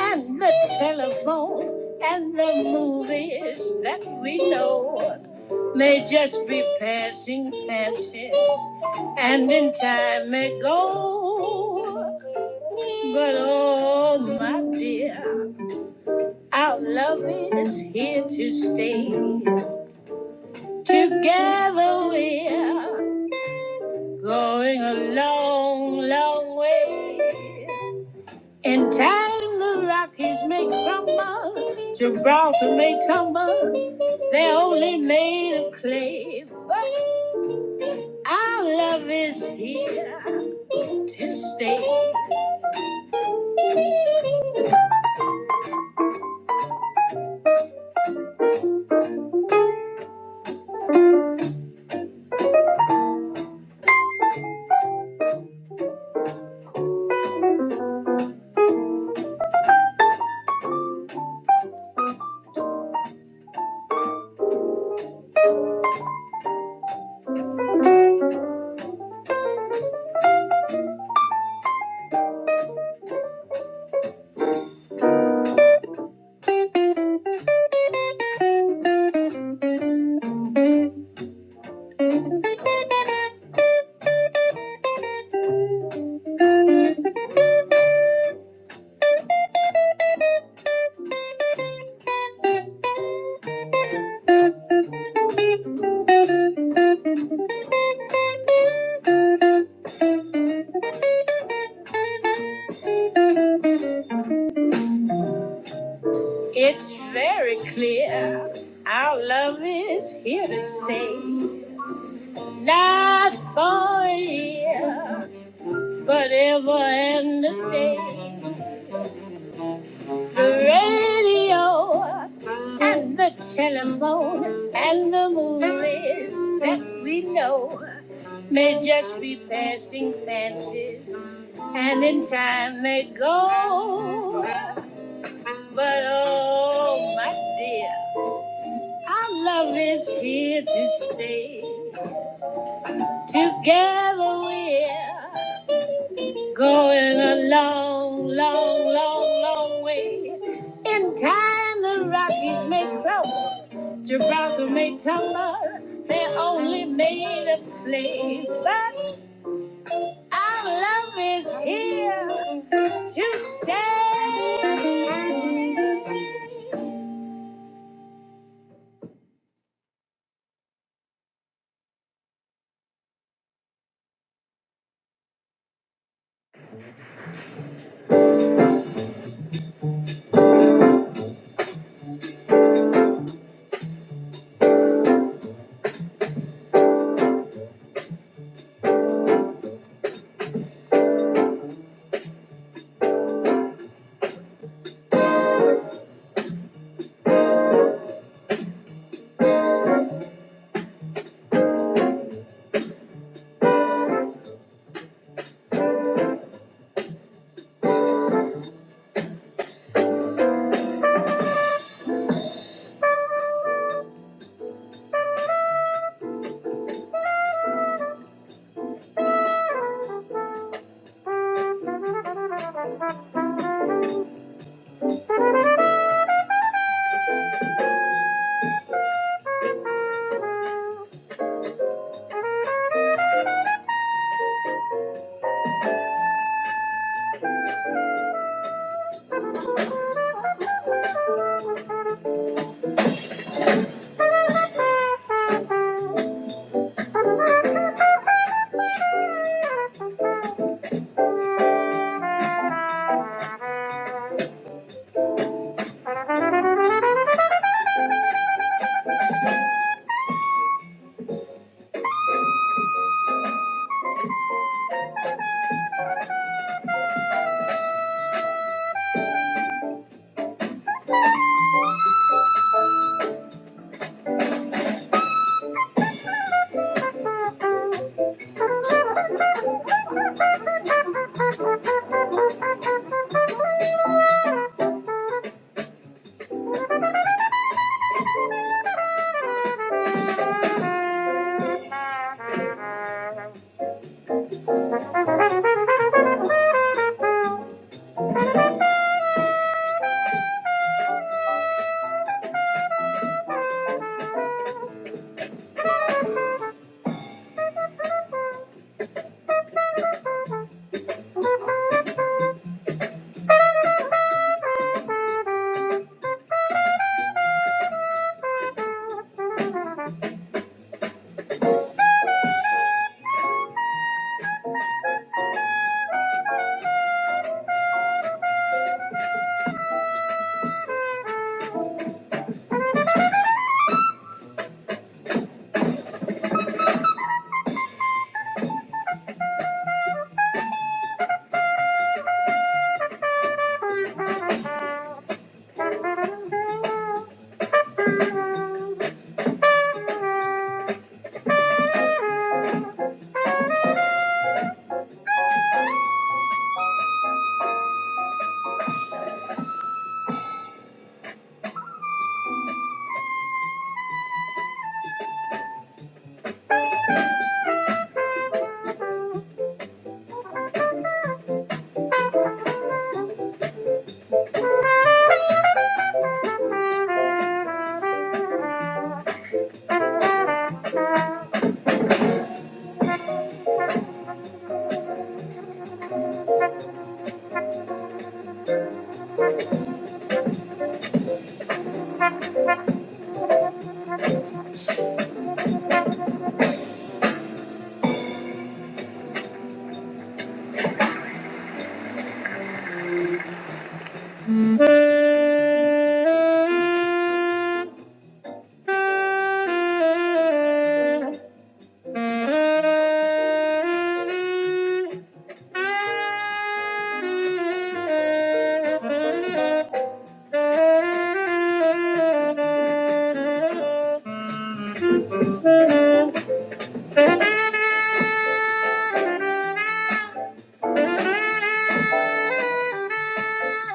Speaker 3: and the telephone and the movies that we know may just be passing fancies and in time may go. But oh, my dear, our love is here to stay. Together we're going a long, long way. In time, the Rockies may crumble, Gibraltar may tumble. They're only made of clay, but our love is here to stay. It's very clear, our love is here to stay. Not for a year, but ever and a day. the radio and the telephone and the movies that we know may just be passing fancies, and in time they go. But oh, my dear, our love is here to stay. Together we're Going a long, long, long, long way. In time, the Rockies may crumble, Gibraltar may tumble. They're only made of clay, but our love is here to stay.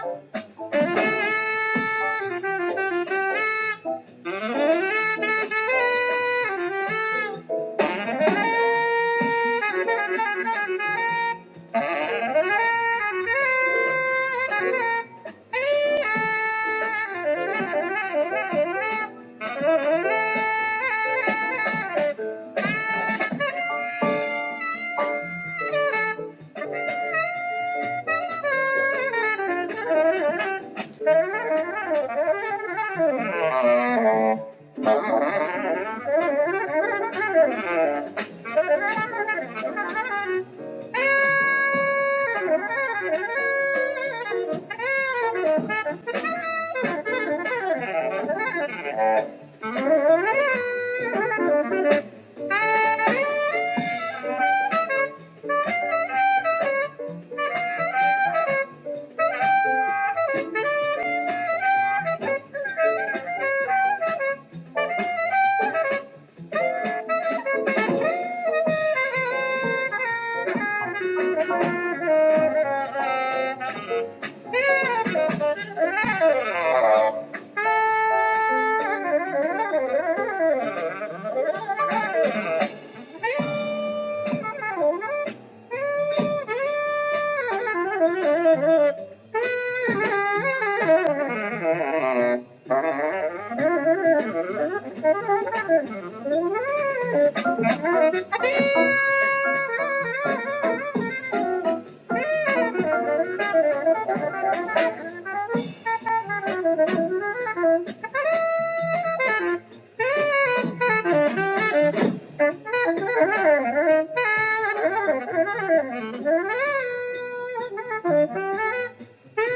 Speaker 3: Thank you. Thank you. Thank you. Thank you. Thank you.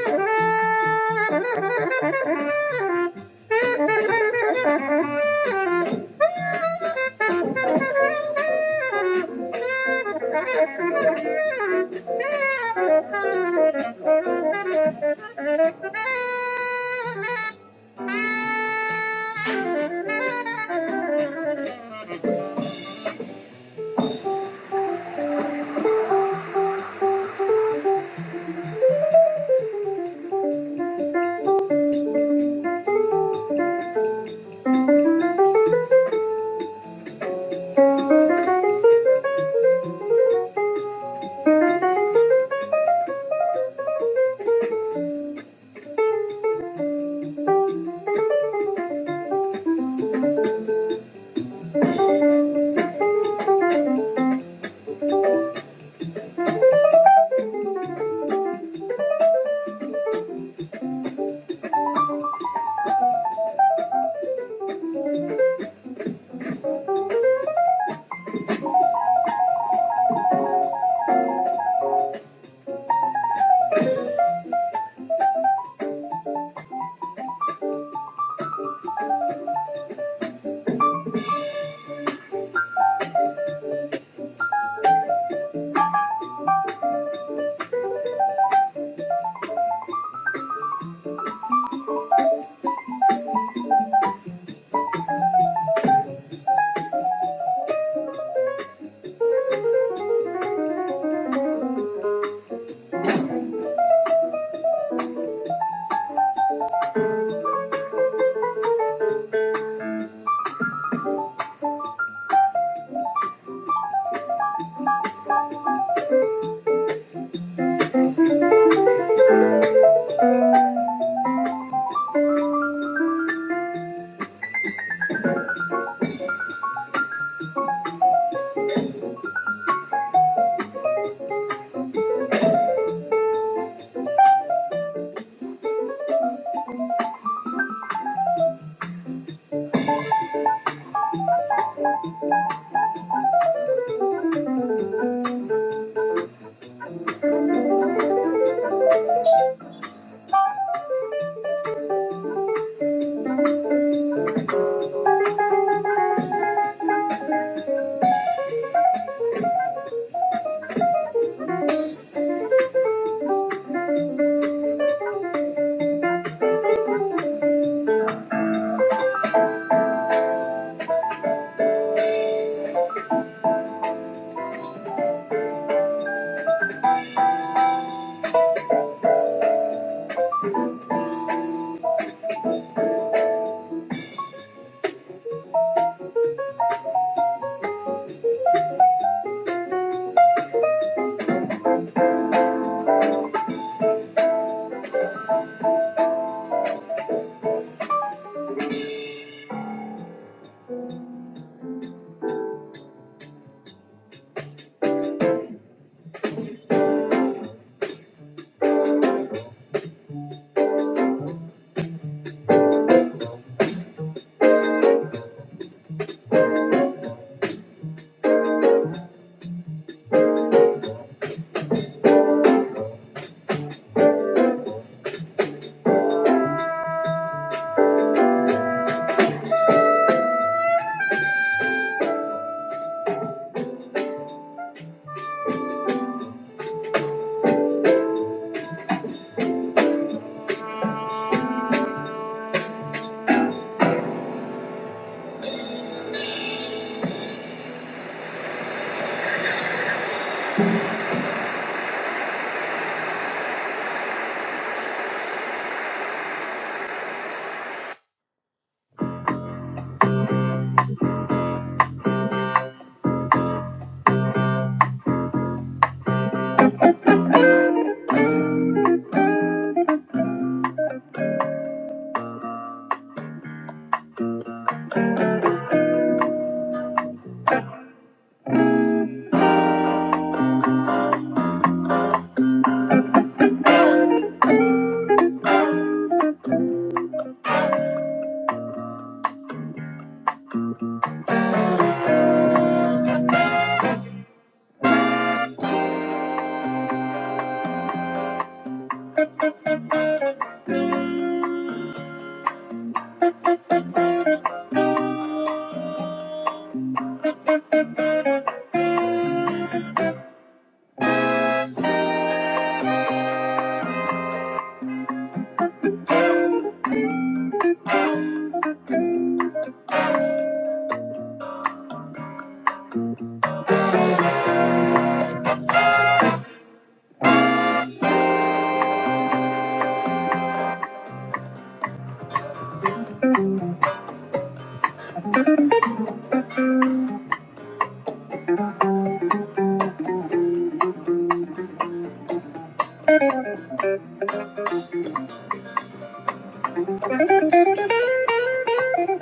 Speaker 3: Thank you.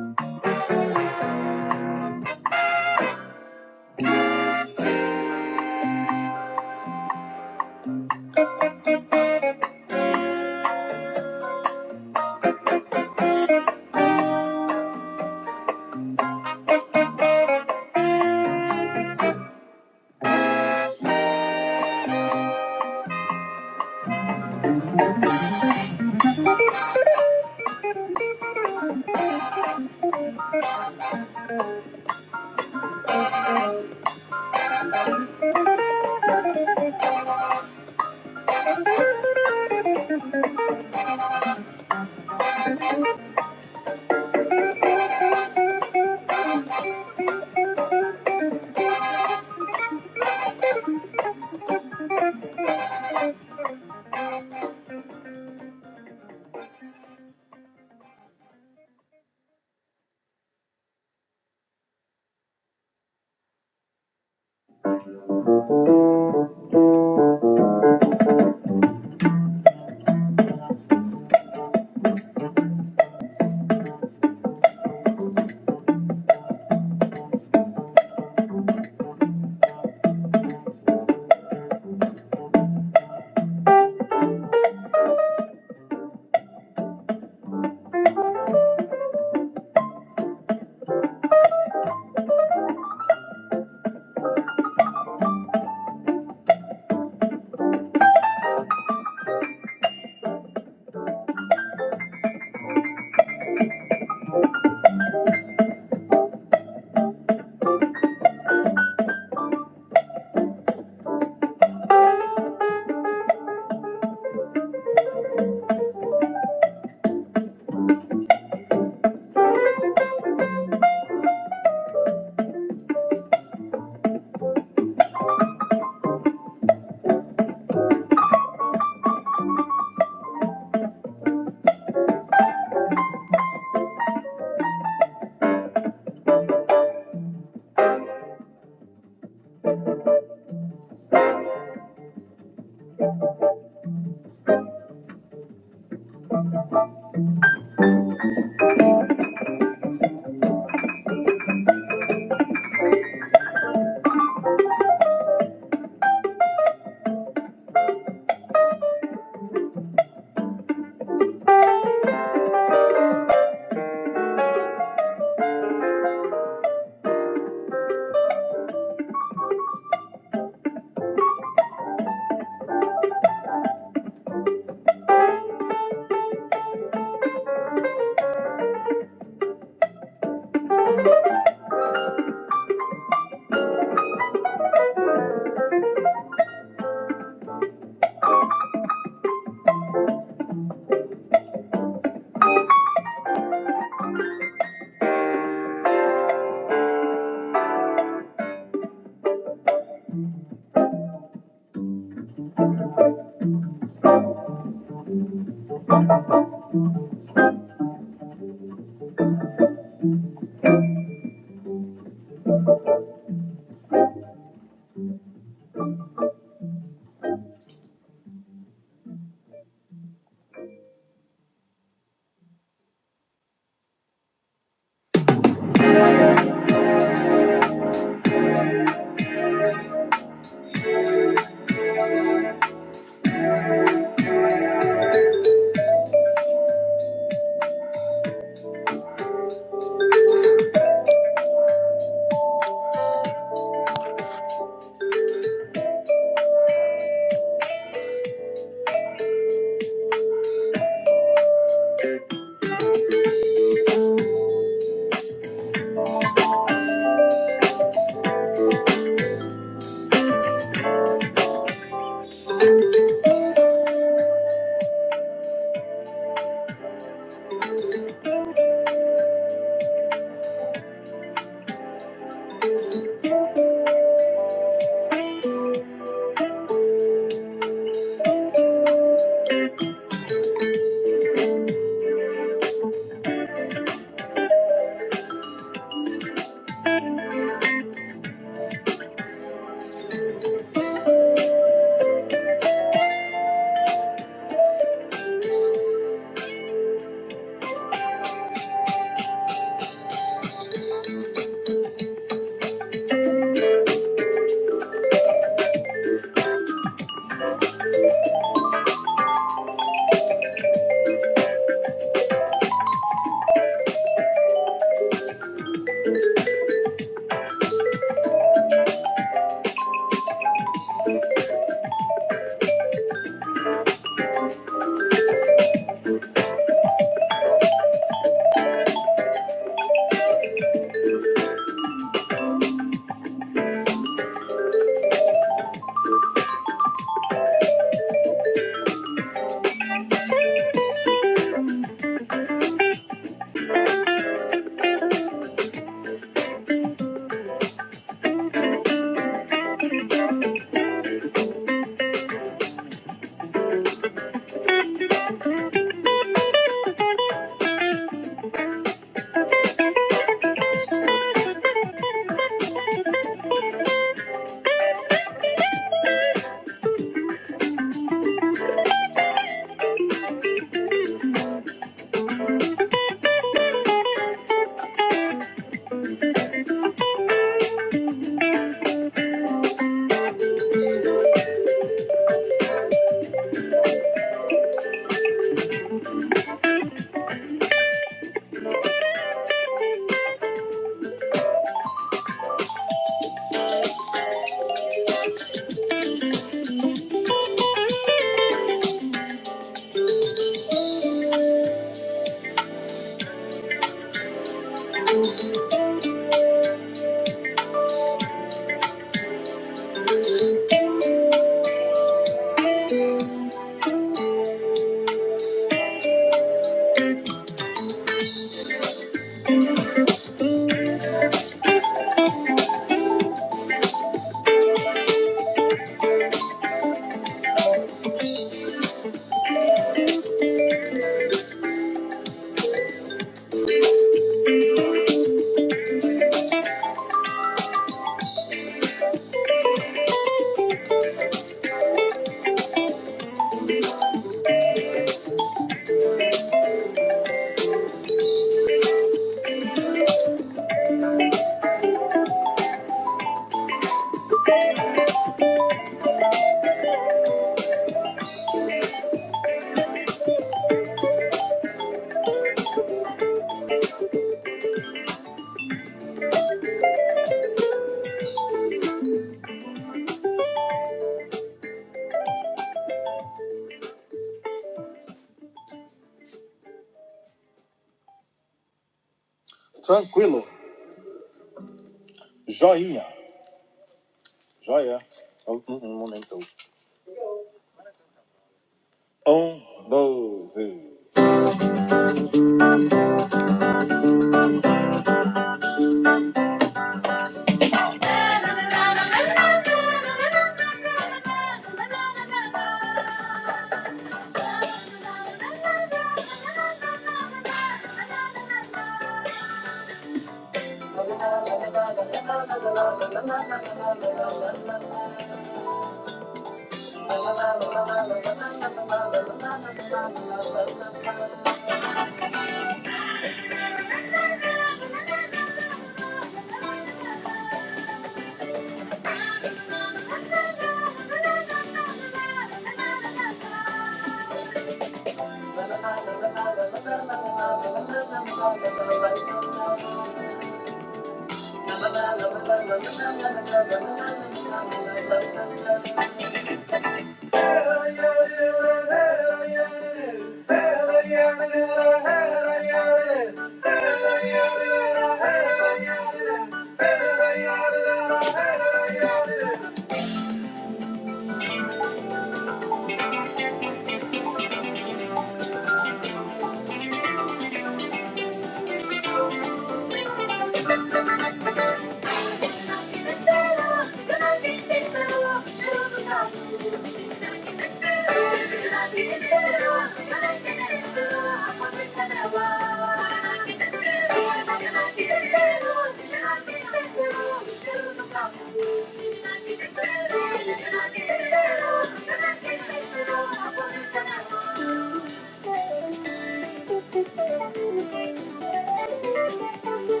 Speaker 3: Thank you.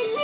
Speaker 3: Thank you.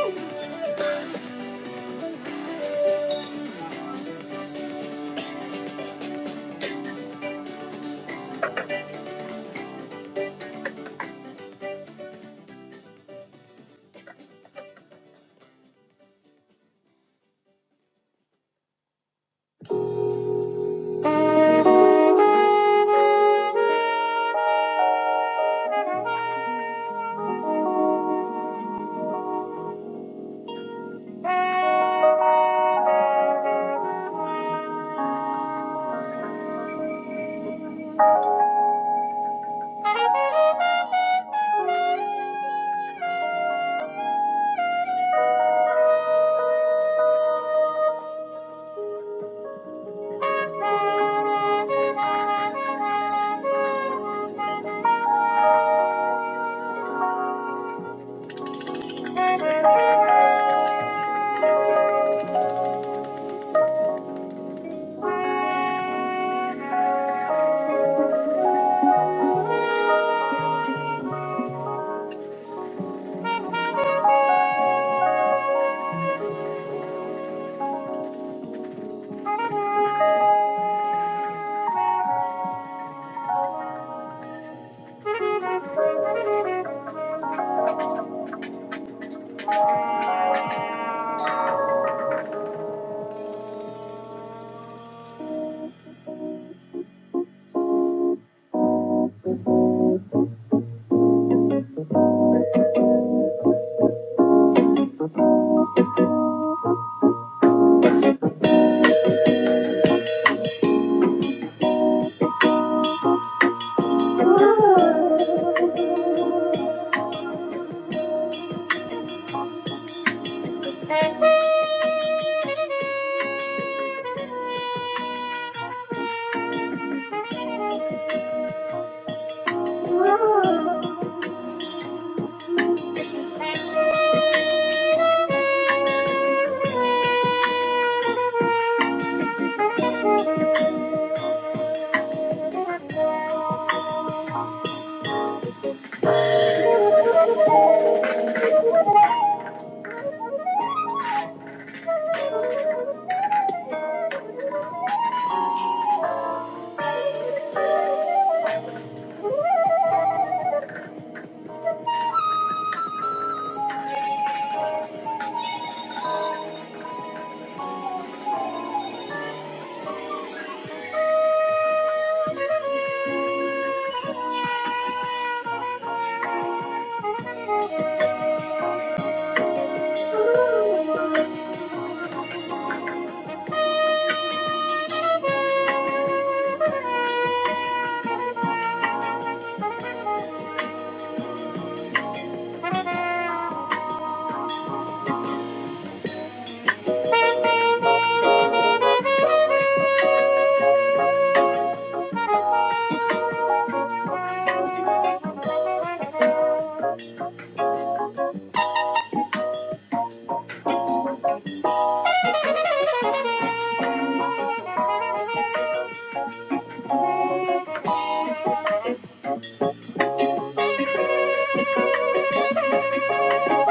Speaker 3: Thank you.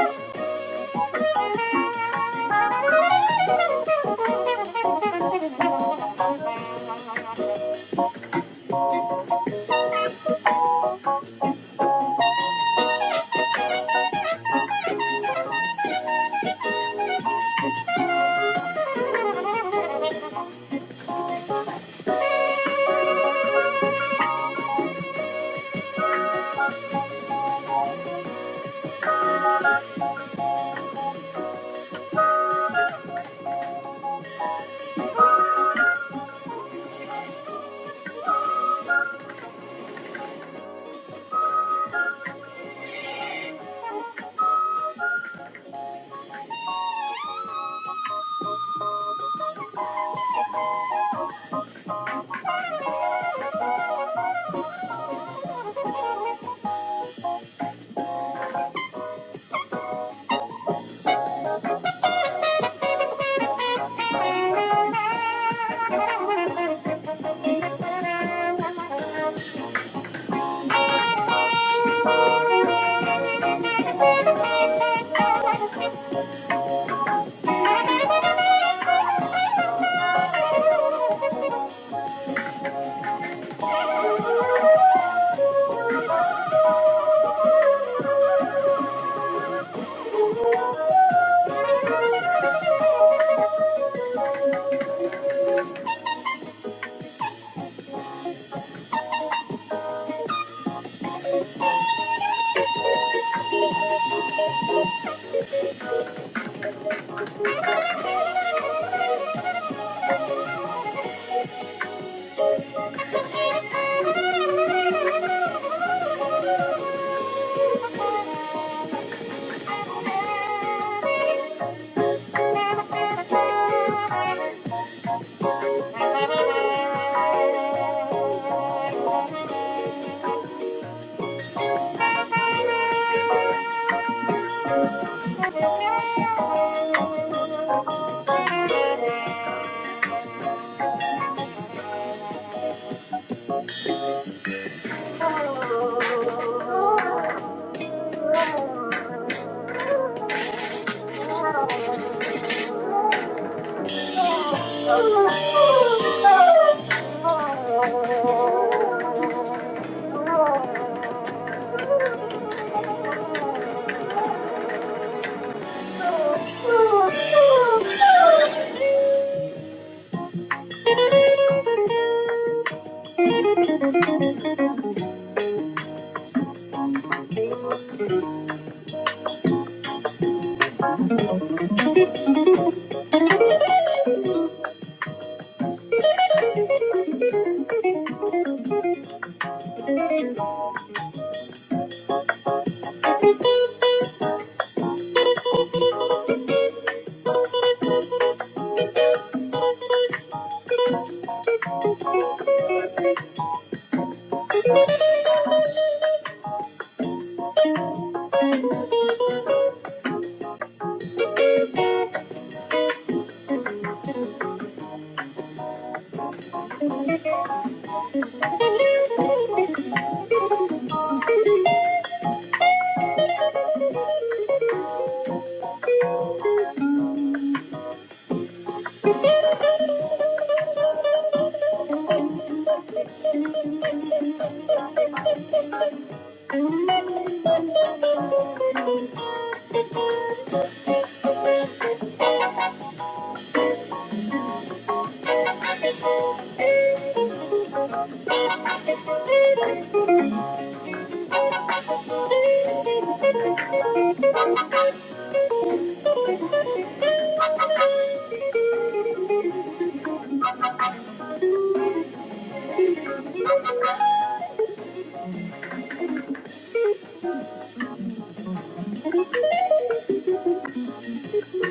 Speaker 3: Thank you. Thank you. oh, you. Thank you. Thank you. Thank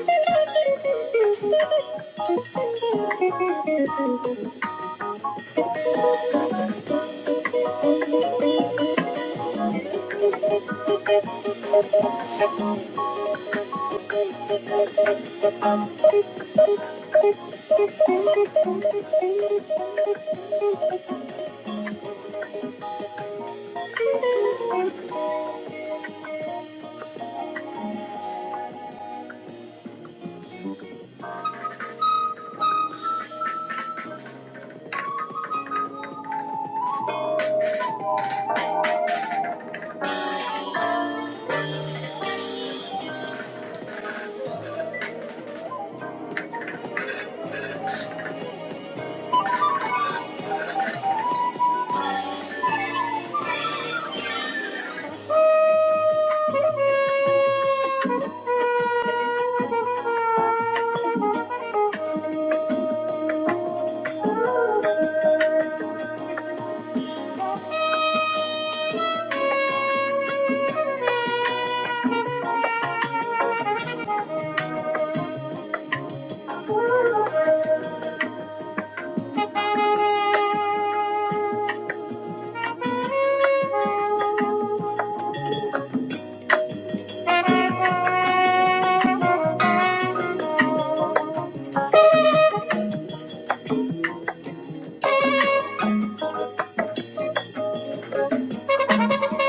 Speaker 3: you.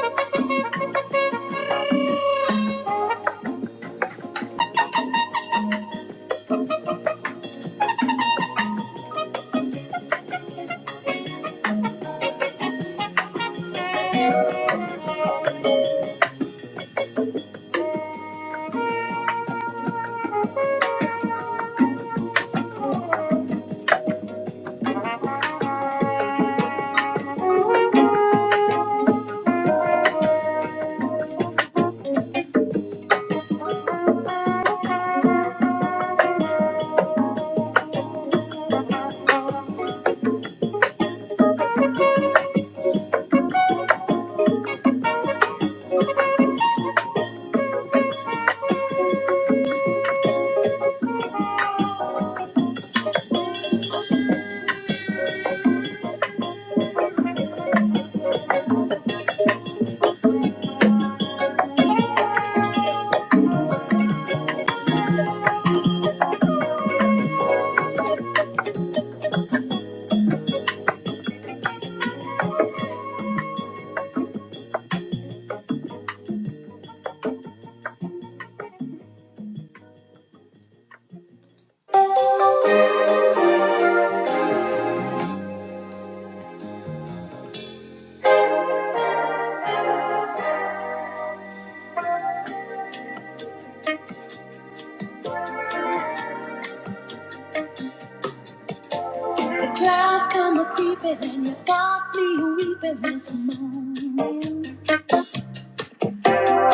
Speaker 3: The clouds come a creeping and you got me weeping this morning.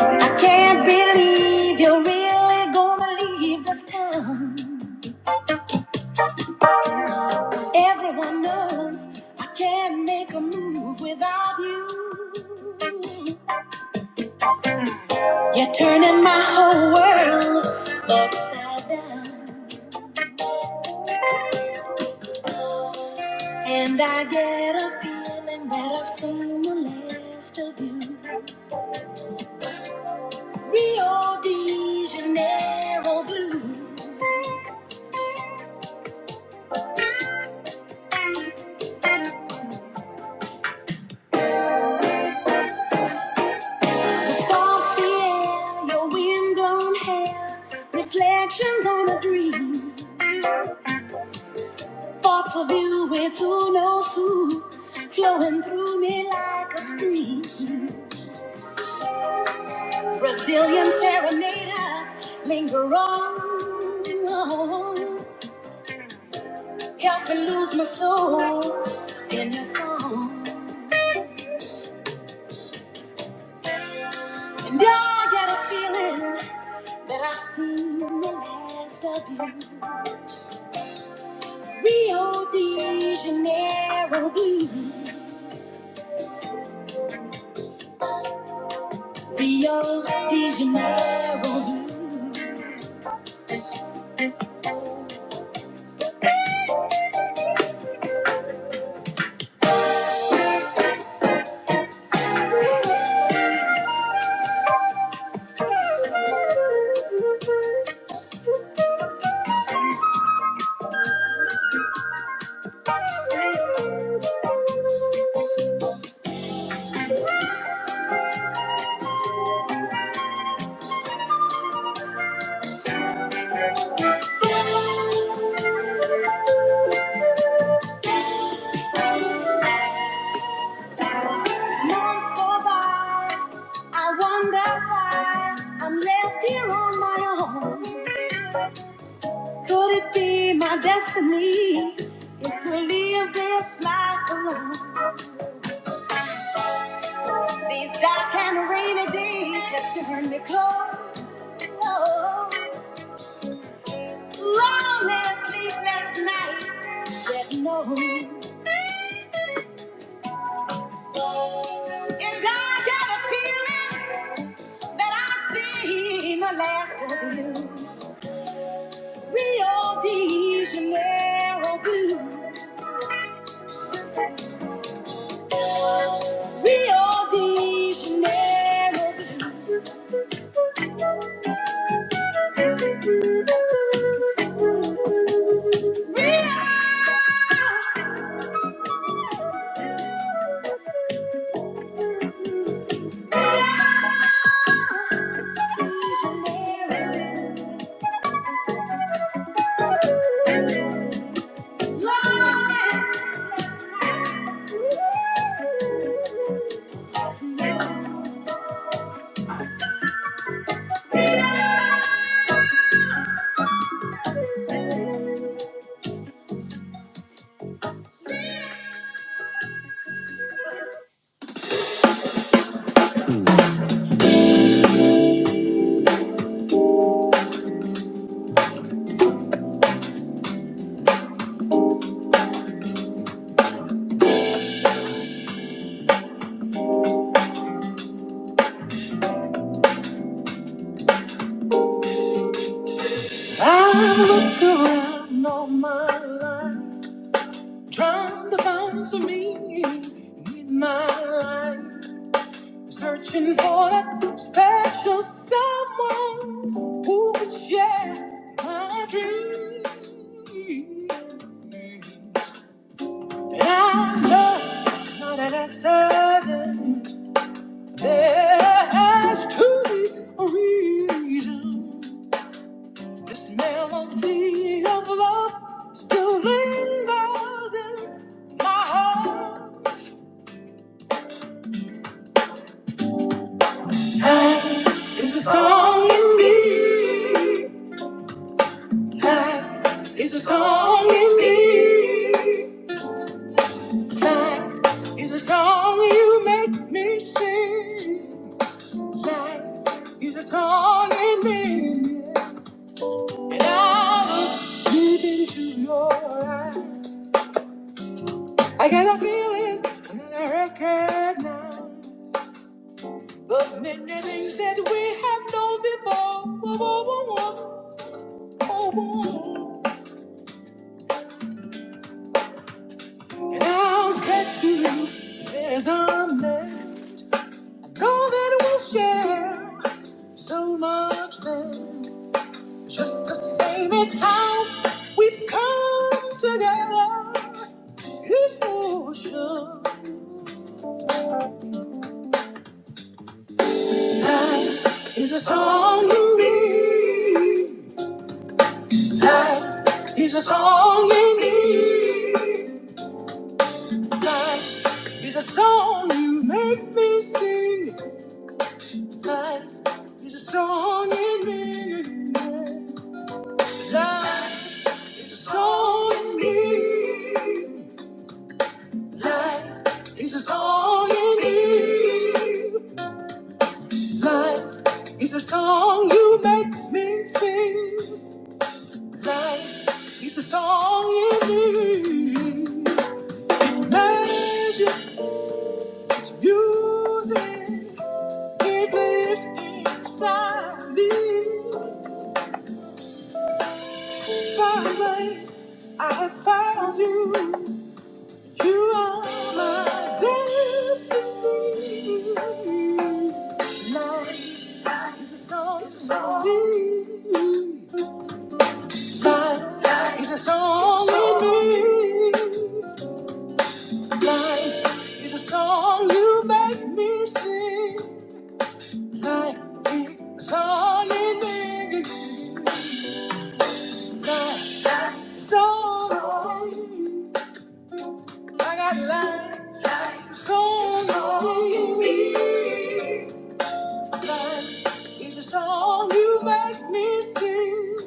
Speaker 3: I can't believe you're really gonna leave this town. Everyone knows I can't make a move without you. You're turning my whole world upside down. And I get a feeling that I've seen the last of you. Rio de Janeiro blue. Soft the air, your wind blown hair, reflections on a dream. Thoughts of you with who knows who, flowing through me like a stream. Brazilian serenaders linger on, help me lose my soul in your song. And I got a feeling that I've seen the last of you. Rio de Janeiro blue. Rio de Janeiro. Long for by, I wonder why I'm left here on my own. Could it be my destiny is to live this life alone? These dark and rainy days have turned me cold. Lonely, sleepless nights that no. And I got a feeling. that I've seen the last of you. Rio de Janeiro blue. Rio de Janeiro blue. Rio de Janeiro life. No, my life. Trying to find some meaning in my life. Searching for that special someone who could share my dreams. I know not an accident. There has to be a reason. This melody of love still lingers. in- It's a song in me. Life is a song in me. Life is a song you make me sing. Life is a song in me. Deep into your eyes. I got a feeling that I recognize the many things that we have known before. Oh, oh, oh, oh, oh. And I'll get to you. There's a man, though that will share so much then. Just the same as how we've come together. He's ocean. Life is a song you need. Life is a song you need. Life is a song you make me sing. Life is a song you need. Life is a song you need. Life is a song you need. Life is a song you make me sing. Life is the song you hear. It's magic, it's music. It lives inside me. Finally, I have found you. You are my destiny. Life is a song it's a song. Life is a song you hear. Life is a song you make me sing. Life is a song you make me sing. Life is a song. I got life. is a Song you make me. sing. Life is a song you make me sing.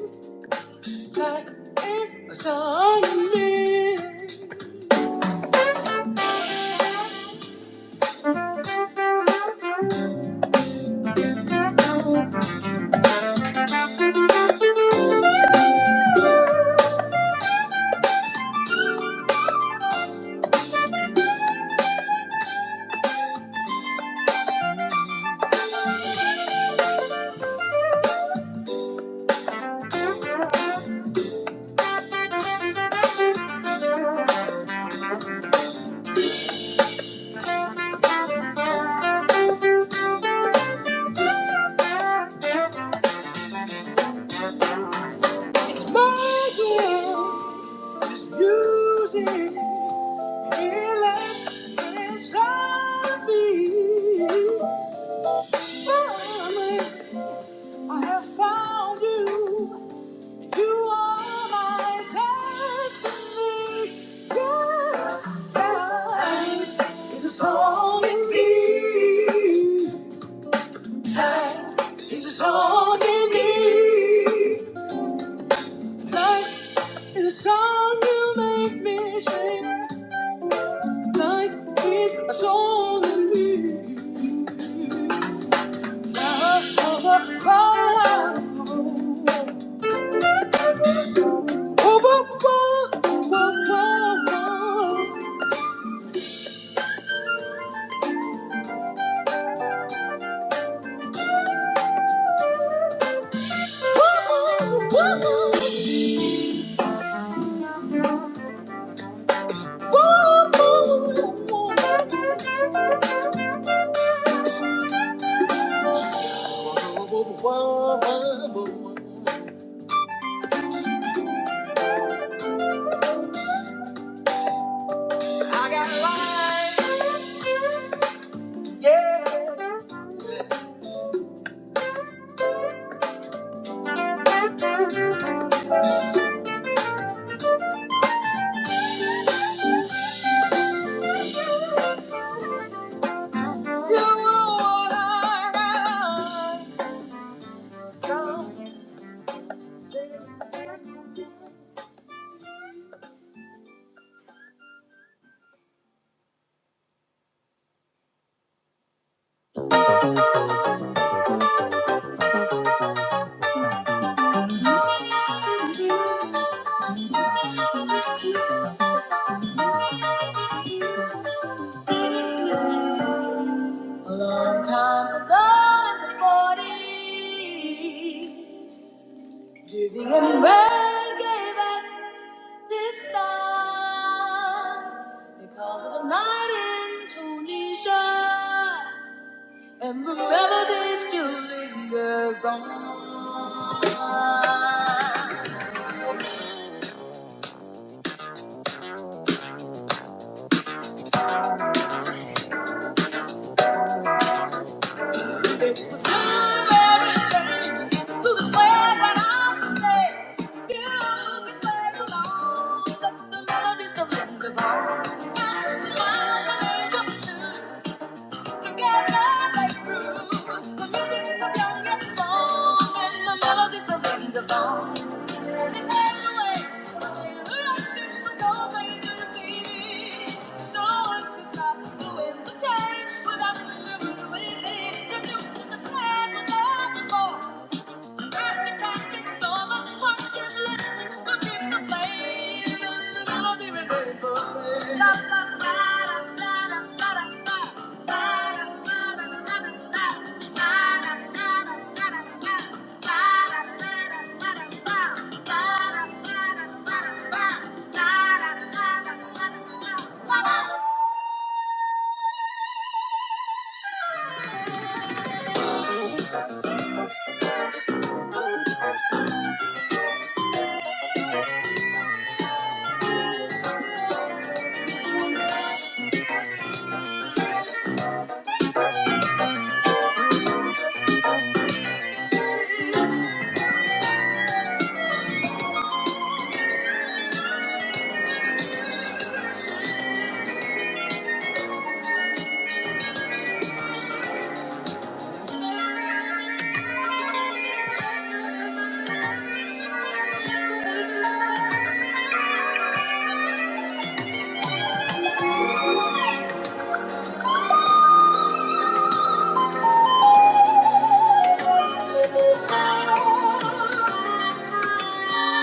Speaker 3: Life is a song you make. Music is life inside me. Family. I have found you. You are my destiny. Life is a song in me. Life is a song in me. Life is a song you make me sing. Life is a song in me. Oh, oh, a oh. Oh, oh, oh, oh, oh, oh. A long time ago in the 40s, Dizzy and Ray gave us this song. They called it a night in Tunisia, and the melody still lingers on. Together they grew. The music was young and strong, and the melody surrenders all. Without the river, the wind, the music, the past, without the law. Thank you. Bye.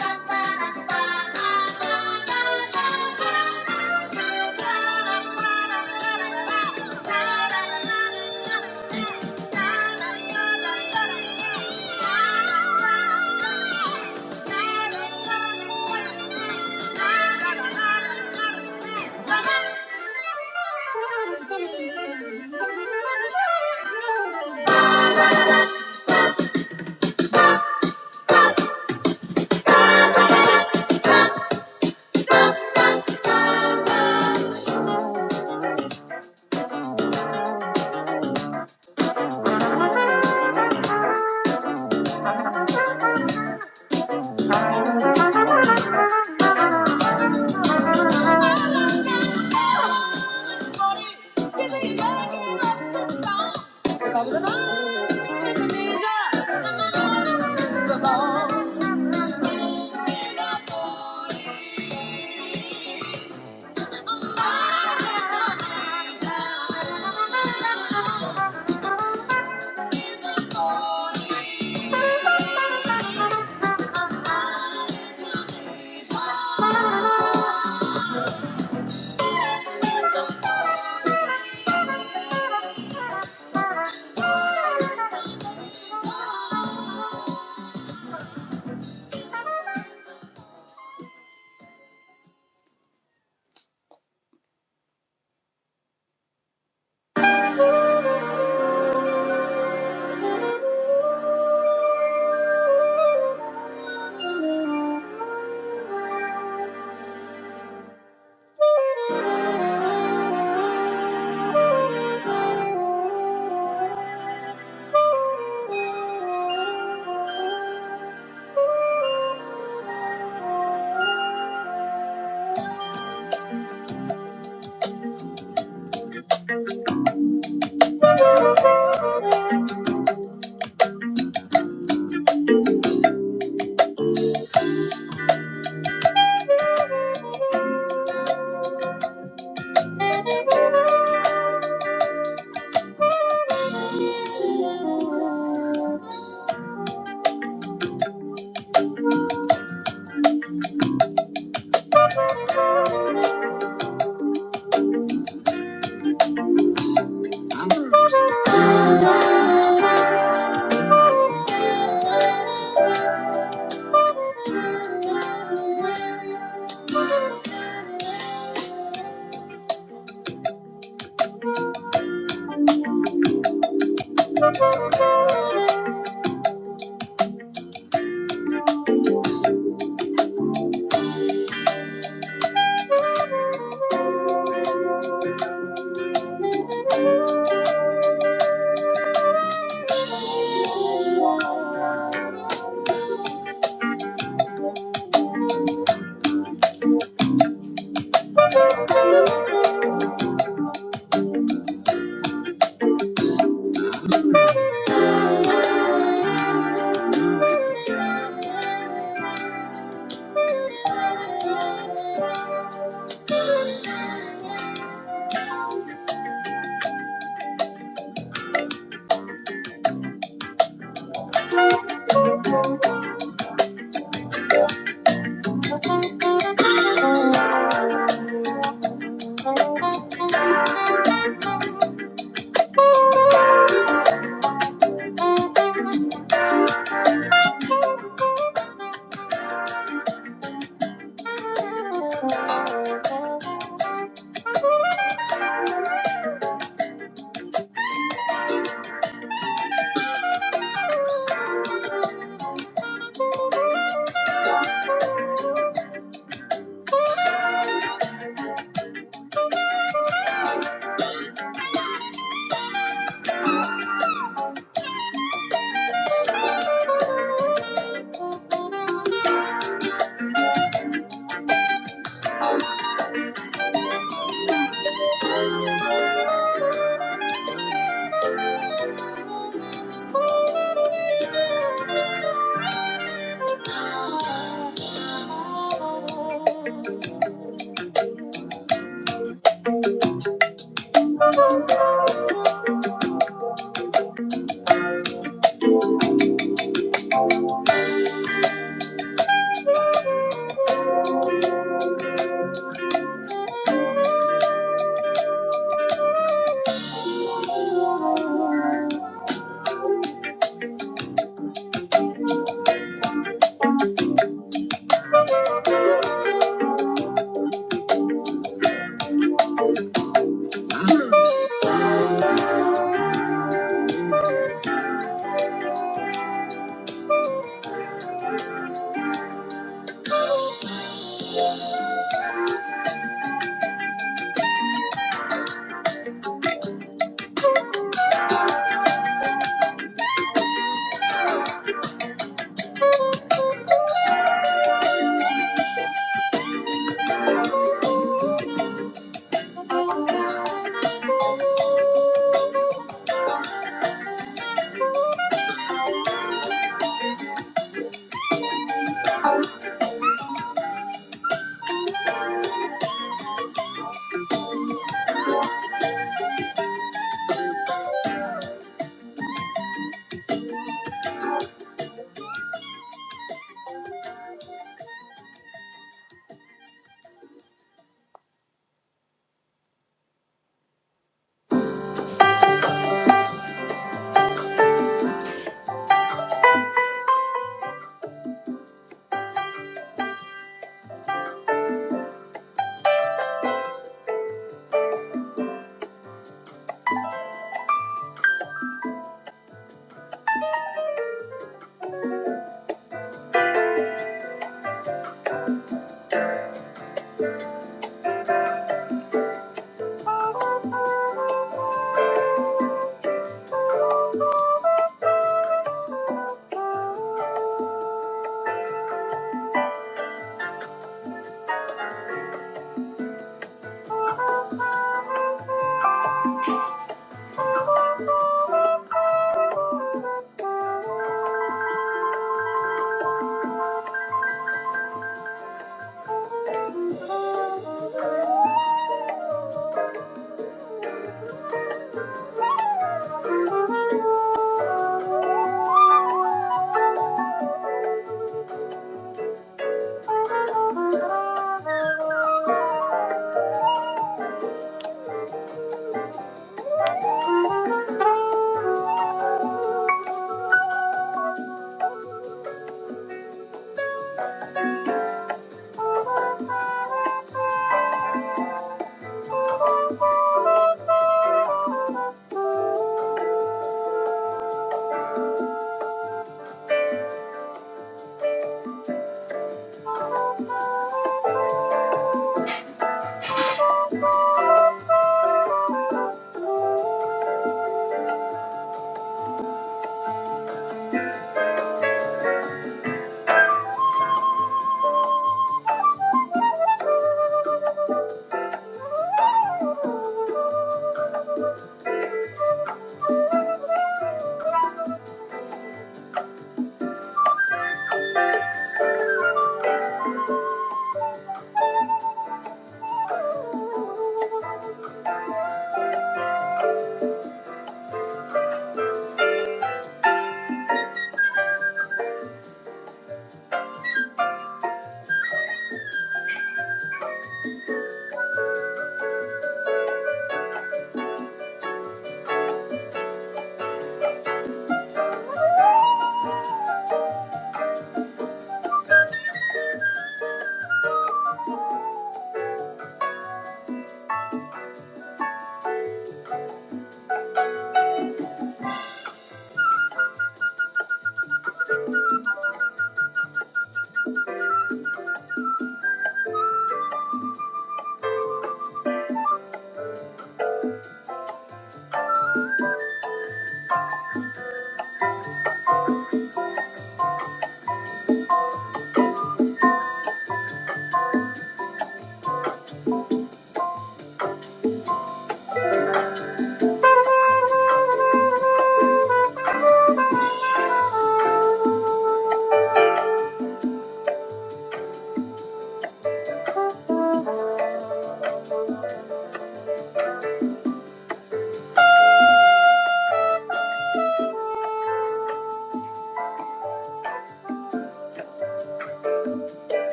Speaker 3: Thank you. Thank you.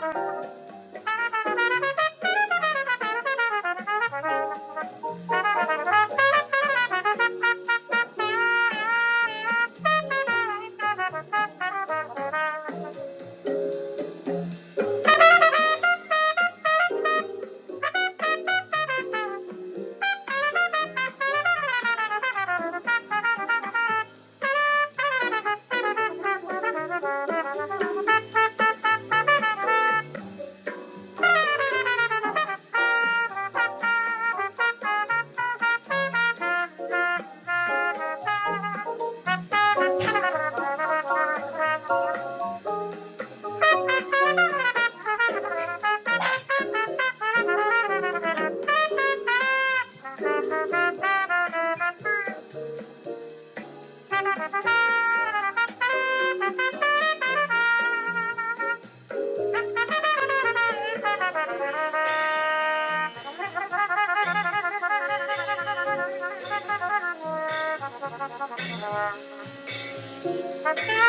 Speaker 3: Thank you. Thank you. Thank you. Thank you.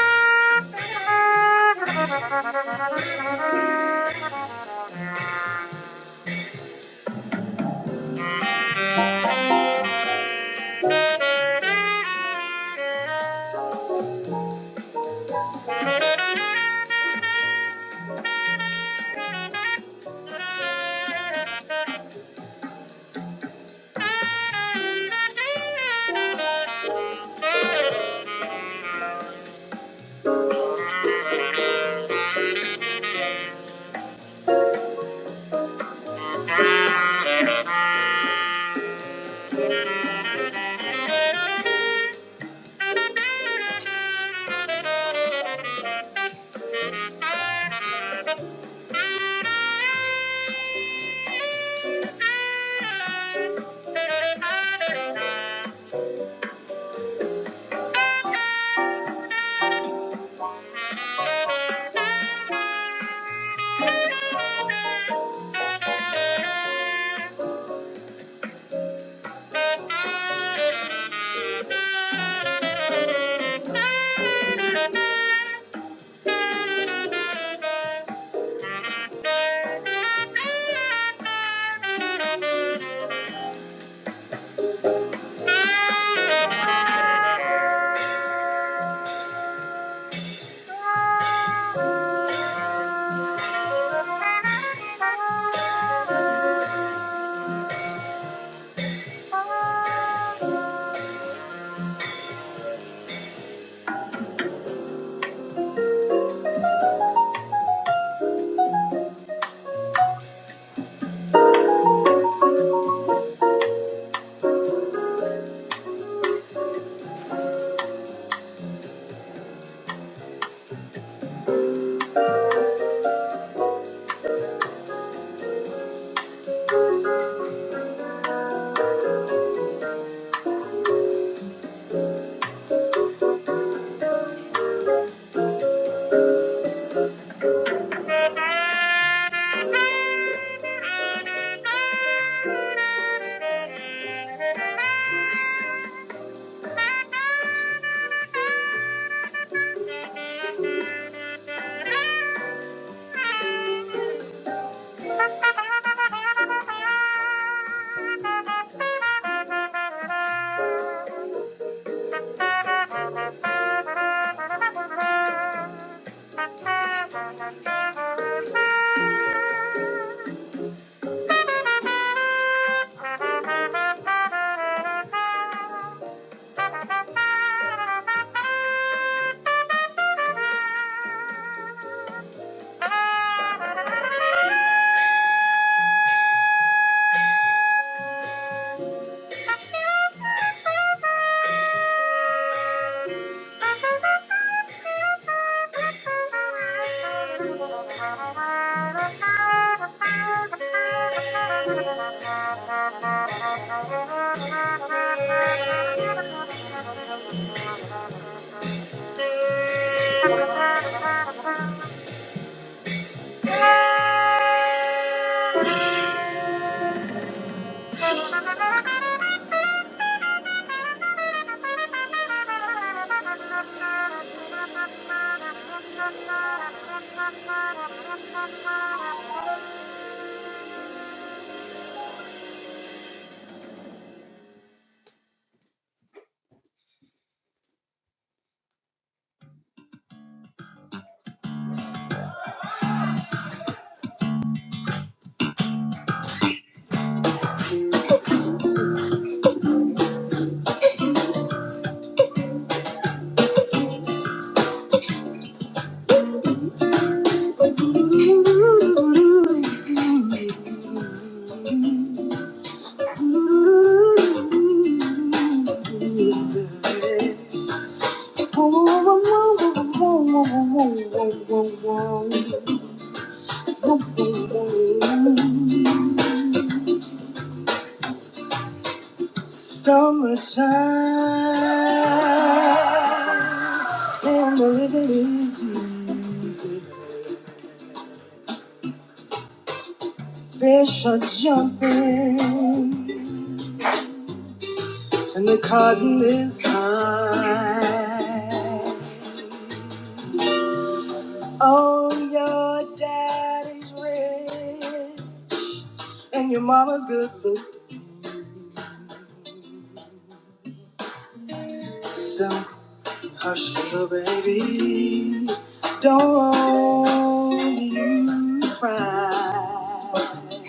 Speaker 3: Thank you. Oh, you cry.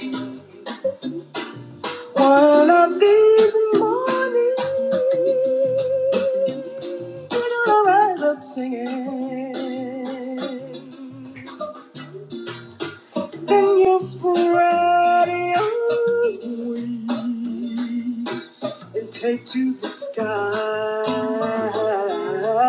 Speaker 3: One of these mornings, we're gonna rise up singing. Then you'll spread your wings and take to the sky.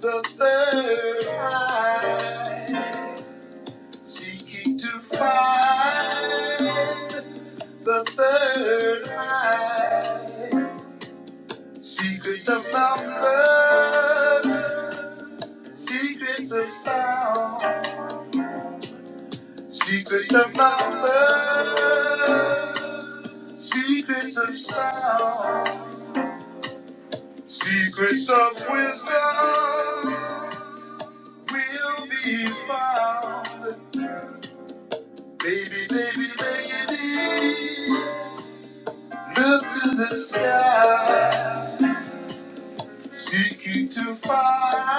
Speaker 3: The third, seeking to find the third. Secrets of numbers, secrets of sound, secrets of numbers, secrets of sound, secrets of wisdom will be found. Baby, baby, baby, look to the sky, seeking to find.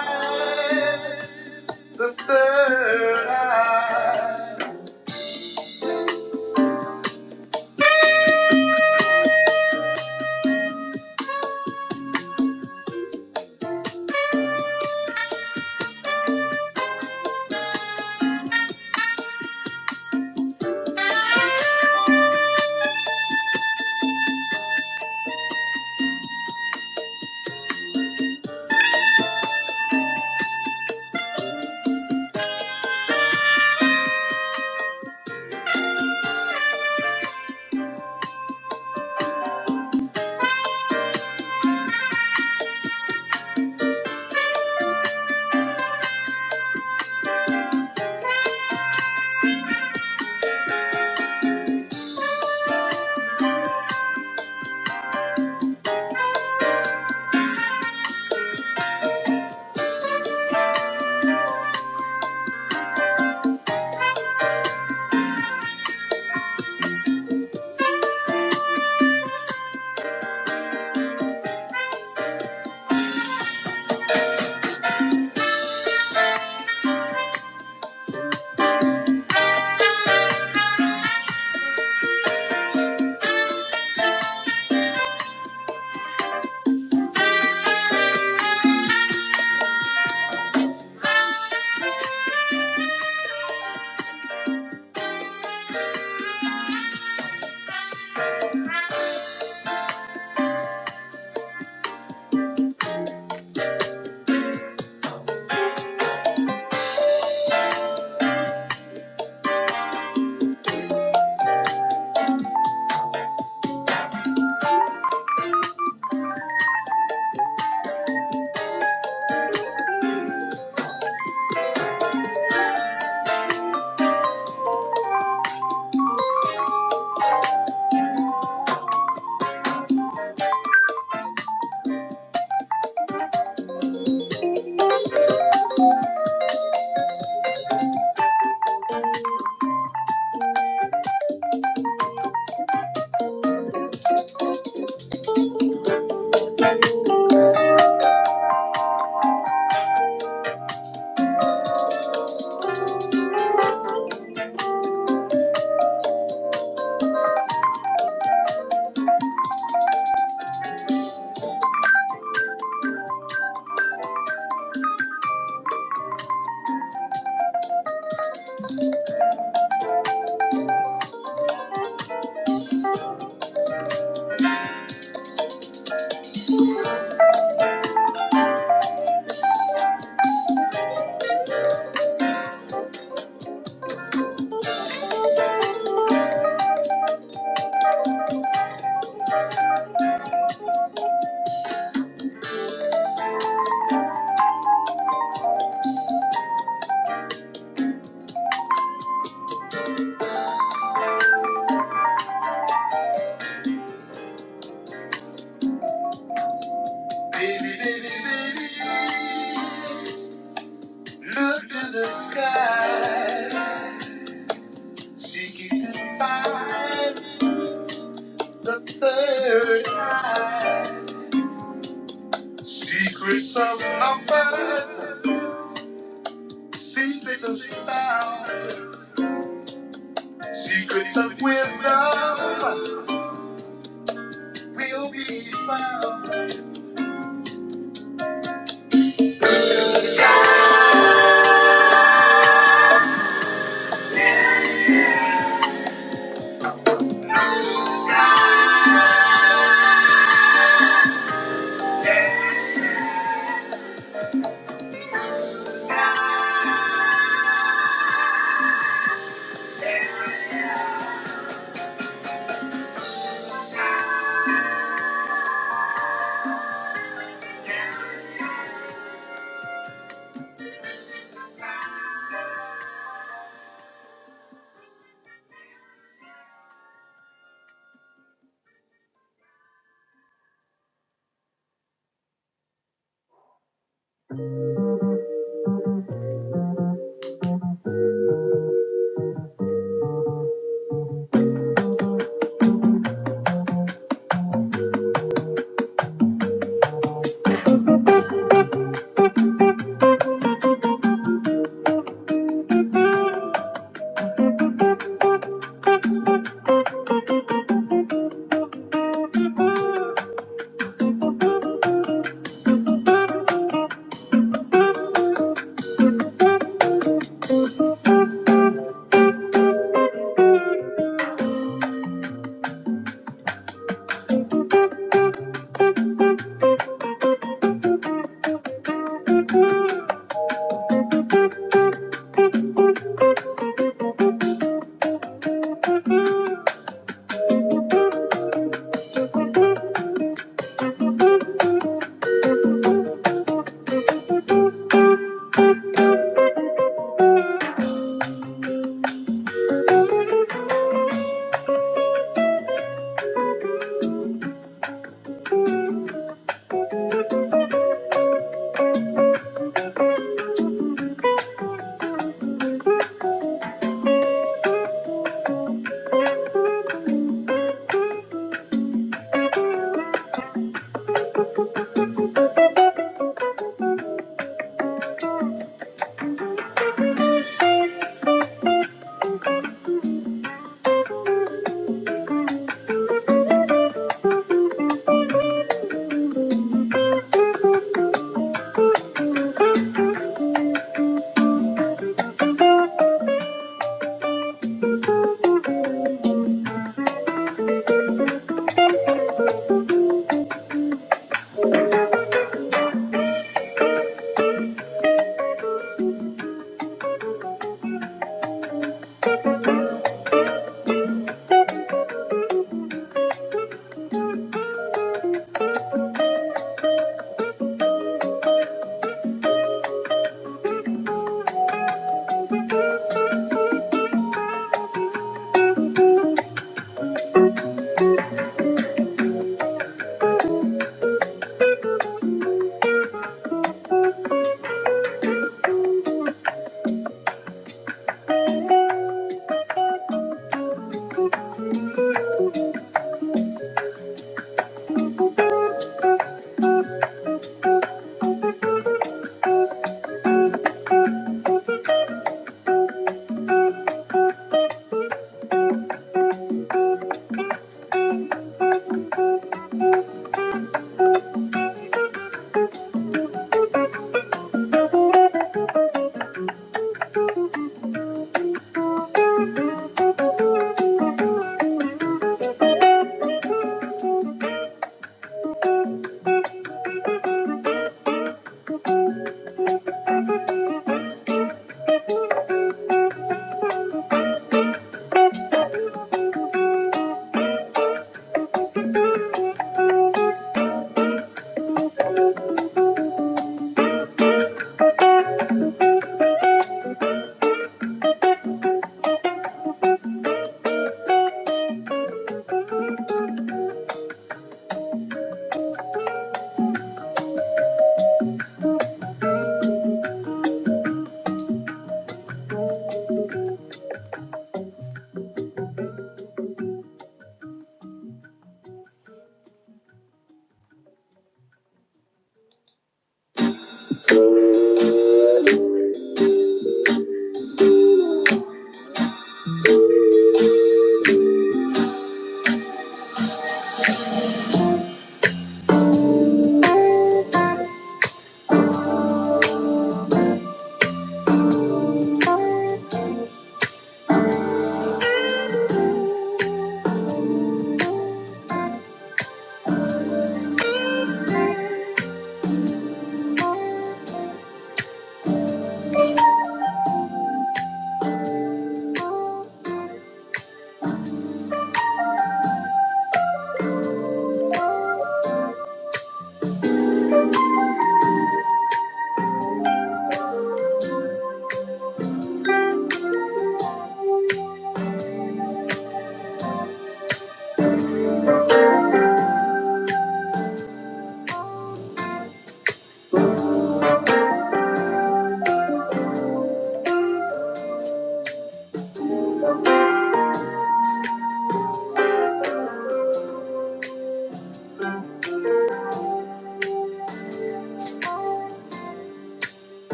Speaker 3: Baby, baby, baby, look to the sky. Seeking to find the third eye. Secrets of numbers, secrets of sound, secrets of wisdom will be found.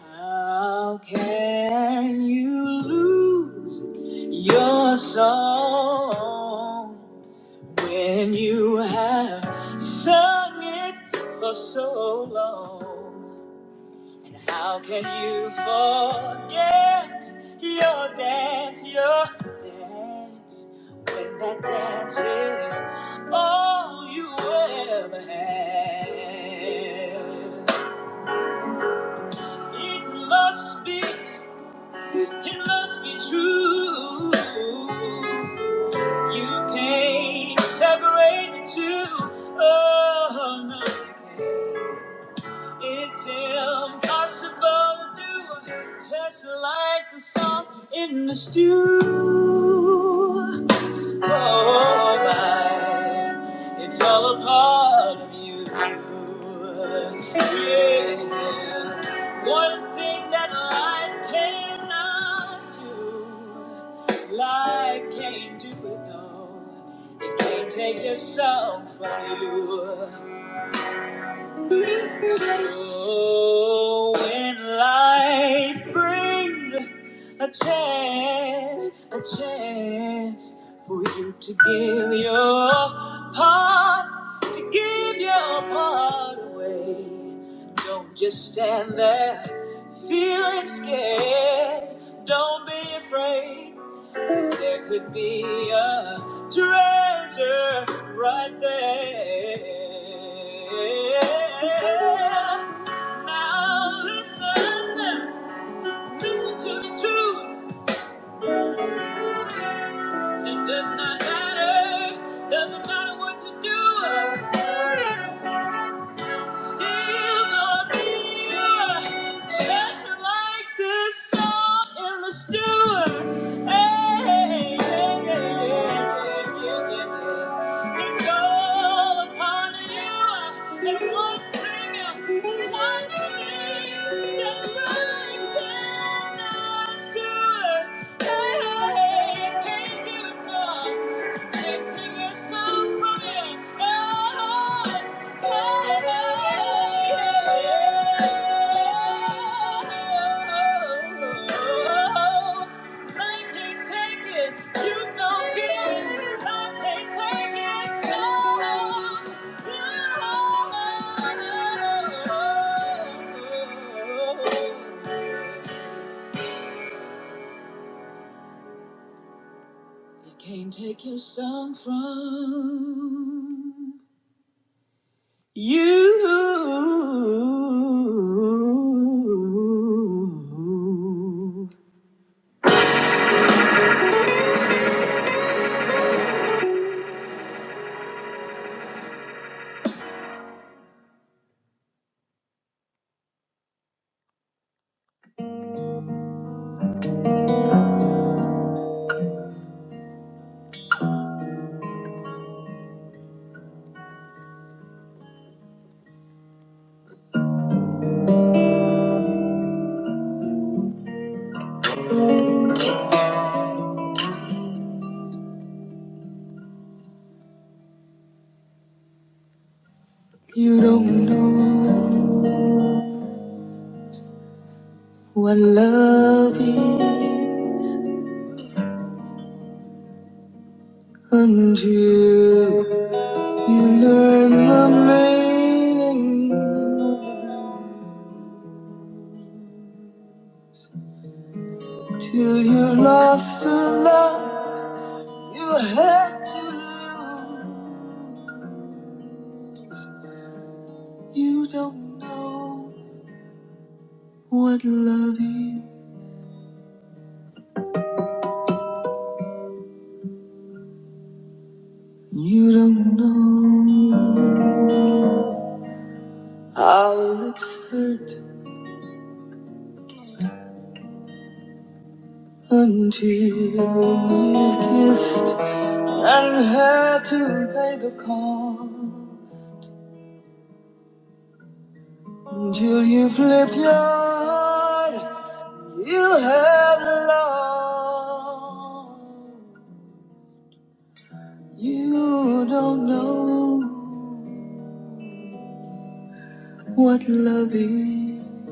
Speaker 3: How can you lose your soul when you have sung it for so long? And how can you forget your dance, your dance, when that dance is all you ever had? It must be, it must be true. You can't separate the two. Oh, no, you can't. It's impossible to do a test like the song in the stew. Oh, my. It's all a part of you. Yeah. One thing that light cannot do, light can't do it, no. It can't take your soul from you. So when life brings a chance, a chance for you to give your part, to give your part away. Don't just stand there feeling scared. Don't be afraid, cause there could be a treasure right there. Now listen, listen to the truth. It does not matter, doesn't matter what you do. Still gonna be you, just like this song in the stew. Hey, yeah, yeah, yeah, yeah, yeah, yeah. It's all upon you, and one thing, one thing that I cannot do. Hey, I can't give it up. Can't take your soul from you. Oh. Can't take your son from You, you don't know what love is until you learn the meaning. of it. Till you lost a love you had to lose. You don't know what love is. You don't know. Our lips hurt. until we kissed and had to pay the what of these.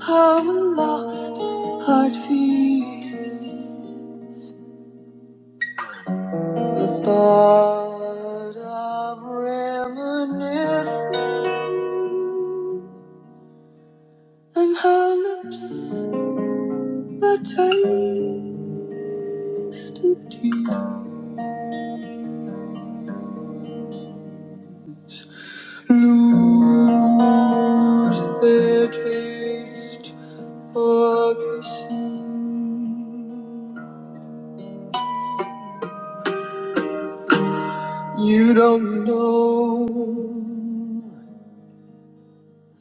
Speaker 3: How a lost heart feels the thought of reminiscing and her lips that taste of tea lose their taste Ferguson. You don't know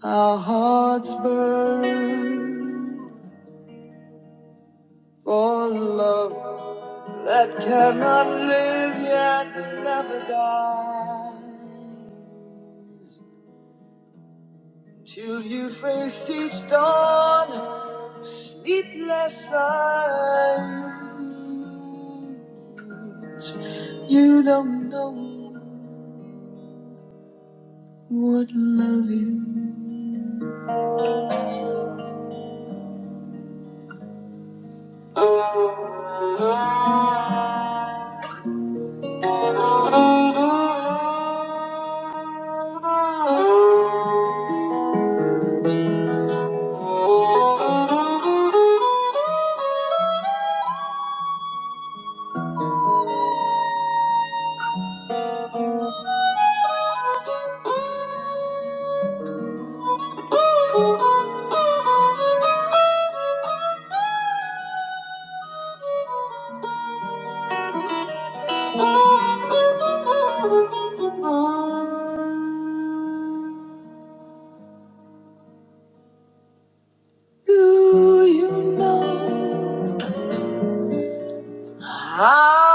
Speaker 3: our hearts burn for love that cannot live yet.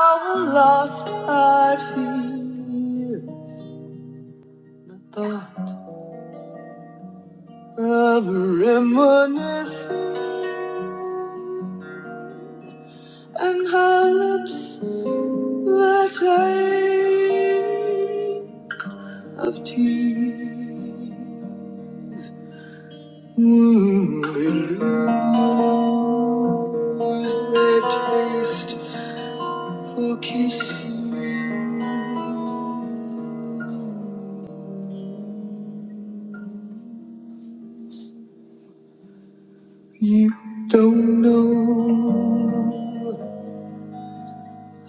Speaker 3: Our long I feel the thought of reminiscing and her lips that trace of tears. Mm, they lose their taste for kissing. You don't know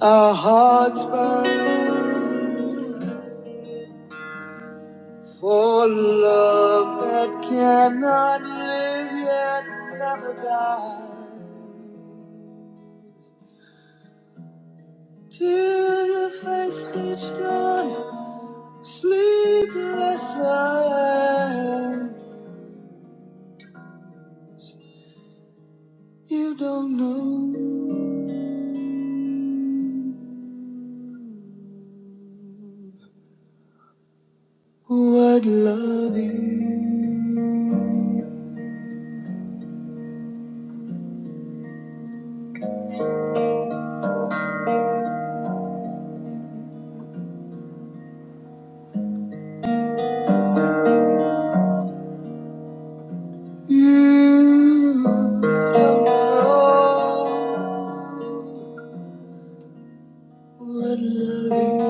Speaker 3: our hearts burn for love that cannot live yet never die. Till the face each You know what love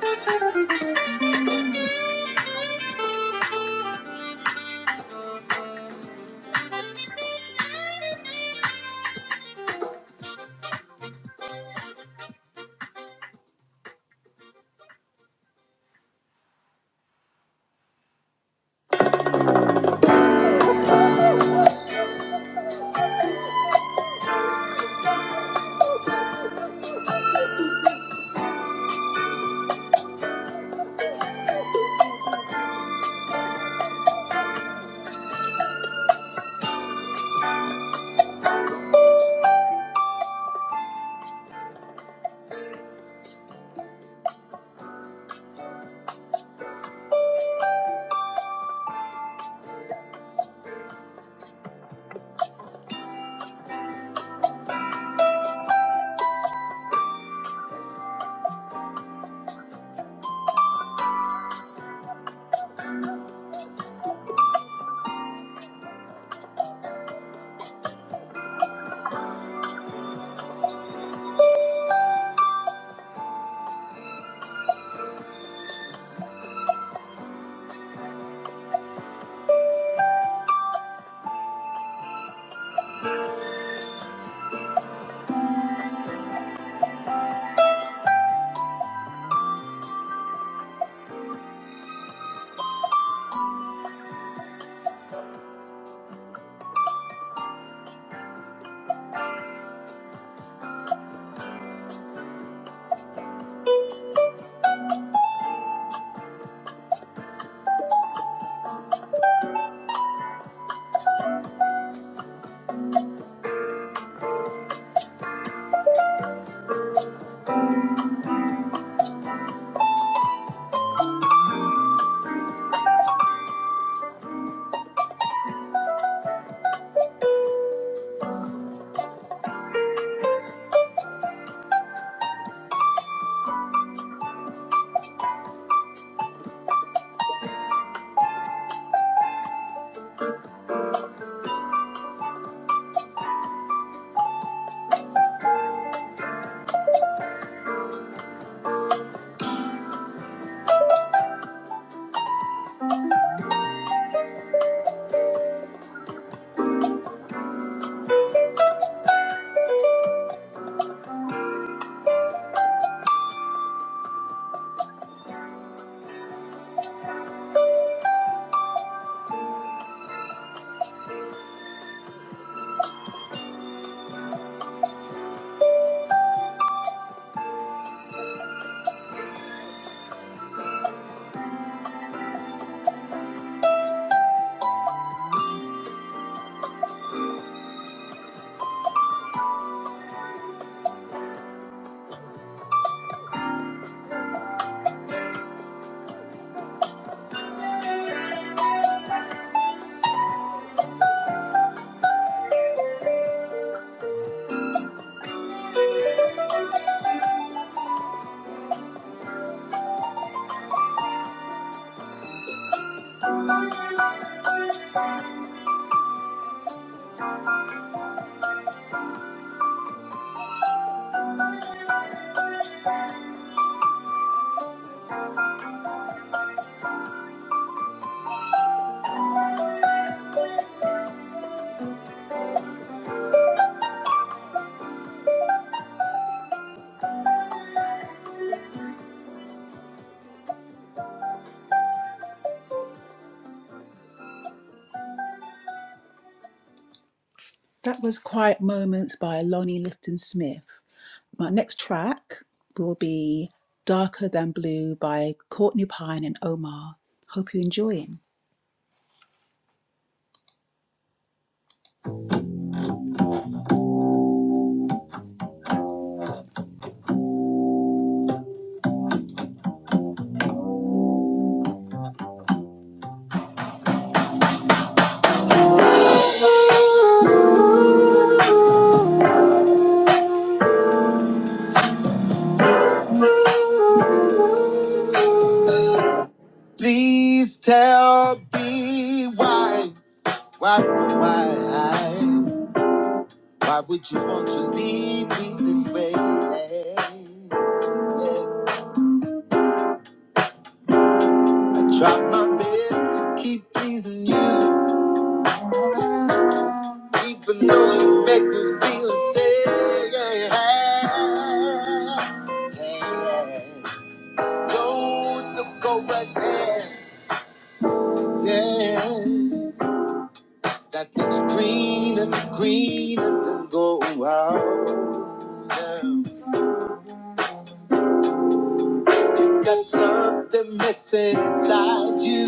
Speaker 3: Thank you. That was Quiet Moments by Lonnie Liston Smith. My next track will be Darker Than Blue by Courtney Pine and Omar. Hope you're enjoying. Please tell me why, why, why, why would you want to leave me this way? Yeah. I tried my best to keep pleasing you. Even though you make me feel sad, yeah, yeah, yeah. Go to go right there, yeah. That looks greener, greener than gold. Oh, yeah. Got something missing inside you,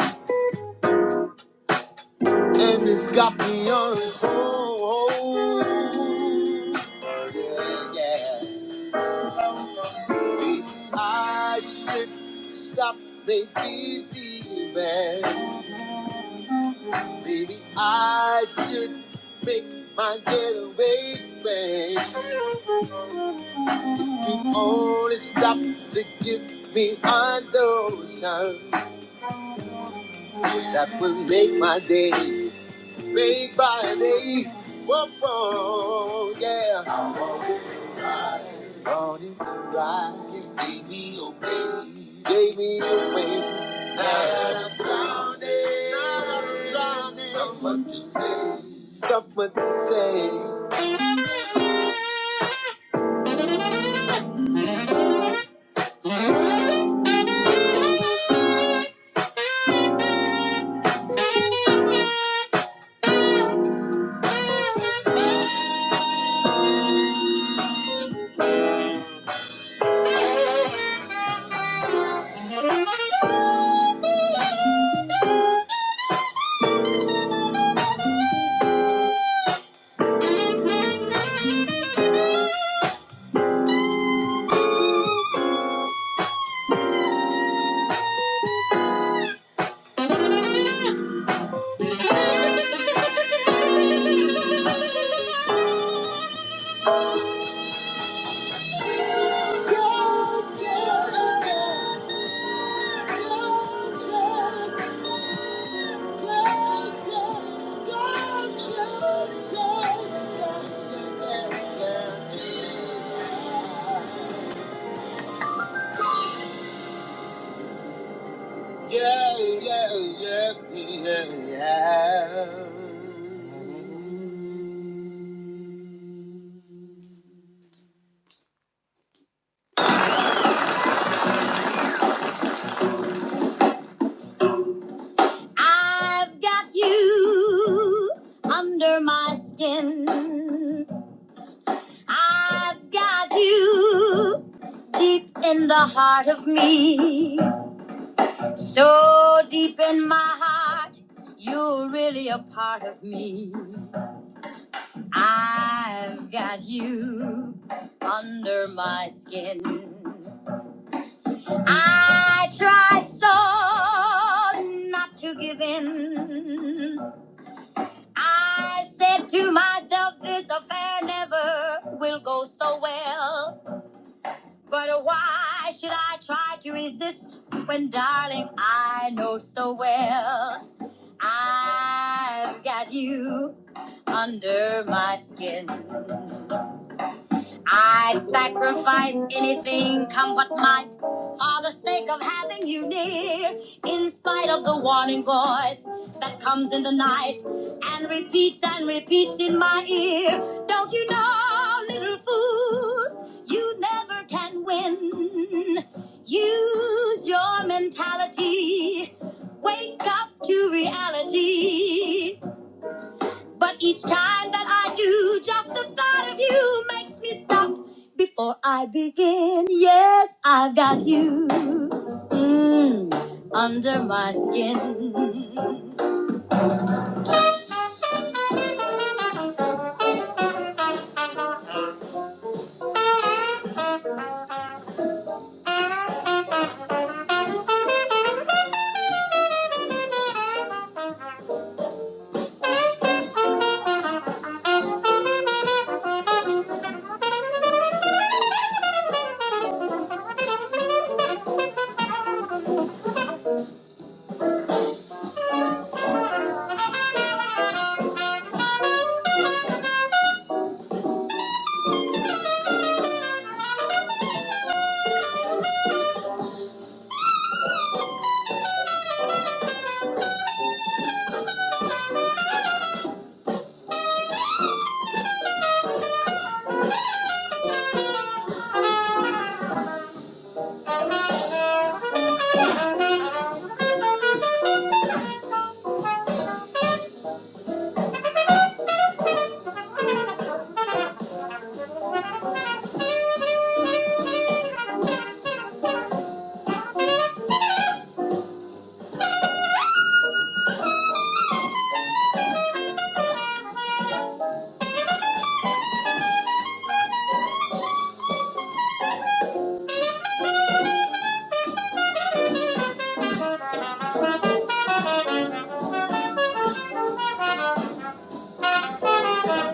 Speaker 3: and it's got me on hold. Yeah, yeah. I should stop maybe leaving. Maybe I should make my getaway plan. If you only stop to give me a notion, that would make my day, make my day. Whoa, whoa, yeah. Morning, ride, give me away. Yeah. I've got you under my skin. I've got you deep in the heart of me. So deep in my heart, you're really a part of me. I've got you under my skin. I tried so not to give in. I said to myself, this affair never will go so well. But why should I try to resist when, darling, I know so well I've got you under my skin? I'd sacrifice anything come what might for the sake of having you near, in spite of the warning voice that comes in the night and repeats and repeats in my ear. Don't you know, little fool, you never can win. Use your mentality, wake up to reality. But each time that I do, just the thought of you makes me stop before I begin. Yes, I've got you mm, under my skin. Thank you. Thank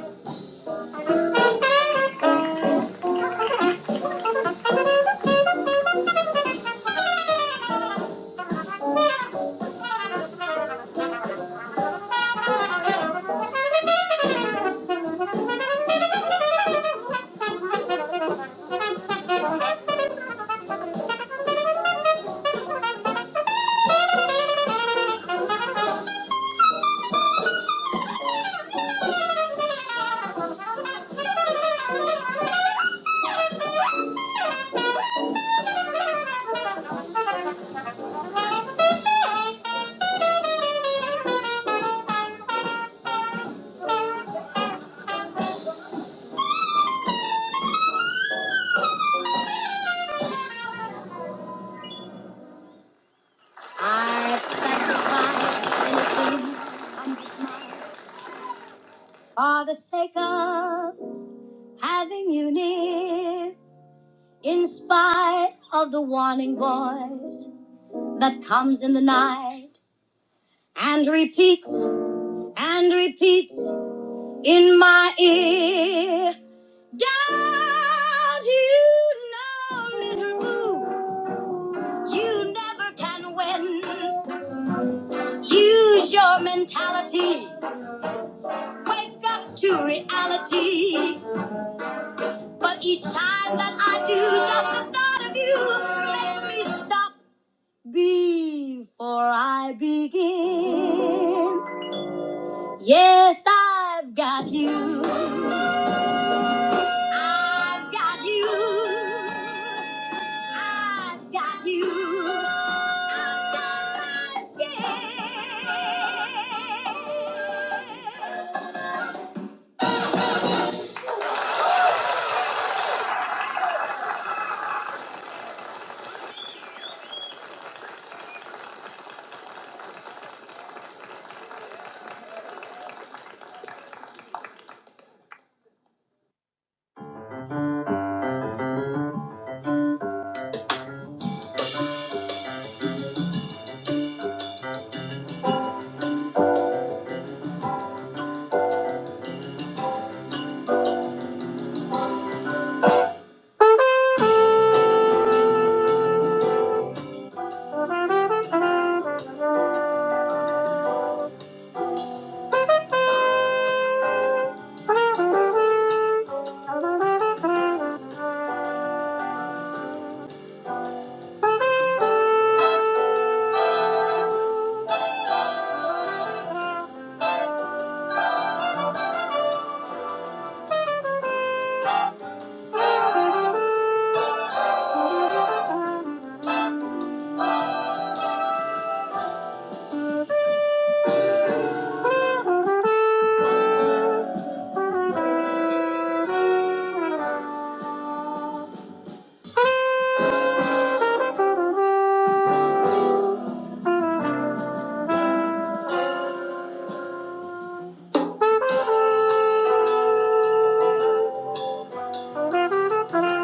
Speaker 3: you. Thank you. I've sacrificed anything for the sake of having you near, in spite of the warning voice that comes in the night and repeats and repeats in my ear. Don't you know, little fool, you never can win. Use your mentality, wake up to reality. But each time that I do, just the thought of you makes me stop before I begin. Yes, I've got you. I've got you. I've got you. I've got my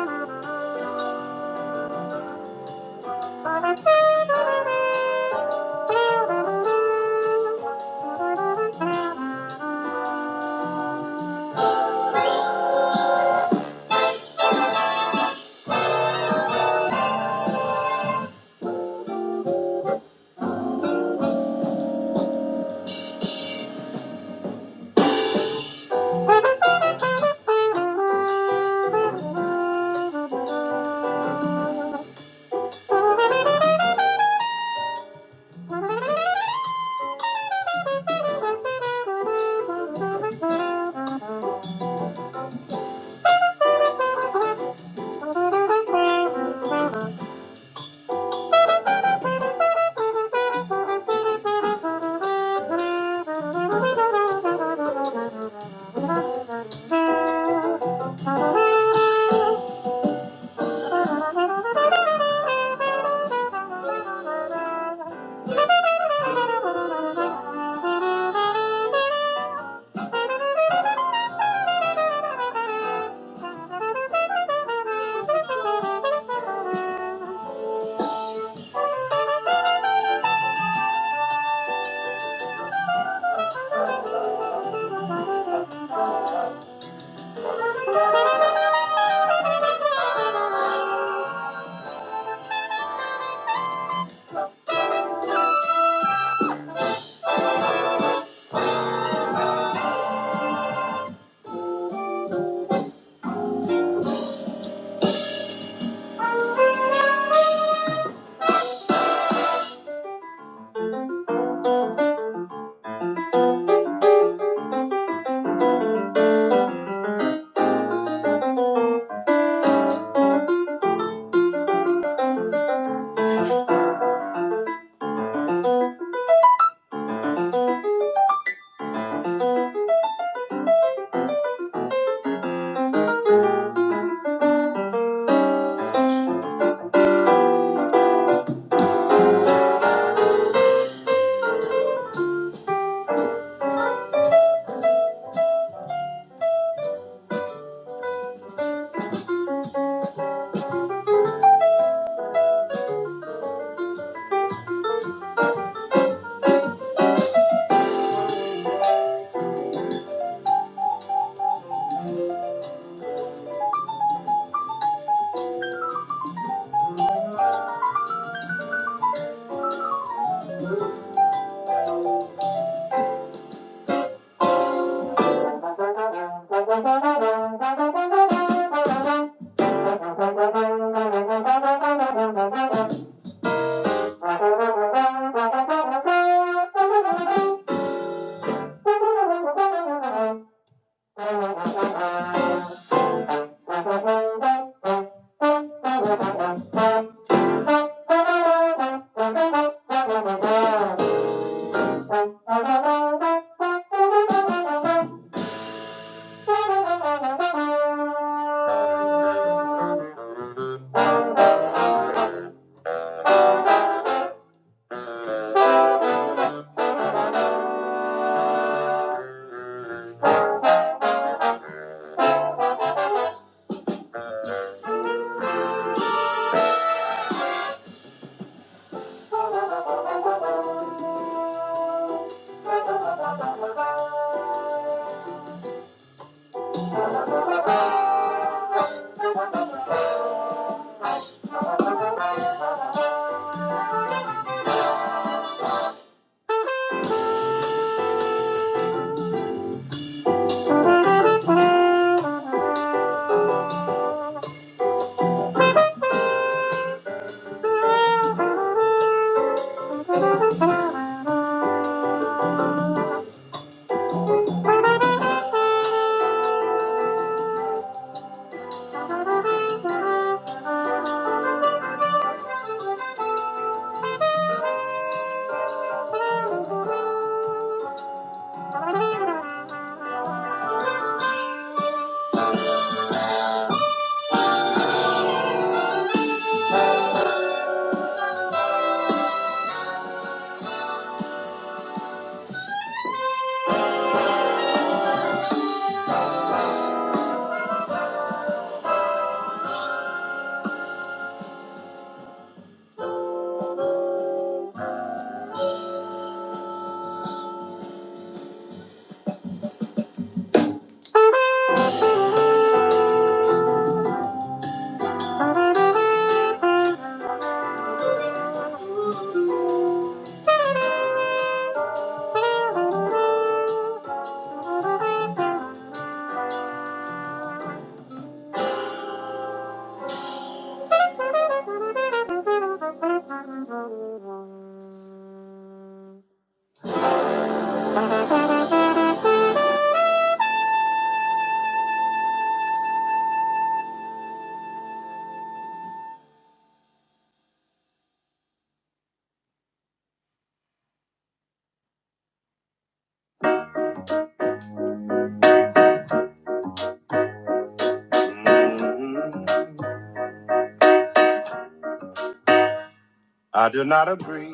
Speaker 3: skin. Thank you. Thank you. I do not agree.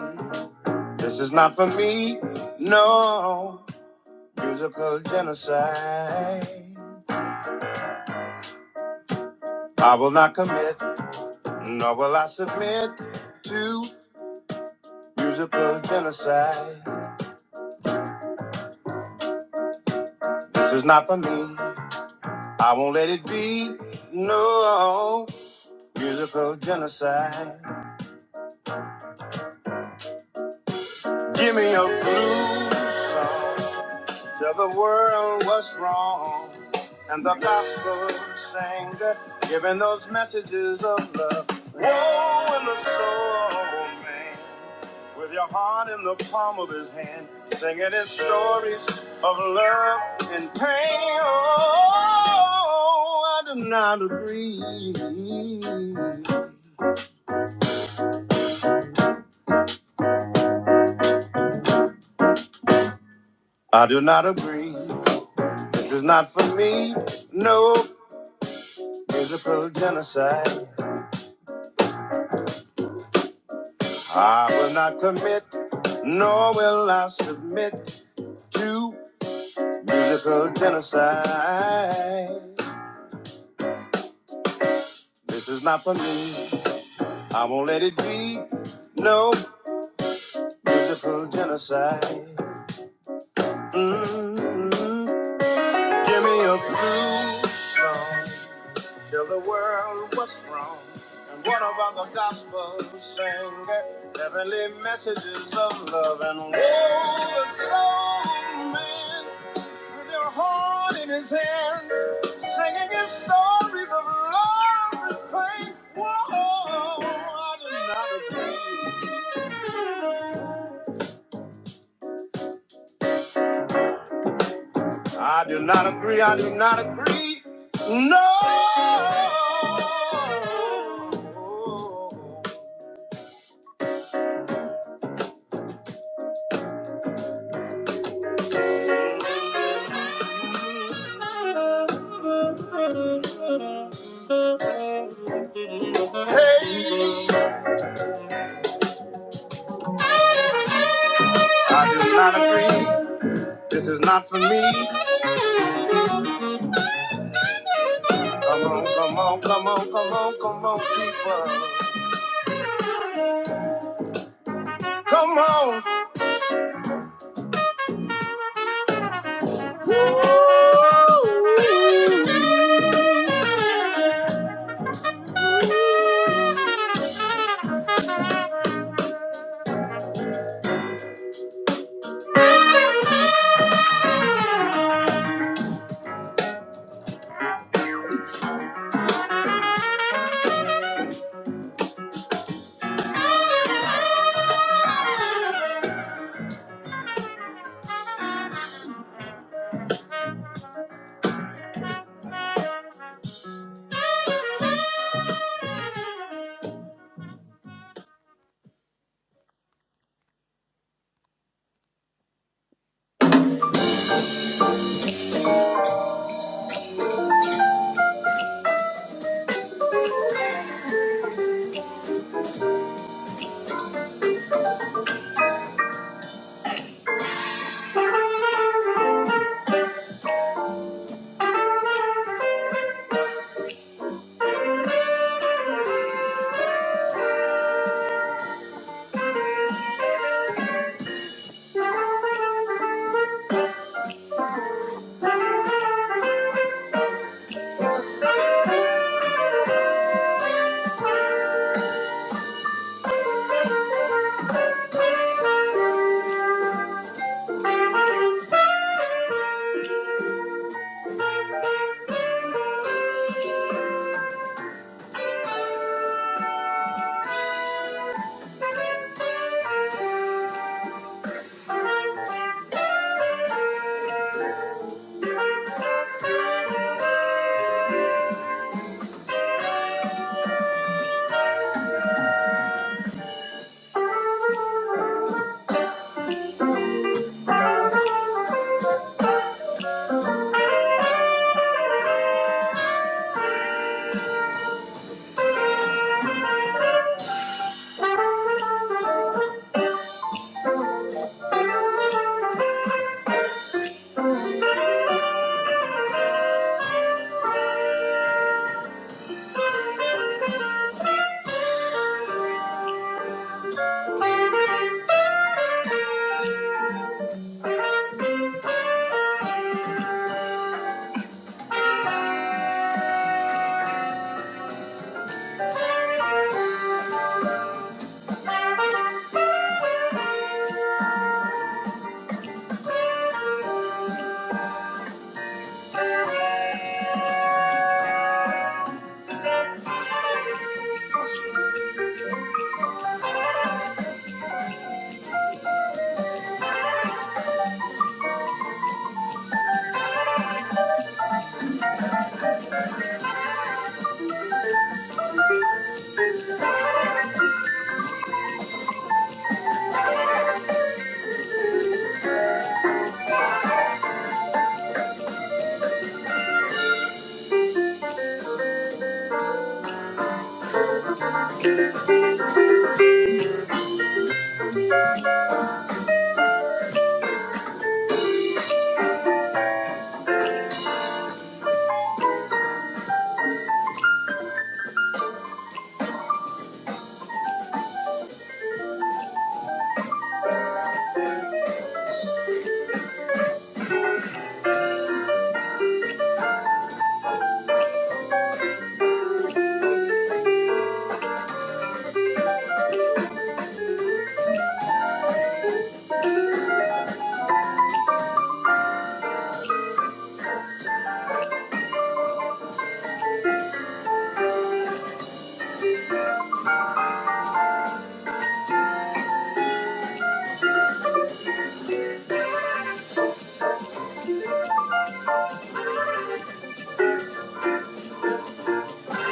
Speaker 3: This is not for me. No. musical genocide. I will not commit, nor will I submit to give me a blue sang that giving those woe in the soul, man. With your heart in the palm of his hand, singing his stories of love and pain. Oh, I do not agree. I do not agree. This is not for me. No, I was the fool. Give me a blues song. Tell the world what's wrong. And what about the gospel singer? Heavenly messages of love and woe. The soul man with your heart in his hands, singing his stories of love and pain. Whoa, I do not agree. I do not agree. I do not agree. No. Hey, I do not agree with me. Come on, come on, come on, come on, come on, people. Come on. Woo.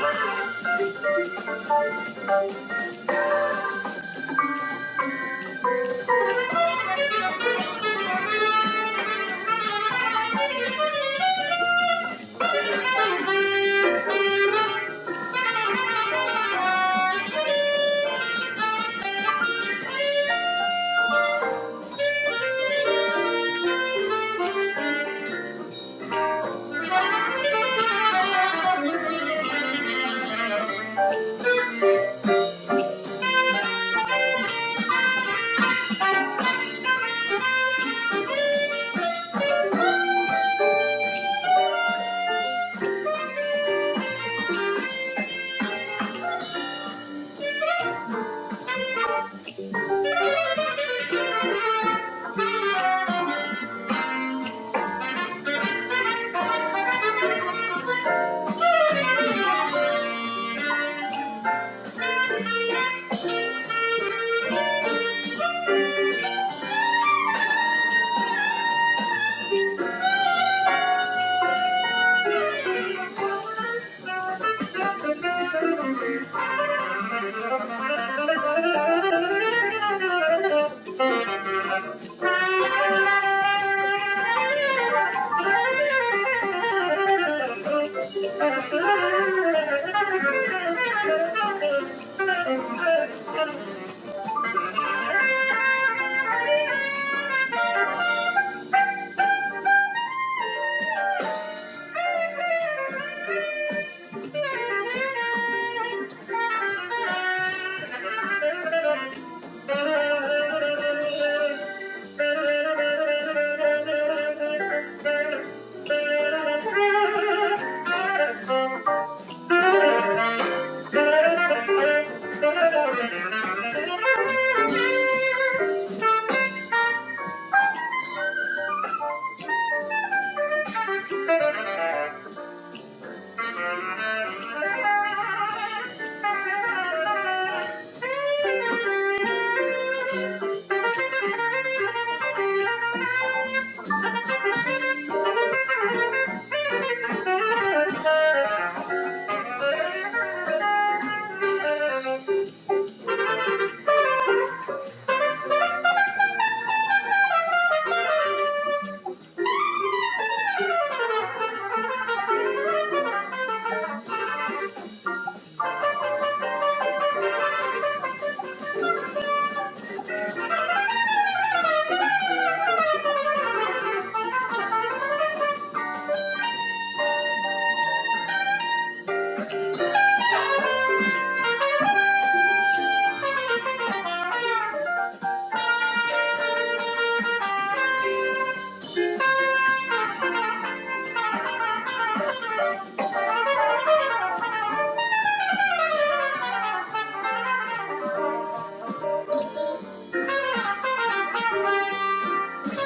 Speaker 3: Thank you. Thank you. Thank you. Thank you. Thank you. Thank you. you.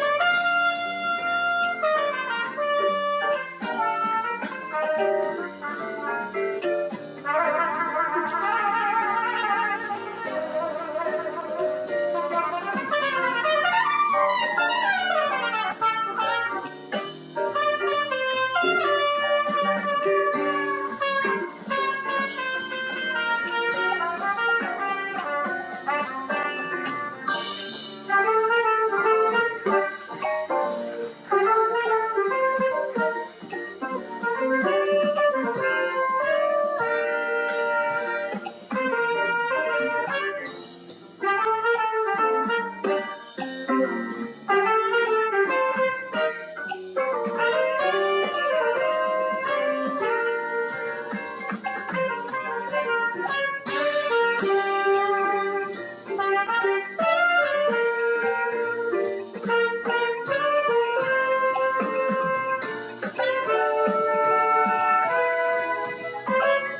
Speaker 3: Thank you. Thank you. Thank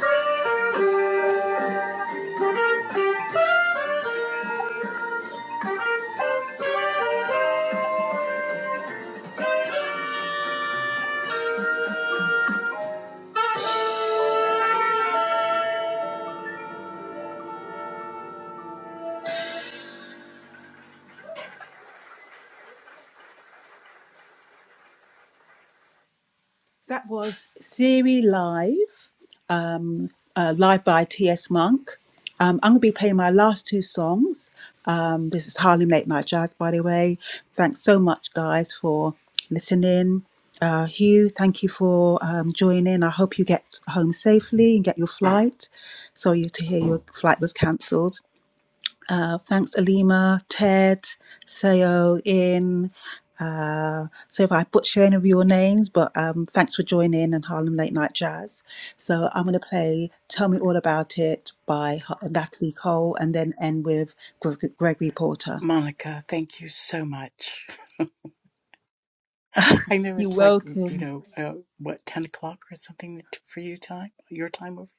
Speaker 3: you. That was Siri Live, um, uh, live by T.S. Monk. Um, I'm going to be playing my last two songs. Um, this is Harlem Late Night Jazz, by the way. Thanks so much, guys, for listening. Uh, Hugh, thank you for um, joining. I hope you get home safely and get your flight. Sorry to hear your flight was cancelled. Uh, thanks, Alima, Ted, Seo, In. Uh, so if I butcher any of your names, but um, thanks for joining and Harlem Late Night Jazz. So I'm going to play Tell Me All About It by H- Natalie Cole and then end with Greg- Gregory Porter.
Speaker 2: Monica, thank you so much. I know
Speaker 3: You're
Speaker 2: it's like you
Speaker 3: welcome.
Speaker 2: know uh, what ten o'clock or something t- for you time, your time over.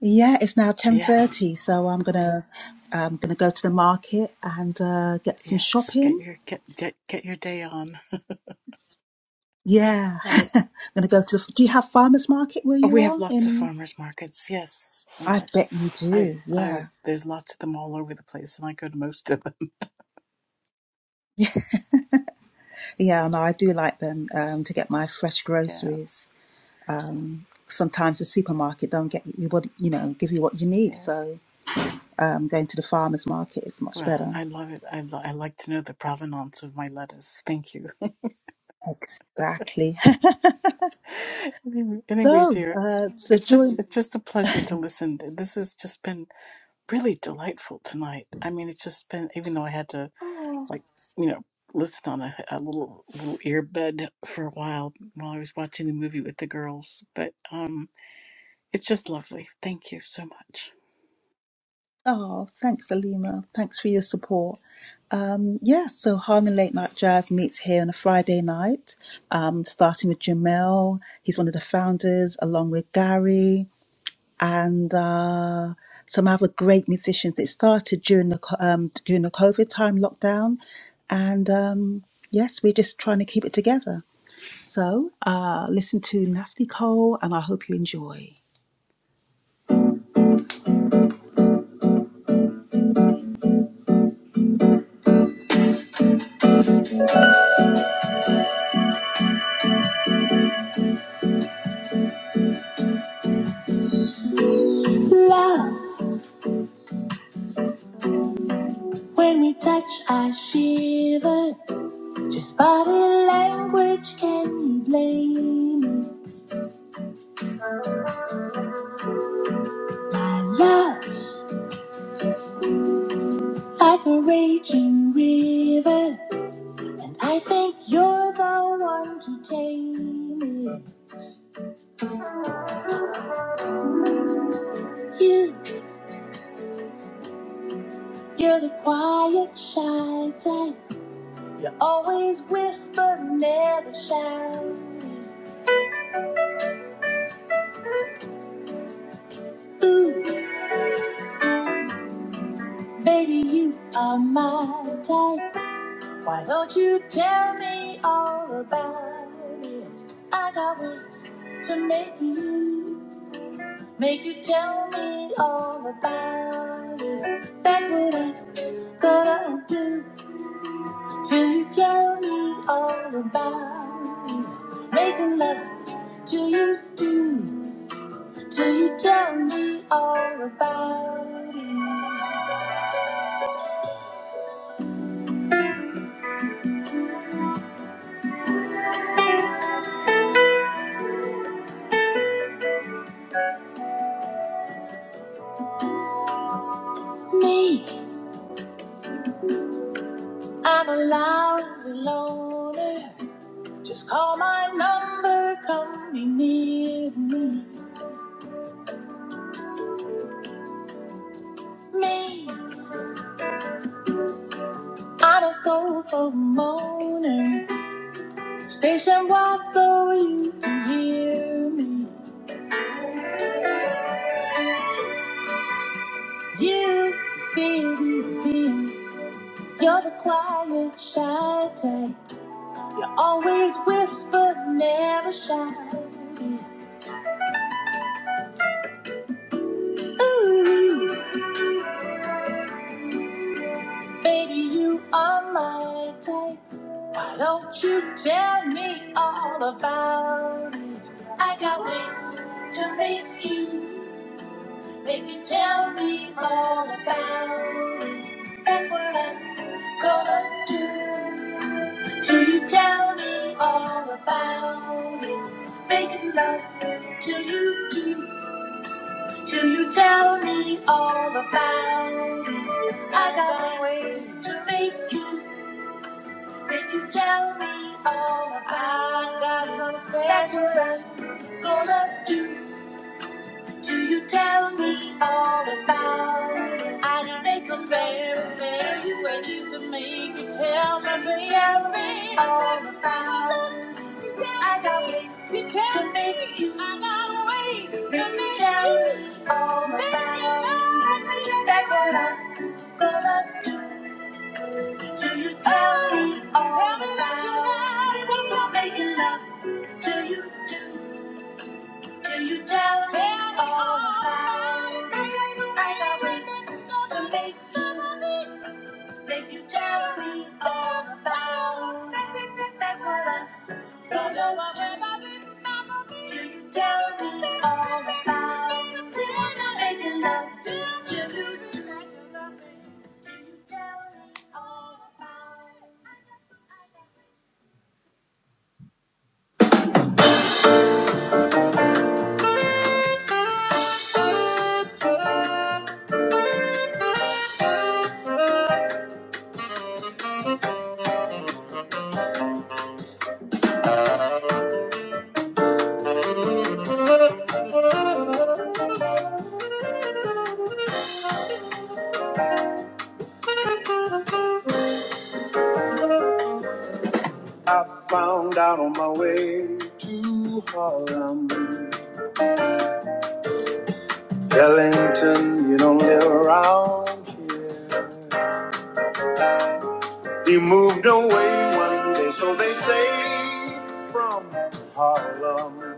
Speaker 3: Yeah, it's now
Speaker 2: Yeah,
Speaker 3: 10.30, so I'm going to I'm gonna go to the market and uh, get some
Speaker 2: yes. Get
Speaker 3: shopping.
Speaker 2: your get get get your day on.
Speaker 3: Yeah,
Speaker 2: Uh,
Speaker 3: I'm gonna go to the. Do you have farmers market where
Speaker 2: oh,
Speaker 3: you
Speaker 2: we have
Speaker 3: are
Speaker 2: lots of
Speaker 3: in?
Speaker 2: farmers markets. Yes,
Speaker 3: I
Speaker 2: I,
Speaker 3: bet you
Speaker 2: I
Speaker 3: do.
Speaker 2: I
Speaker 3: Yeah.
Speaker 2: there's lots of them all over the place, and I go to most of them.
Speaker 3: Yeah, no, I do like them um, to get my fresh
Speaker 2: Yeah,
Speaker 3: groceries. Um, sometimes the supermarket don't get you what, you know, give you what you need.
Speaker 2: yeah.
Speaker 3: So um, going to the farmer's market is much
Speaker 2: Well,
Speaker 3: better.
Speaker 2: I love it. I, lo- I like to know the provenance of my lettuce. Thank you.
Speaker 3: Exactly.
Speaker 2: Anyway, anyway,
Speaker 3: so,
Speaker 2: dear,
Speaker 3: uh, so
Speaker 2: it's just
Speaker 3: join.
Speaker 2: it's just a pleasure to listen. This has just been really delightful tonight. I mean, it's just been even though I had to like you know listen on a, a little little earbud for a while while I was watching the movie with the girls, but um, it's just lovely. Thank you so much.
Speaker 3: Oh, thanks, Alima. Thanks for your support. Um, yeah, so Harlem Late Night Jazz meets here on a Friday night, um, starting with Jamel. He's one of the founders, along with Gary. and uh, some other great musicians. It started during the co- um, during the COVID time lockdown, and um, yes, we're just trying to keep it together. So uh, listen to Nasty Cole, and I hope you enjoy. When we touch, I shiver. Just body language, can you blame it? My love's like a raging river. I think you're the one to tame it. You. You're the quiet, shy type. You Always whisper, never shout. Ooh, baby, you are my type. Why don't you tell me all about it? I got ways to make you me. I'm a lousy loner. Just call my number, come be near me. Me, I'm a soulful moaner. Station was so you can hear me. You didn't think you're the quiet, shy type. You always whisper, never shy. Ooh, baby, you are my type. Why don't you tell me all about it? I got ways to make you, make you tell me all about it. That's what I'm gonna do. Till you tell me all about it. Making love till you do. Till you tell me all about it. I got a way to make you. Make you tell me all about it. I got it. some special That's what I'm gonna do. Till you tell me all about it. I'm very, very Till when you tell me all about it. I got ways to make you. I got ways to make you. All my life. That's what i tell telling you. All Tell me that you my life. love will make you. Tell me all my life. I got ways to make you jealous. That's what I'm telling you. Tell me all about it. When I'm making love I found out on my way to Harlem. Ellington, you don't live around here. He moved away one day, so they say, from Harlem.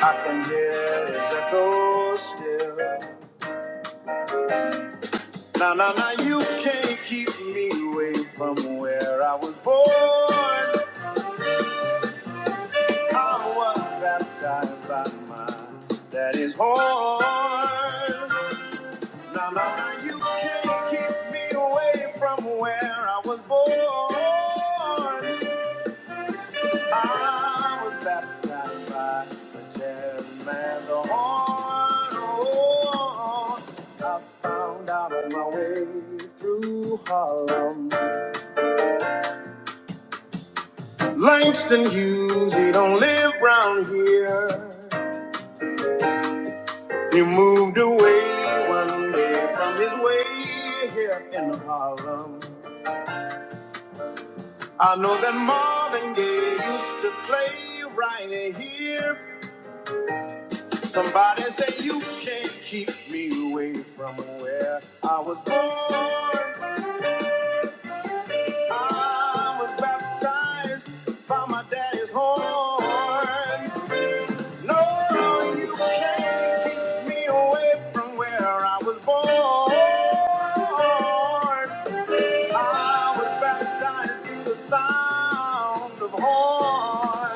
Speaker 3: I can hear his echo still. Now, now, now, you can't keep me away from where I was born. I was baptized by my daddy's horn. Now, now, now, you can't keep me away from where I was born. I was baptized by the jazzman's horn. Oh, I found out my way through Harlem. Langston Hughes, he don't live round here. He moved away one day from his way here in Harlem. I know that Marvin Gaye used to play right here. Somebody said you can't keep me away from where I was born. I was baptized by my daddy's horn. No, you can't keep me away from where I was born. I was baptized to the sound of horns.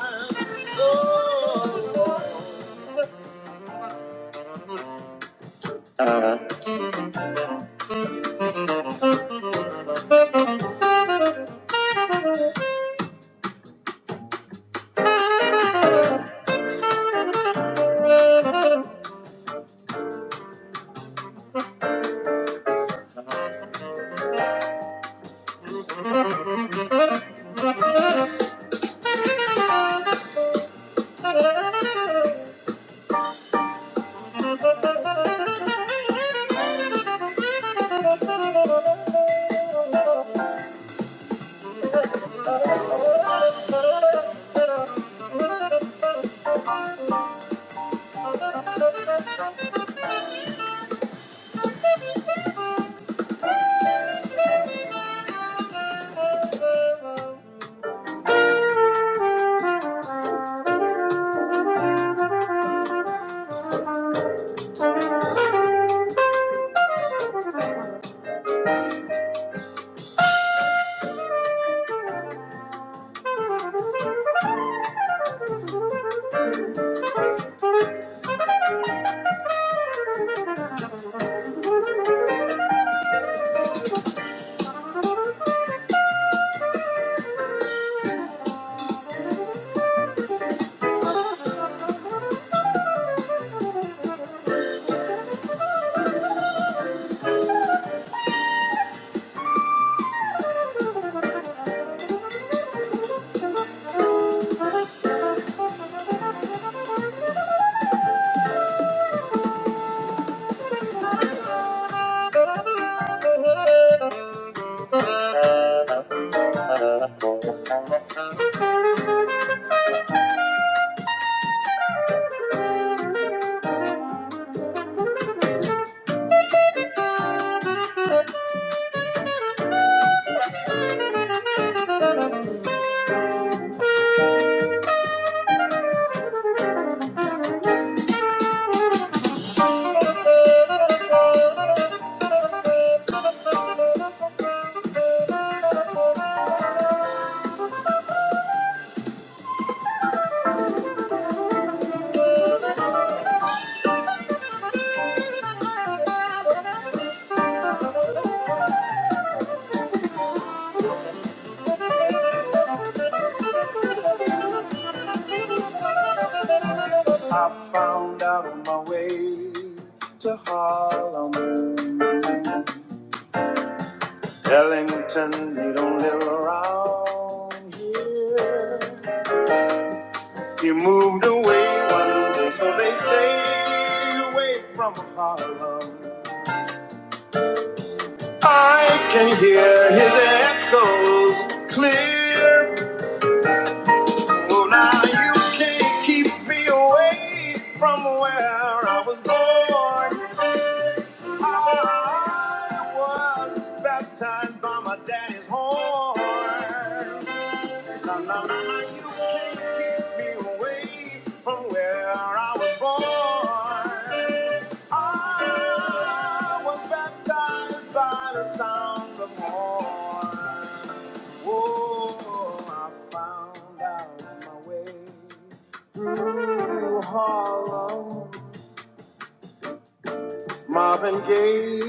Speaker 3: Oh. oh, you. I found out on my way to Harlem. Ellington, he don't live around. He moved away one day, so they say, away from Harlem. I can hear his echoes clear. Oh, now you can't keep me away from where I was born. I was baptized by my daddy's horn. La, la, la, la, you can't keep me away from where I was born. Ah, I was baptized by the sound of horn. Oh, I found out my way through Harlem. Marvin Gaye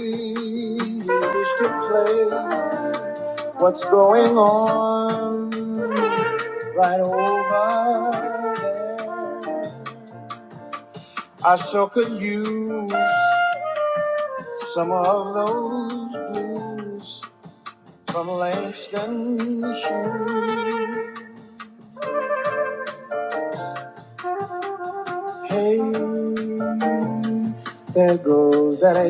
Speaker 3: used to play. What's going on right over there? I sure could use some of those blues from Langston Hughes. Hey, there goes that A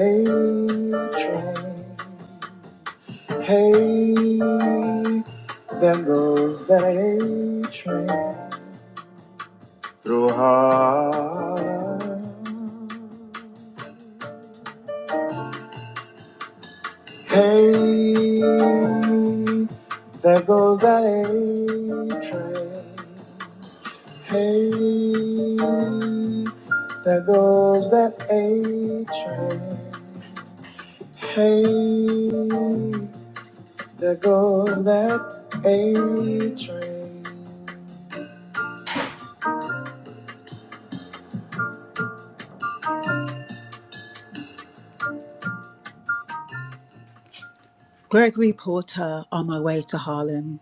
Speaker 3: train. Hey, there goes that A train through Harlem. Hey, there goes that A train. Hey, there goes that A train. Hey, there goes that A train. Gregory Porter on my way to Harlem.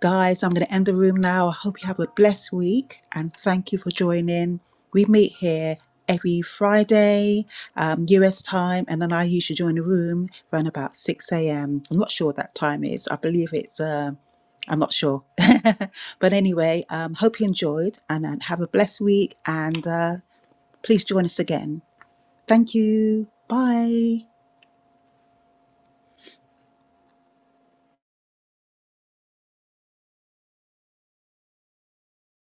Speaker 3: Guys, I'm going to end the room now. I hope you have a blessed week and thank you for joining. We meet here every Friday, um, US time, and then I usually join the room around about 6 a.m. I'm not sure what that time is. I believe it's, uh, I'm not sure. but anyway, um, hope you enjoyed and, and have a blessed week and uh, please join us again. Thank you. Bye.